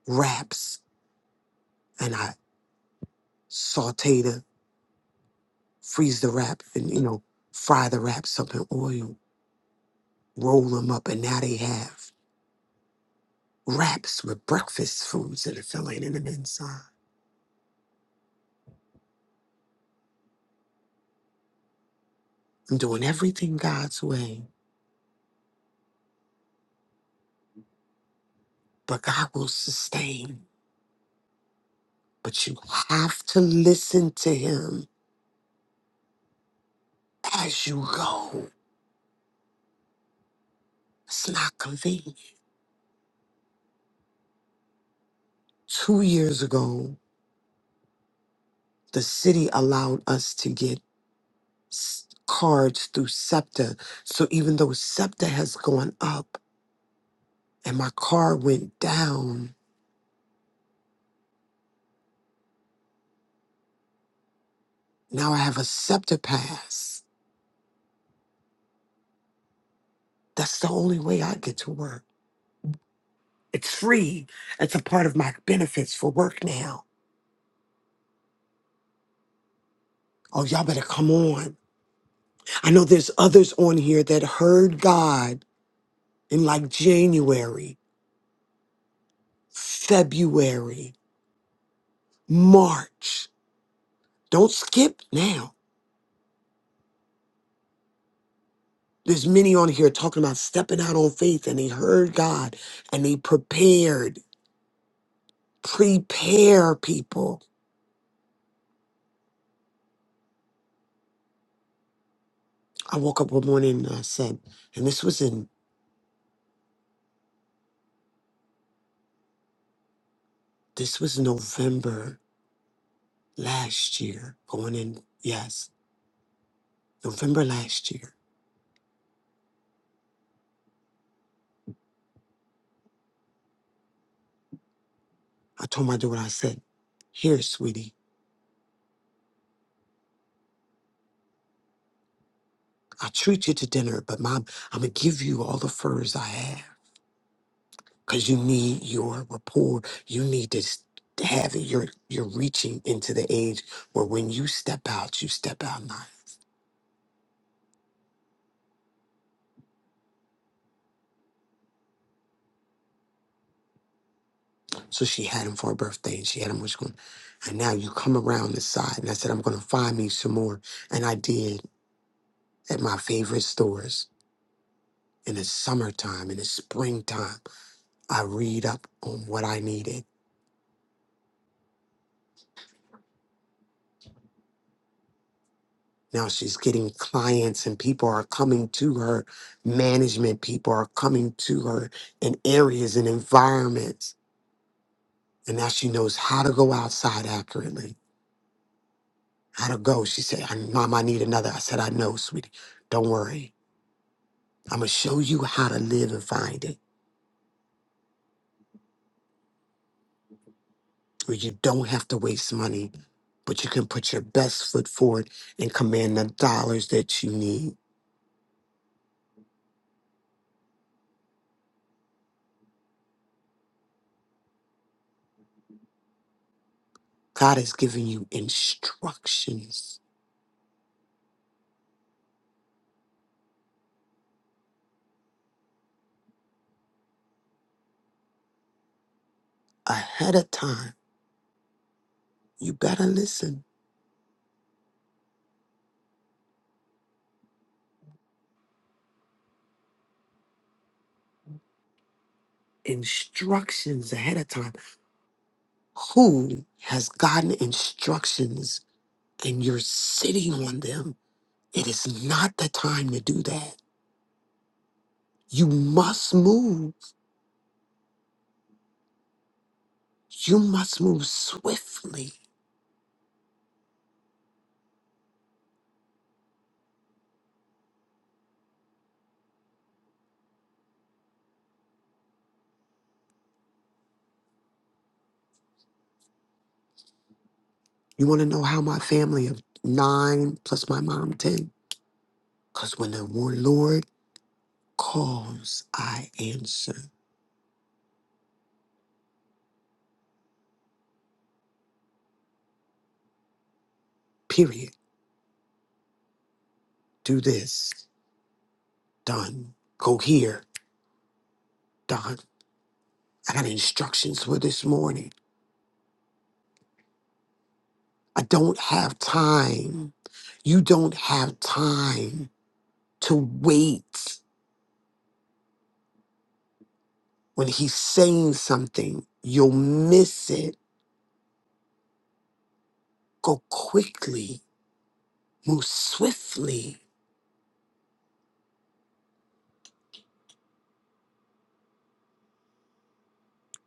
wraps and I. saute the freeze the wrap and you know fry the wraps up in oil roll them up and now they have wraps with breakfast foods and a filling and an inside i'm doing everything god's way but god will sustain but you have to listen to him as you go it's not convenient two years ago the city allowed us to get s- cards through septa so even though septa has gone up and my car went down. Now I have a SEPTA pass. That's the only way I get to work. It's free. It's a part of my benefits for work now. Oh, y'all better come on. I know there's others on here that heard God in like January, February, March. Don't skip now. There's many on here talking about stepping out on faith and they heard God and they prepared. Prepare people I woke up one morning and I said, and this was in this was November last year, going in, yes, November last year. I told my daughter, I said, here, sweetie, I treat you to dinner, but mom, I'm gonna give you all the furs I have. Cause you need your rapport. You need to s- to have it. You're you're reaching into the age where when you step out, you step out nice. So she had him for her birthday and she had him which one. And now you come around the side and I said, I'm gonna find me some more. And I did at my favorite stores in the summertime, in the springtime. I read up on what I needed. Now she's getting clients and people are coming to her. Management people are coming to her in areas and environments. And now she knows how to go outside accurately. How to go. She said, "I- Mom, I need another. I said, I know, sweetie. Don't worry. I'm gonna show you how to live and find it, where you don't have to waste money, but you can put your best foot forward and command the dollars that you need. God has given you instructions ahead of time. You better listen. Instructions ahead of time. Who has gotten instructions and you're sitting on them? It is not the time to do that. You must move. You must move swiftly You want to know how my family of nine plus my mom 10? Because when the war- Lord calls, I answer. Period. Do this. Done. Go here. Done. I got instructions for this morning. I don't have time. You don't have time to wait. When he's saying something, you'll miss it. Go quickly. Move swiftly.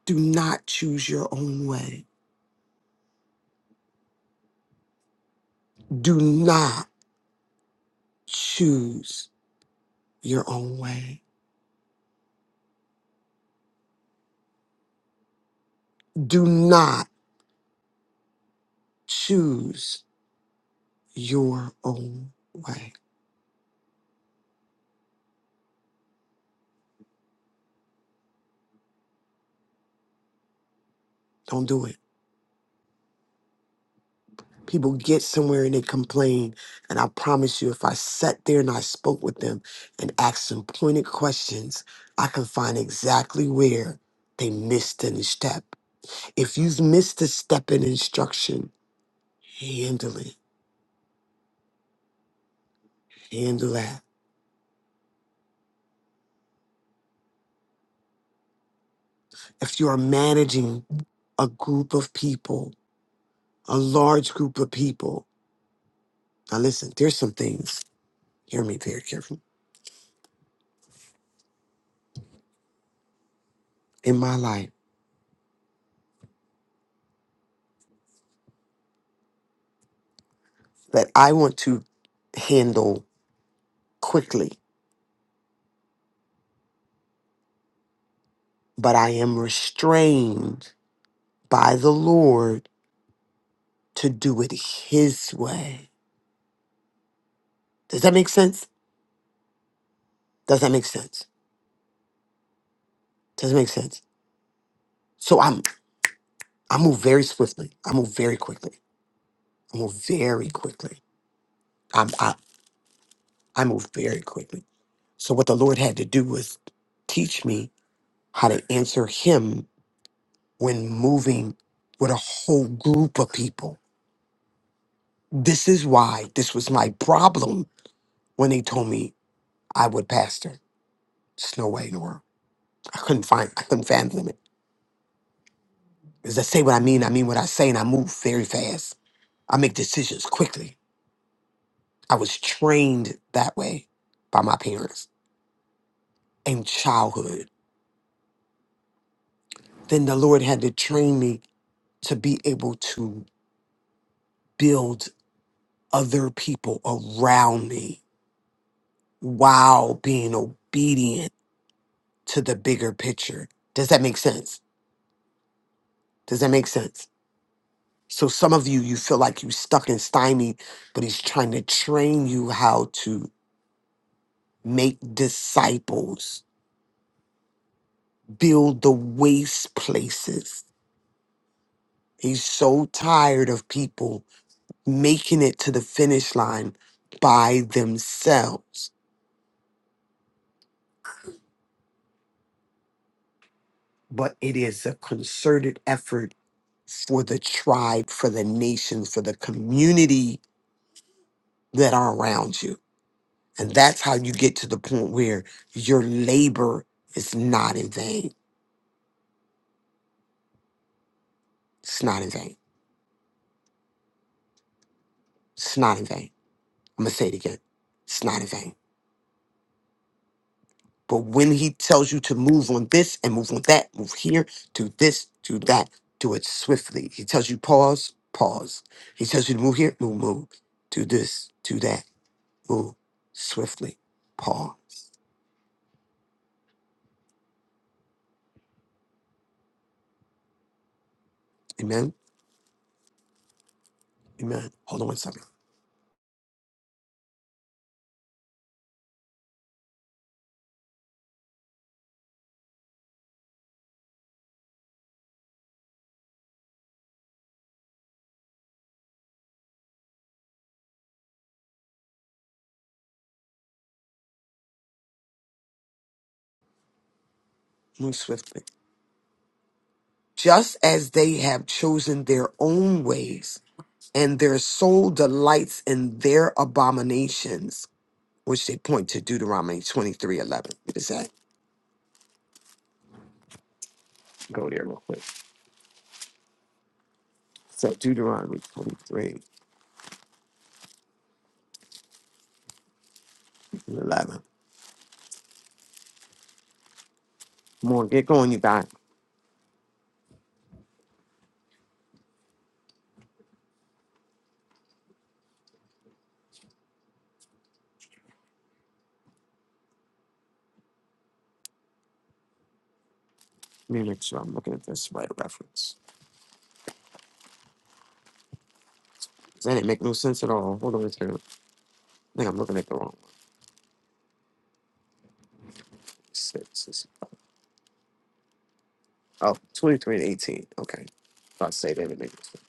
Do not choose your own way. Do not. choose your own way. Do not choose your own way. Don't do it. People get somewhere and they complain. And I promise you, if I sat there and I spoke with them and asked them pointed questions, I can find exactly where they missed any step. If you've missed a step in instruction, handle it. Handle that. If you are managing a group of people, a large group of people. Now, listen, there's some things, hear me very carefully, in my life that I want to handle quickly, but I am restrained by the Lord to do it His way. Does that make sense? Does that make sense? Does it make sense? So I'm, I move very swiftly. I move very quickly. I move very quickly. I'm, I, I move very quickly. So what the Lord had to do was teach me how to answer Him when moving with a whole group of people. This is why this was my problem when they told me I would pastor. There's no way in the world. I couldn't find, I couldn't fathom it. As I say what I mean, I mean what I say, and I move very fast. I make decisions quickly. I was trained that way by my parents in childhood. Then the Lord had to train me to be able to build other people around me while being obedient to the bigger picture. Does that make sense? Does that make sense? So some of you, you feel like you're stuck and stymied, but he's trying to train you how to make disciples, build the waste places. He's so tired of people making it to the finish line by themselves. But it is a concerted effort for the tribe, for the nation, for the community that are around you And that's how you get to the point where your labor is not in vain. It's not in vain. It's not in vain. I'm going to say it again. It's not in vain. But when he tells you to move on this and move on that, move here, do this, do that, do it swiftly. He tells you pause, pause. He tells you to move here, move, move. Do this, do that, move swiftly. Pause. Amen. Amen. Hold on one second. Move swiftly. Just as they have chosen their own ways and their soul delights in their abominations, which they point to Deuteronomy 23 What is that? Go there real quick. So, Deuteronomy twenty three eleven. 11. More, get going, you guys. Let me make sure I'm looking at this right reference. 'Cause That didn't make no sense at all. Hold on a second. I think I'm looking at the wrong one. Six, six- oh, twenty-three and 18. Okay. If I say that, it makes sense.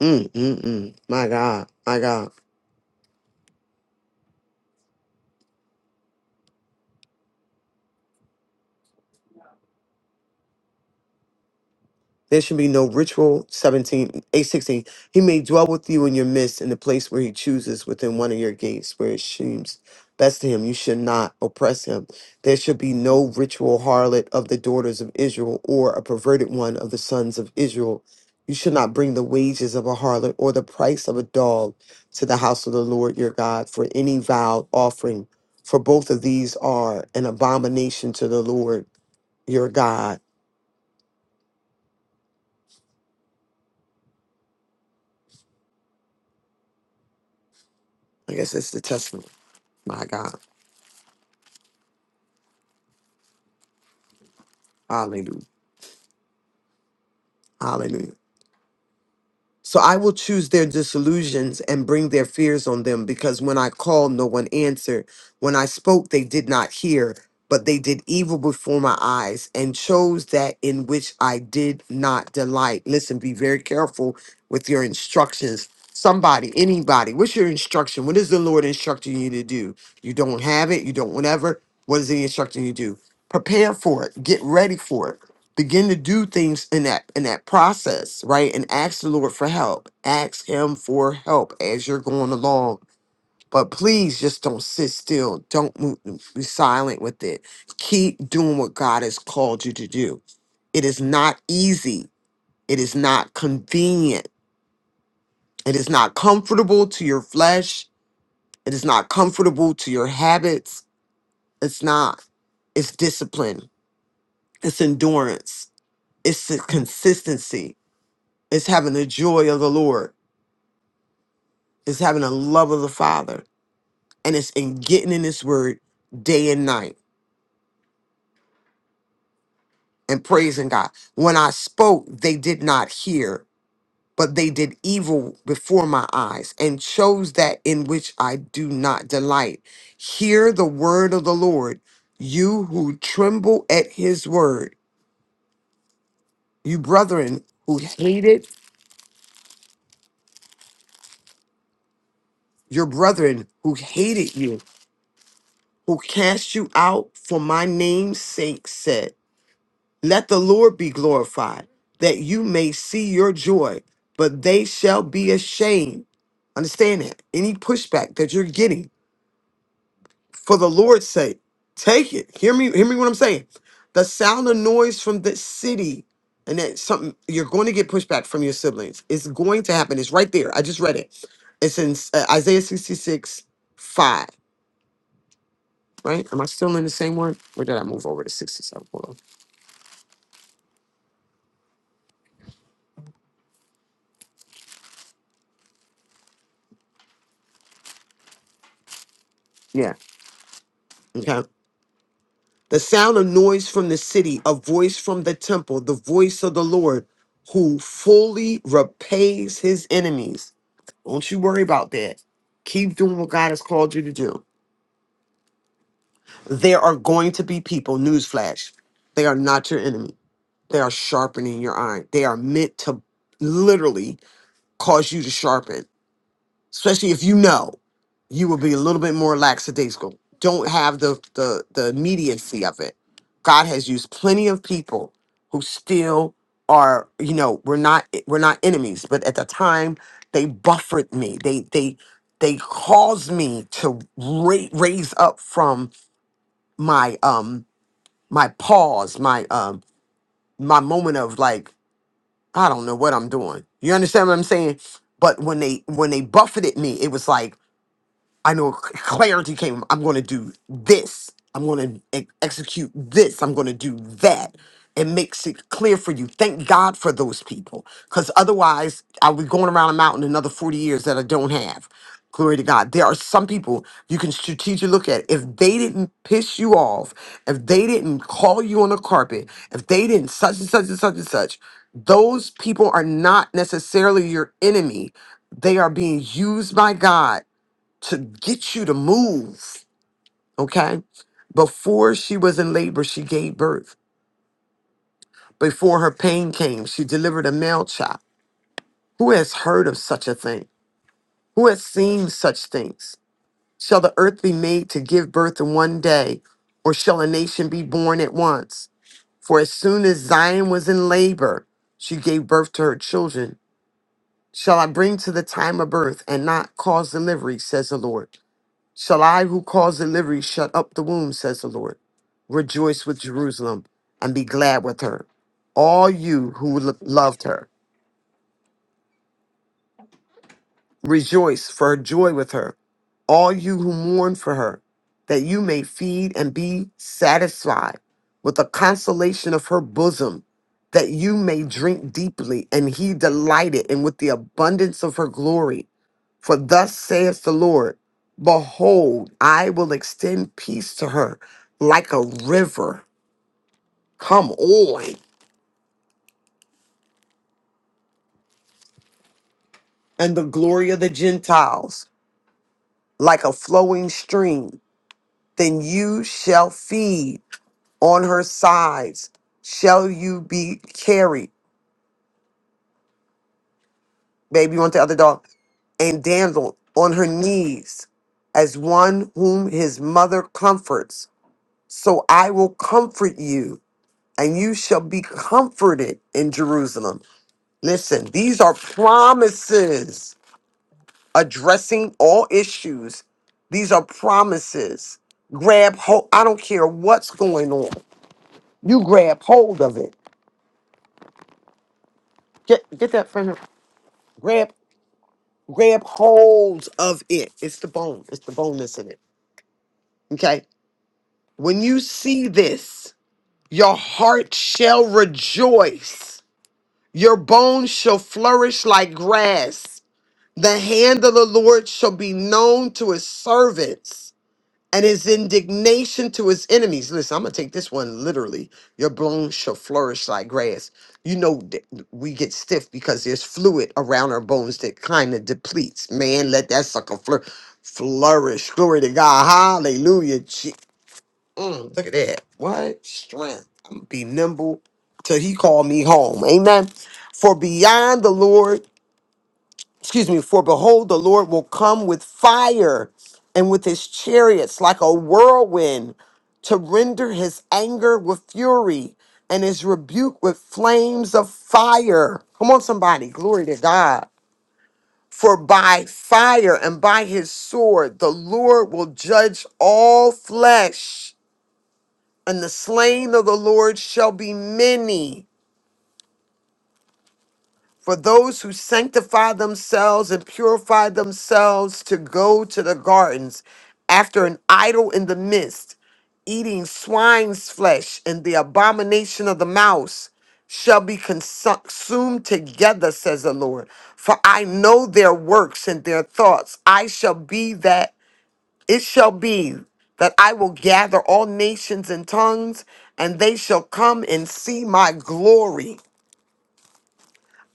Mm, mm, mm. My God. My God. There should be no ritual. 17, 8, 16. He may dwell with you in your midst in the place where he chooses within one of your gates where it seems best to him. You should not oppress him. There should be no ritual harlot of the daughters of Israel or a perverted one of the sons of Israel. You should not bring the wages of a harlot or the price of a dog to the house of the Lord your God for any vowed offering, for both of these are an abomination to the Lord your God. I guess it's the testament. My God. Hallelujah. Hallelujah. So I will choose their disillusions and bring their fears on them because when I called, no one answered. When I spoke, they did not hear, but they did evil before my eyes and chose that in which I did not delight. Listen, be very careful with your instructions. Somebody, anybody, what's your instruction? What is the Lord instructing you to do? You don't have it, you don't whatever. What is He instructing you to do? Prepare for it, get ready for it begin to do things in that in that process right and ask the lord for help ask him for help as you're going along but please just don't sit still don't move, be silent with it keep doing what god has called you to do it is not easy it is not convenient it is not comfortable to your flesh it is not comfortable to your habits it's not it's discipline it's endurance it's the consistency It's having the joy of the Lord. It's having the love of the Father. And it's in getting in His word day and night and praising God. When I spoke, they did not hear, but they did evil before my eyes and chose that in which I do not delight. Hear the word of the Lord, you who tremble at His word, you brethren who hated your brethren who hated you, who cast you out for my name's sake, said. Let the Lord be glorified, that you may see your joy, but they shall be ashamed. Understand that. Any pushback that you're getting for the Lord's sake, take it. Hear me, hear me what I'm saying. The sound of noise from the city, and that something you're going to get pushback from your siblings. It's going to happen. It's right there. I just read it. It's in uh, Isaiah 66, 5. Right? Am I still in the same one? Or did I move over to 67? Hold on. Yeah. Okay. The sound of noise from the city, a voice from the temple, the voice of the Lord who fully repays his enemies. Don't you worry about that. Keep doing what God has called you to do. There are going to be people, newsflash, they are not your enemy. They are sharpening your iron. They are meant to literally cause you to sharpen. especially if you know you will be a little bit more lackadaisical. Don't have the the the immediacy of it. God has used plenty of people who still are, you know, we're not we're not enemies, but at the time they buffered me. They they they caused me to ra- raise up from my um my pause, my um my moment of like I don't know what I'm doing. You understand what I'm saying? But when they when they buffeted me, it was like I know clarity came. I'm going to do this. I'm going to e- execute this. I'm going to do that. It makes it clear for you. Thank God for those people. Because otherwise, I'll be going around a mountain another 40 years that I don't have. Glory to God. There are some people you can strategically look at. If they didn't piss you off, if they didn't call you on the carpet, if they didn't such and such and such and such, those people are not necessarily your enemy. They are being used by God to get you to move. Okay. Before she was in labor, she gave birth. Before her pain came, she delivered a male child. Who has heard of such a thing? Who has seen such things? Shall the earth be made to give birth in one day, or shall a nation be born at once? For as soon as Zion was in labor, she gave birth to her children. Shall I bring to the time of birth and not cause delivery, says the Lord? Shall I who cause delivery shut up the womb, says the Lord? Rejoice with Jerusalem and be glad with her. All you who lo- loved her. Rejoice for her joy with her, all you who mourn for her, that you may feed and be satisfied with the consolation of her bosom, that you may drink deeply, and he delighted, and with the abundance of her glory. For thus saith the Lord Behold, I will extend peace to her like a river. Come on. And the glory of the Gentiles like a flowing stream. Then you shall feed. on her sides shall you be carried. Baby, you want the other dog? And dandled on her knees as one whom his mother comforts. So I will comfort you, and you shall be comforted in Jerusalem. Listen, these are promises addressing all issues. These are promises. Grab hold. I don't care what's going on. You grab hold of it. Get get that friend. Grab. grab holds of it. It's the bone. It's the bone that's in it. Okay. When you see this, your heart shall rejoice. Your bones shall flourish like grass. The hand of the Lord shall be known to his servants. and his indignation to his enemies. Listen, I'm gonna take this one literally. Your bones shall flourish like grass. You know that we get stiff because there's fluid around our bones that kind of depletes. Man, let that sucker flour- flourish. Glory to God. Hallelujah. Je- Mm, look at that. What strength? I'm gonna be nimble till he call me home. Amen. For beyond the Lord excuse me, for behold, the Lord will come with fire and with his chariots like a whirlwind to render his anger with fury and his rebuke with flames of fire. Come on, somebody, glory to God. For by fire and by his sword, the Lord will judge all flesh, and the slain of the Lord shall be many. for those who sanctify themselves and purify themselves to go to the gardens after an idol in the midst, eating swine's flesh and the abomination of the mouse, shall be consumed together, says the Lord. For I know their works and their thoughts. I shall be that, it shall be that I will gather all nations and tongues, and they shall come and see my glory.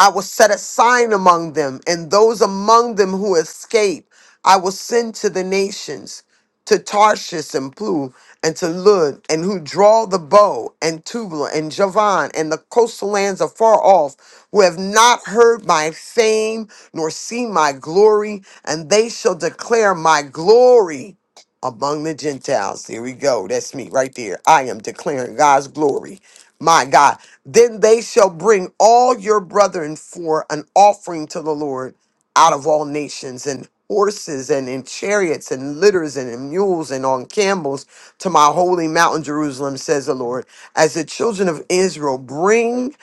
I will set a sign among them, and those among them who escape, I will send to the nations, to Tarshish and Plu, and to Lud, and who draw the bow, and Tubal, and Javan, and the coastal lands afar off, who have not heard my fame, nor seen my glory, and they shall declare my glory among the Gentiles. Here we go. That's me right there. I am declaring God's glory my God. Then they shall bring all your brethren for an offering to the Lord out of all nations, and horses, and in chariots, and litters, and in mules, and on camels to my holy mountain Jerusalem, says the Lord. As the children of Israel bring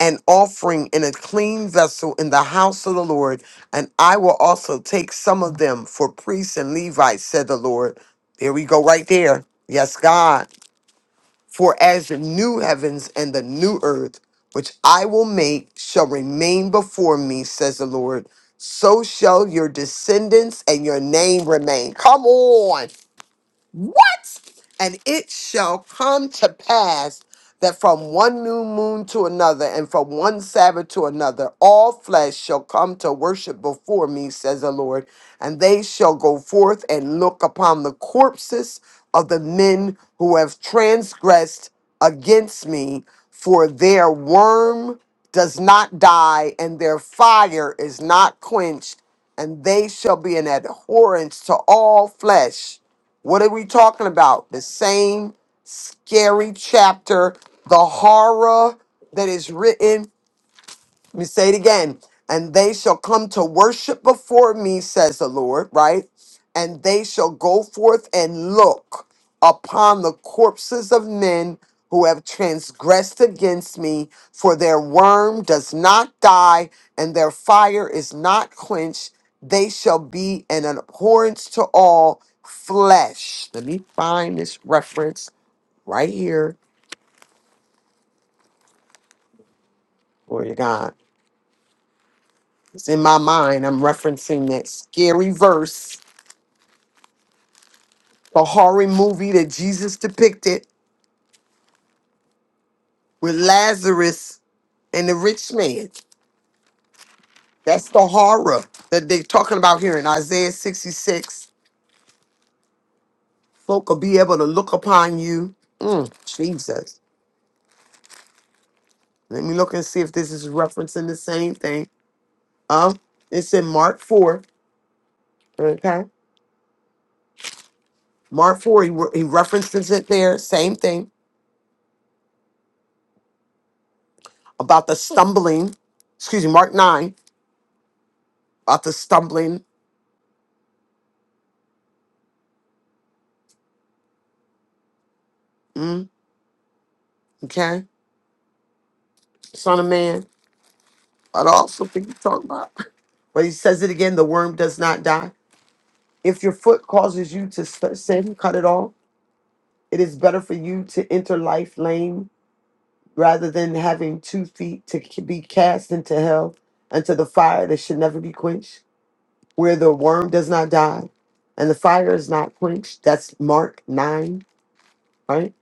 an offering in a clean vessel in the house of the Lord, and I will also take some of them for priests and Levites, said the Lord. There we go, right there. Yes, God. For as the new heavens and the new earth, which I will make, shall remain before me, says the Lord, so shall your descendants and your name remain. Come on. What? And it shall come to pass that from one new moon to another and from one Sabbath to another, all flesh shall come to worship before me, says the Lord. And they shall go forth and look upon the corpses of the men who have transgressed against me, for their worm does not die and their fire is not quenched, and they shall be an abhorrence to all flesh what are we talking about? The same scary chapter, the horror that is written let me say it again. And they shall come to worship before me, says the Lord, right? And they shall go forth and look upon the corpses of men who have transgressed against me, for their worm does not die, and their fire is not quenched. They shall be an abhorrence to all flesh. Let me find this reference right here. Glory to God. It's in my mind. I'm referencing that scary verse a horror movie that Jesus depicted with Lazarus and the rich man. That's the horror that they're talking about here in Isaiah 66. Folk will be able to look upon you. Mm, Jesus. Let me look and see if this is referencing the same thing. Um, it's in Mark 4. Okay. Mark 4, he, re- he references it there. Same thing about the stumbling. Excuse me, Mark 9, about the stumbling. Mm, okay. Son of man. But I also think he's talking about. But he says it again the worm does not die. If your foot causes you to s- sin, cut it off. It is better for you to enter life lame rather than having two feet to c- be cast into hell, into the fire that should never be quenched, where the worm does not die and the fire is not quenched. That's Mark 9, right?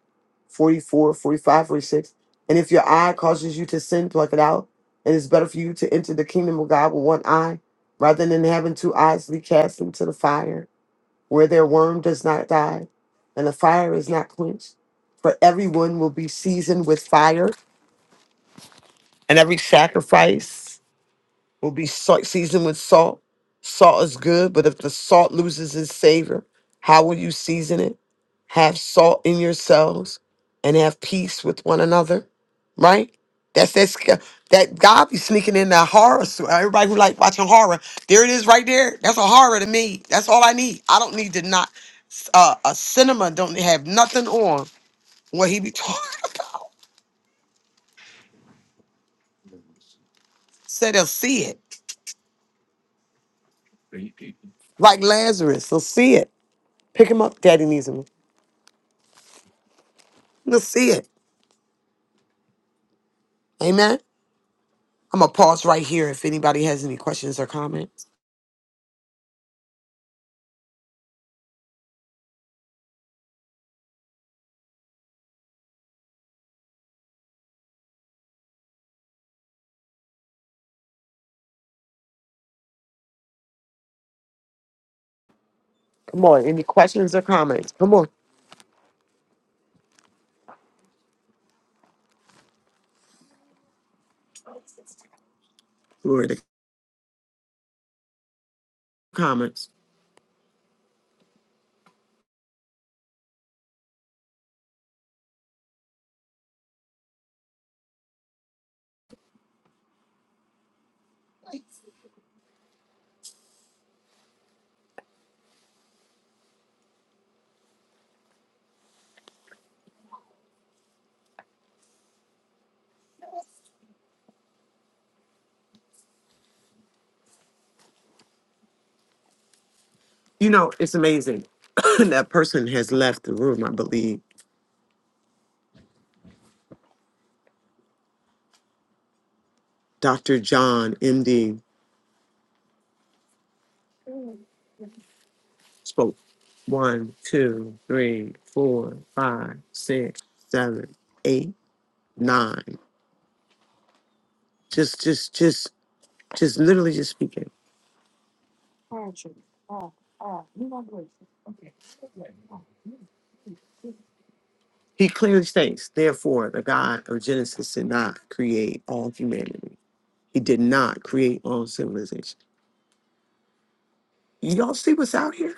44, 45, 46. And if your eye causes you to sin, pluck it out. It is better for you to enter the kingdom of God with one eye rather than having two eyes to be cast into the fire where their worm does not die and the fire is not quenched. For everyone will be seasoned with fire, and every sacrifice will be salt, seasoned with salt. Salt is good, but if the salt loses its savor, how will you season it? Have salt in yourselves and have peace with one another, right? That's that sca- that God be sneaking in that horror. So everybody who like watching horror, there it is right there. That's a horror to me. That's all I need. I don't need to not uh, a cinema don't have nothing on what he be talking about. So they'll see it, like Lazarus. They'll see it. Pick him up. Daddy needs him. Let's see it. Amen. I'm gonna pause right here if anybody has any questions or comments. Come on, any questions or comments? Come on. Glory to comments. You know, it's amazing. that person has left the room, I believe. Dr. John MD spoke one, two, three, four, five, six, seven, eight, nine. Just just just just literally just speaking. He clearly states, therefore, the God of Genesis did not create all humanity He did not create all civilization. Y'all see what's out here?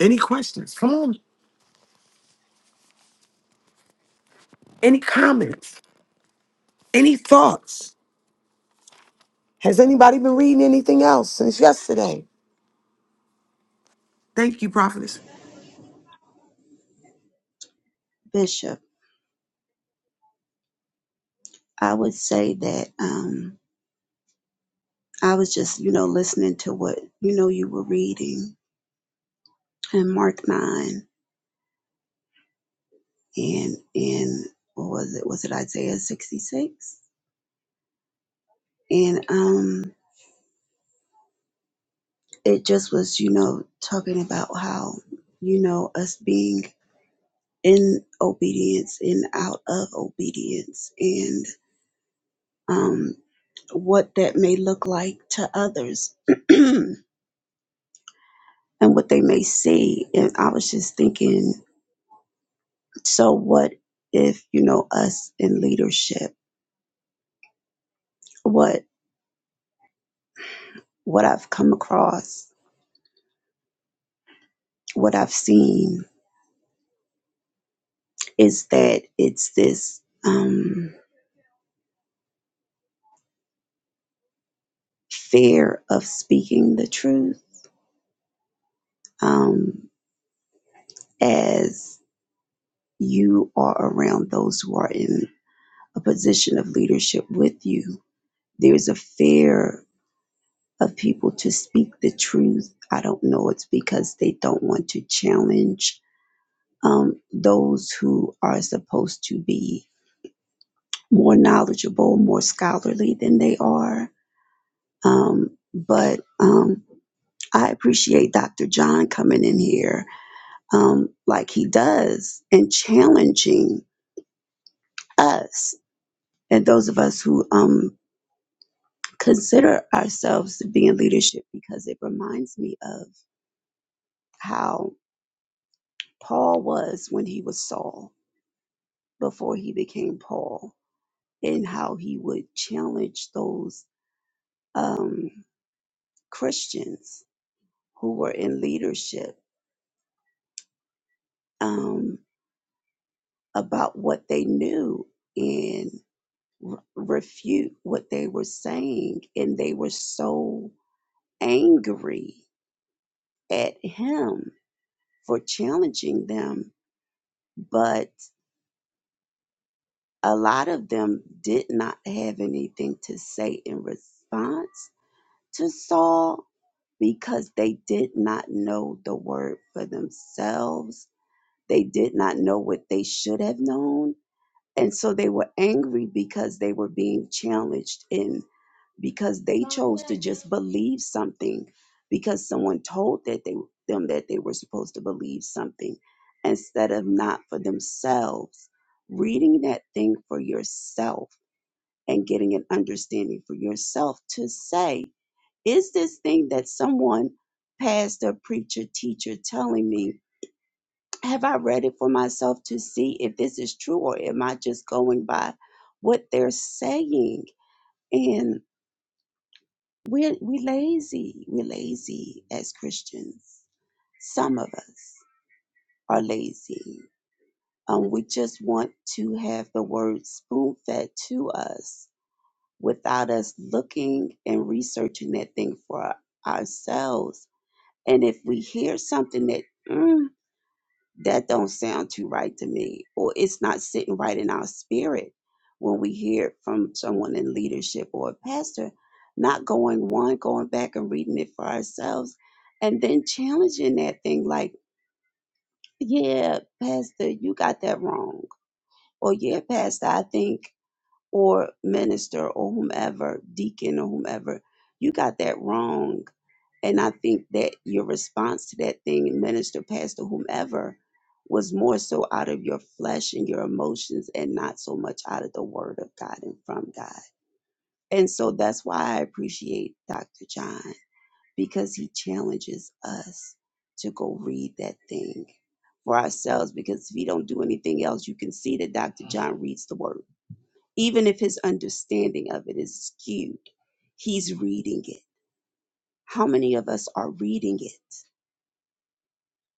Any questions? Come on. Any comments? Any thoughts? Has anybody been reading anything else since yesterday? Thank you, prophetess.
Bishop, I would say that um, I was just, you know, listening to what you know you were reading in Mark nine and in what was it was it Isaiah sixty six and um it just was you know talking about how you know us being in obedience and out of obedience and um what that may look like to others and what they may see and I was just thinking So what if, you know, us in leadership, what what I've come across, what I've seen is that it's this um fear of speaking the truth um as you are around those who are in a position of leadership with you. There's a fear of people to speak the truth. I don't know it's because they don't want to challenge um, those who are supposed to be more knowledgeable, more scholarly than they are. Um, but um, I appreciate Dr. John coming in here um, like he does and challenging us and those of us who um, consider ourselves to be in leadership because it reminds me of how Paul was when he was Saul before he became Paul and how he would challenge those um, Christians who were in leadership um, about what they knew and re- refute what they were saying. And they were so angry at him for challenging them. But a lot of them did not have anything to say in response to Saul because they did not know the word for themselves. They did not know what they should have known And so they were angry because they were being challenged and because they chose to just believe something because someone told that they them that they were supposed to believe something instead of not for themselves reading that thing for yourself and getting an understanding for yourself to say is this thing that someone pastor preacher teacher telling me have I read it for myself to see if this is true or am I just going by what they're saying? And we're we lazy. We're lazy as Christians. Some of us are lazy. Um, we just want to have the word spoon fed to us without us looking and researching that thing for ourselves. And if we hear something that mm, that don't sound too right to me or it's not sitting right in our spirit when we hear it from someone in leadership or a pastor not going one going back and reading it for ourselves and then challenging that thing like yeah pastor you got that wrong or yeah pastor i think or minister or whomever deacon or whomever you got that wrong and I think that your response to that thing, minister, pastor, whomever, was more so out of your flesh and your emotions and not so much out of the word of God and from God. And so that's why I appreciate Dr. John because he challenges us to go read that thing for ourselves. Because if you don't do anything else, you can see that Dr. John reads the word. Even if his understanding of it is skewed, he's reading it. How many of us are reading it?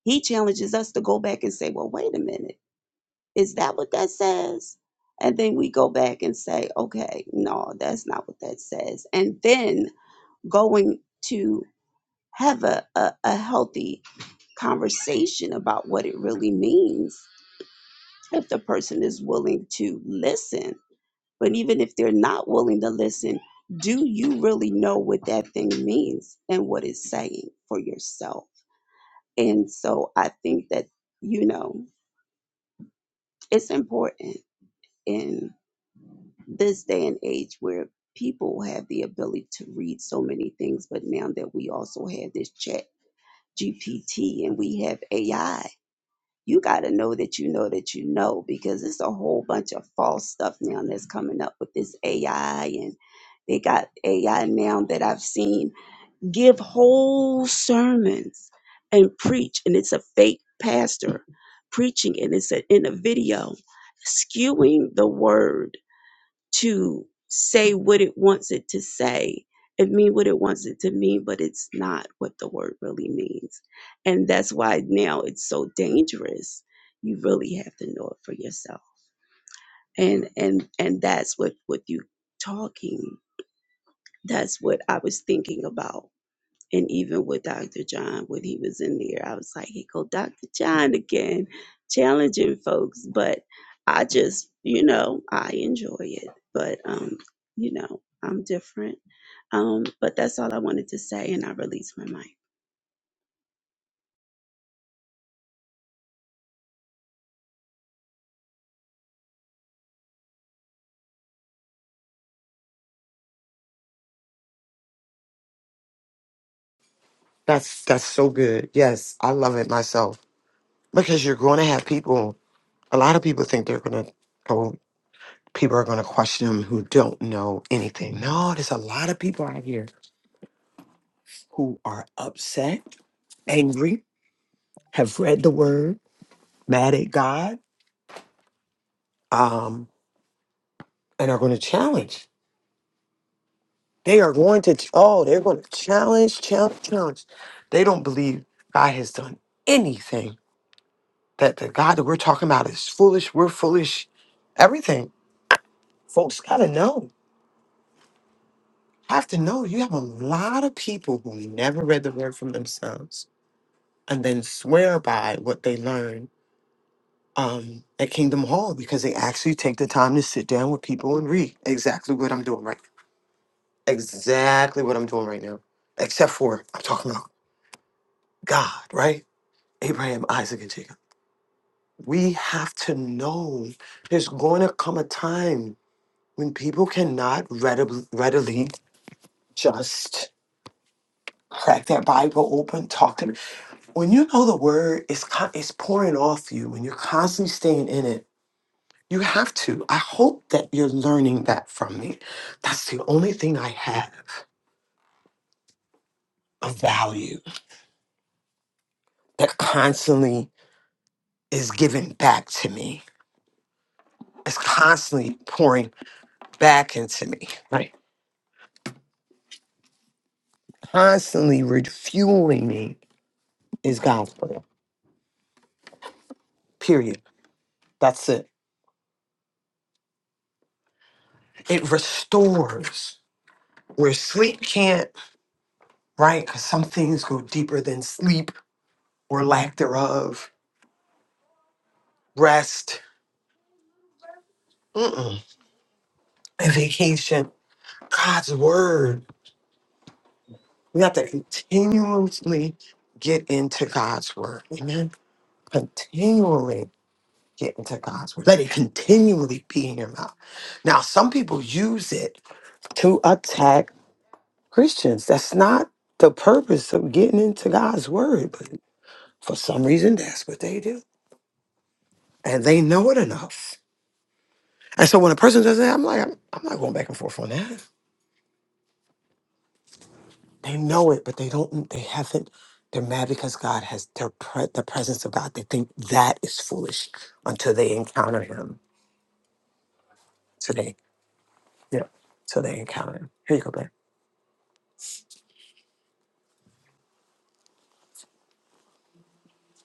He challenges us to go back and say, well, wait a minute, is that what that says? And then we go back and say, okay, no, that's not what that says. And then going to have a, a, a healthy conversation about what it really means if the person is willing to listen. But even if they're not willing to listen, do you really know what that thing means and what it's saying for yourself? And so I think that, you know, it's important in this day and age where people have the ability to read so many things, but now that we also have this chat GPT and we have AI, you got to know that you know that you know because it's a whole bunch of false stuff now that's coming up with this AI and they got AI now that I've seen give whole sermons and preach, and it's a fake pastor preaching, and it's a, in a video skewing the word to say what it wants it to say and mean what it wants it to mean, but it's not what the word really means. And that's why now it's so dangerous. You really have to know it for yourself. And and and that's what with you talking, that's what I was thinking about and even with Dr. John, when he was in there, I was like, here go Dr. John again, challenging folks. But I just, you know, I enjoy it. But, um, you know, I'm different. Um, but that's all I wanted to say. And I release my mic.
That's that's so good. Yes, I love it myself because you're going to have people. A lot of people think they're going to Oh, People are going to question them who don't know anything. No, there's a lot of people out here who are upset, angry, have read the word, mad at God. um, and are going to challenge. They are going to, oh, they're going to challenge, challenge, challenge. They don't believe God has done anything, that the God that we're talking about is foolish. We're foolish. Everything. Folks got to know, have to know. You have a lot of people who never read the word from themselves and then swear by what they learn um, at Kingdom Hall because they actually take the time to sit down with people and read exactly what I'm doing right now. Exactly what I'm doing right now except for I'm talking about God, right? Abraham, Isaac, and Jacob. We have to know there's going to come a time when people cannot readib- readily just crack their Bible open, talk to me. When you know the word is co- it's pouring off you, when you're constantly staying in it, you have to. I hope that you're learning that from me. That's the only thing I have of value that constantly is given back to me. It's constantly pouring back into me. constantly refueling me is God's prayer. Period. That's it. It restores where sleep can't, right? Because some things go deeper than sleep or lack thereof, rest, mm-mm, and vacation. God's word. We have to continuously get into God's word. Amen. Continually get into God's word. Let it continually be in your mouth. Now, some people use it to attack Christians. That's not the purpose of getting into God's word, but for some reason that's what they do, and they know it enough. And so when a person does that, I'm like, I'm, I'm not going back and forth on that. They know it, but they don't. They haven't. They're mad because God has their pre- the presence of God. They think that is foolish until they encounter Him today. Yeah, till they encounter Him. Here you go, babe.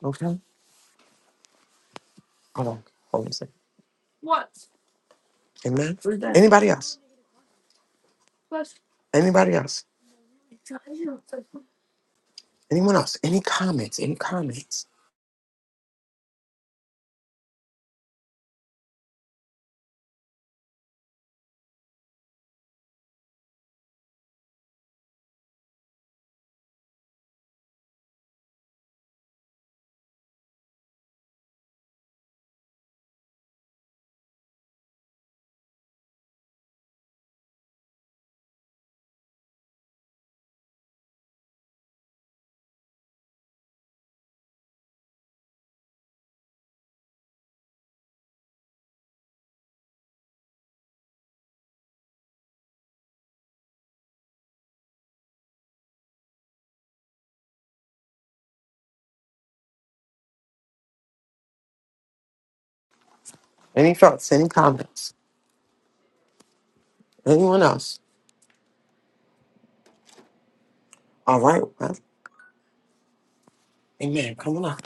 Okay. Hold on. Hold on a second. Amen. Anybody else? Anybody else? Anyone else? Any comments? Any comments? Any thoughts, any comments? Anyone else? All right. Well, amen. Come on up.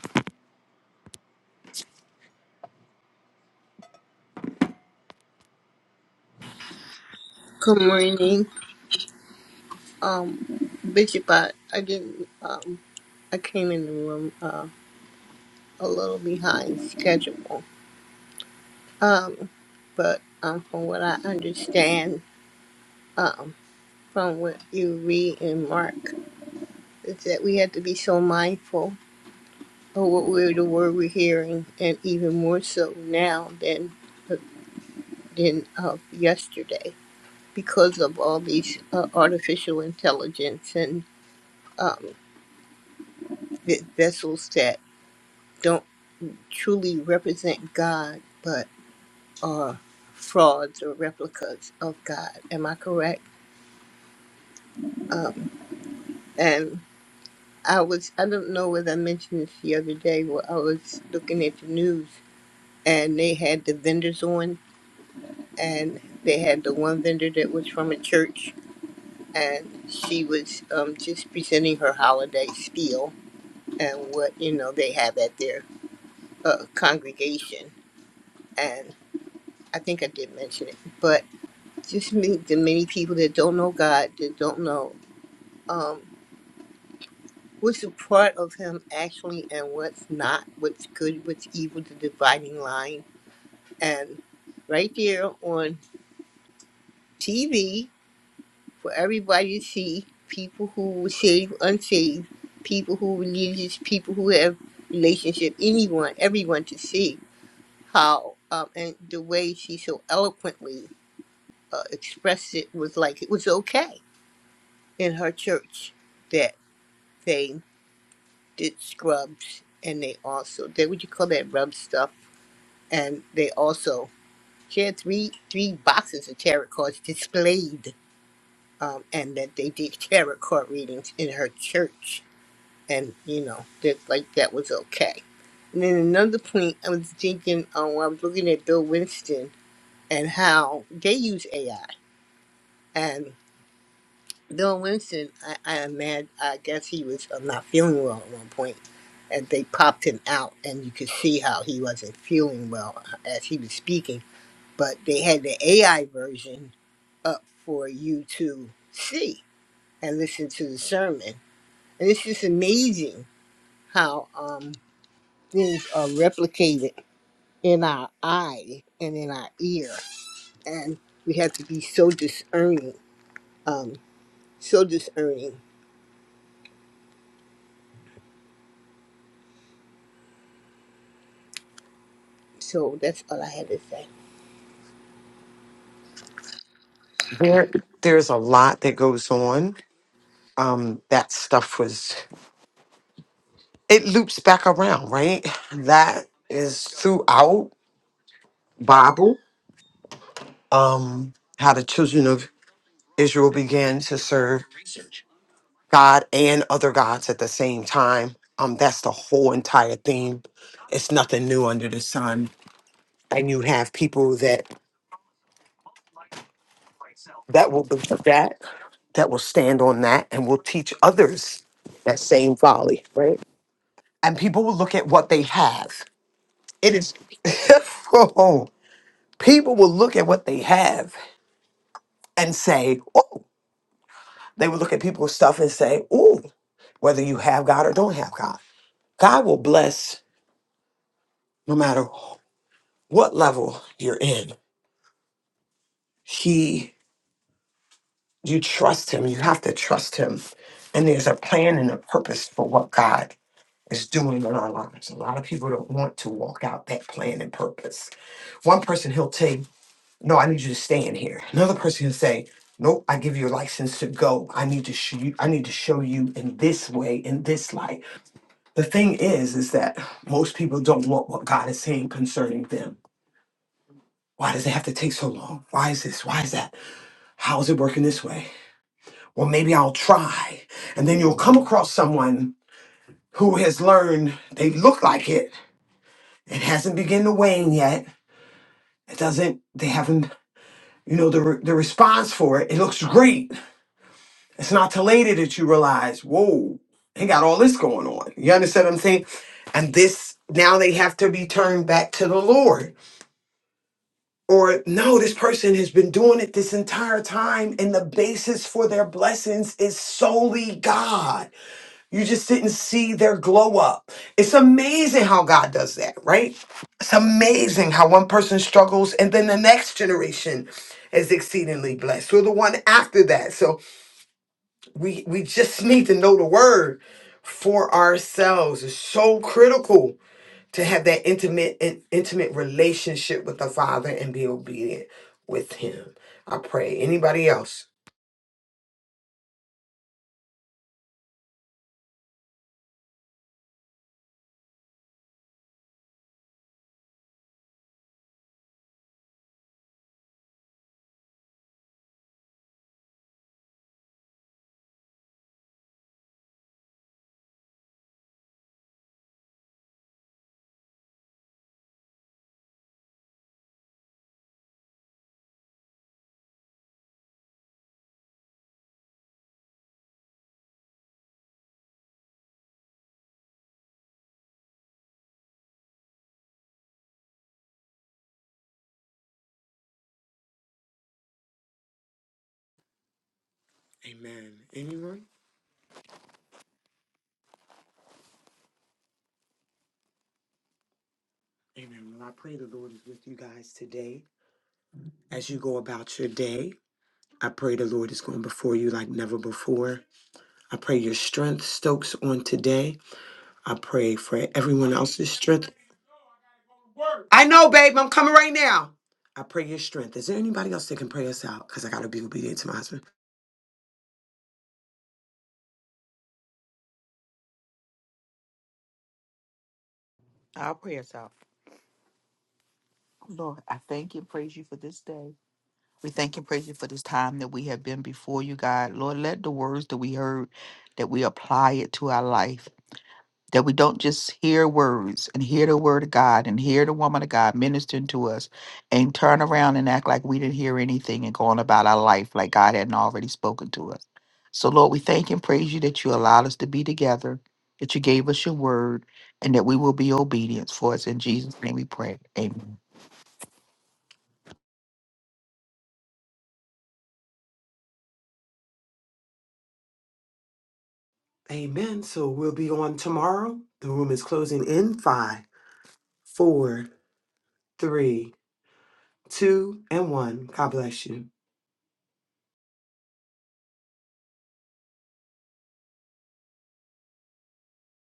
Good morning, um, Bishop. I, I didn't. Um, I came in the room uh, a little behind schedule, um, but um, from what I understand, um, from what you read in Mark, is that we have to be so mindful of what we're the word we're hearing, and even more so now than uh, than of yesterday because of all these uh, artificial intelligence and um, the vessels that don't. truly represent God, but are frauds or replicas of God. Am I correct? Um, and I was, I don't know whether I mentioned this the other day, where I was looking at the news and they had the vendors on, and they had the one vendor that was from a church, and she was um, just presenting her holiday spiel and what, you know, they have at their uh, congregation. And I think I did mention it, but just many, the many people that don't know God, that don't know um, what's a part of Him actually and what's not, what's good, what's evil, the dividing line. And right there on TV for everybody to see people who were saved, unsaved, people who were religious, people who have relationship, anyone, everyone to see how, um, and the way she so eloquently uh, expressed it was like it was okay in her church that. they. did scrubs and they also they what you call that rub stuff and they also she had three three boxes of tarot cards displayed um, and that they did tarot card readings in her church and you know that like that was okay and then another point i was thinking um, i was looking at bill winston and how they use ai and. Bill Winston, I, I imagine, I guess he was uh, not feeling well at one point, and they popped him out, and you could see how he wasn't feeling well uh, as he was speaking. But they had the AI version up for you to see and listen to the sermon, and it's just amazing how um, things are replicated in our eye and in our ear, and we have to be so discerning, um, so discerning. So that's all I had to say.
There, there's a lot that goes on. Um, that stuff was, it loops back around, right? That is throughout Bible, um, how the children of Israel began to serve God and other gods at the same time. Um, that's the whole entire theme. It's nothing new under the sun. And you have people that that will be that that will stand on that and will teach others that same folly. right? And people will look at what they have. It is oh, people will look at what they have and say, oh, they will look at people's stuff and say, oh, whether you have God or don't have God. God will bless no matter what level you're in. He you trust him, you have to trust him. And there's a plan and a purpose for what God is doing in our lives. A lot of people don't want to walk out that plan and purpose. One person, he'll tell you, No, I need you to stay in here. Another person, will say, Nope, I give you a license to go. I need to show you, I need to show you in this way, in this light. The thing is, is that most people don't want what God is saying concerning them. Why does it have to take so long? Why is this? Why is that? How is it working this way? Well, maybe I'll try. And then you'll come across someone who has learned they look like it It hasn't begun to wane yet. It doesn't, they haven't, you know, the, re- the response for it, it looks great. It's not till later that you realize, whoa, they got all this going on. You understand what I'm saying? And this, now they have to be turned back to the Lord. Or no, this person has been doing it this entire time, and the basis for their blessings is solely God. You just didn't see their glow up. It's amazing how God does that, right? It's amazing how one person struggles and then the next generation is exceedingly blessed. Or the one after that. So we we just need to know the word for ourselves. It's so critical to have that intimate and intimate relationship with the Father and be obedient with him. I pray. Anybody else? Amen. Anyone? Amen. Well, I pray the Lord is with you guys today. As you go about your day, I pray the Lord is going before you like never before. I pray your strength stokes on today. I pray for everyone else's strength. I know, babe, I'm coming right now. I pray your strength. Is there anybody else that can pray us out? Because I got to be obedient to my husband.
Our prayers out. Lord, I thank you and praise you for this day. We thank and praise you for this time that we have been before you, God. Lord, let the words that we heard, that we apply it to our life, that we don't just hear words and hear the word of God and hear the woman of God ministering to us and turn around and act like we didn't hear anything and go on about our life like God hadn't already spoken to us. So, Lord, we thank and praise you that you allowed us to be together, that you gave us your word, and that we will be obedient for us. In Jesus' name we pray. Amen.
Amen. So we'll be on tomorrow. The room is closing in five, four, three, two, and one. God bless you.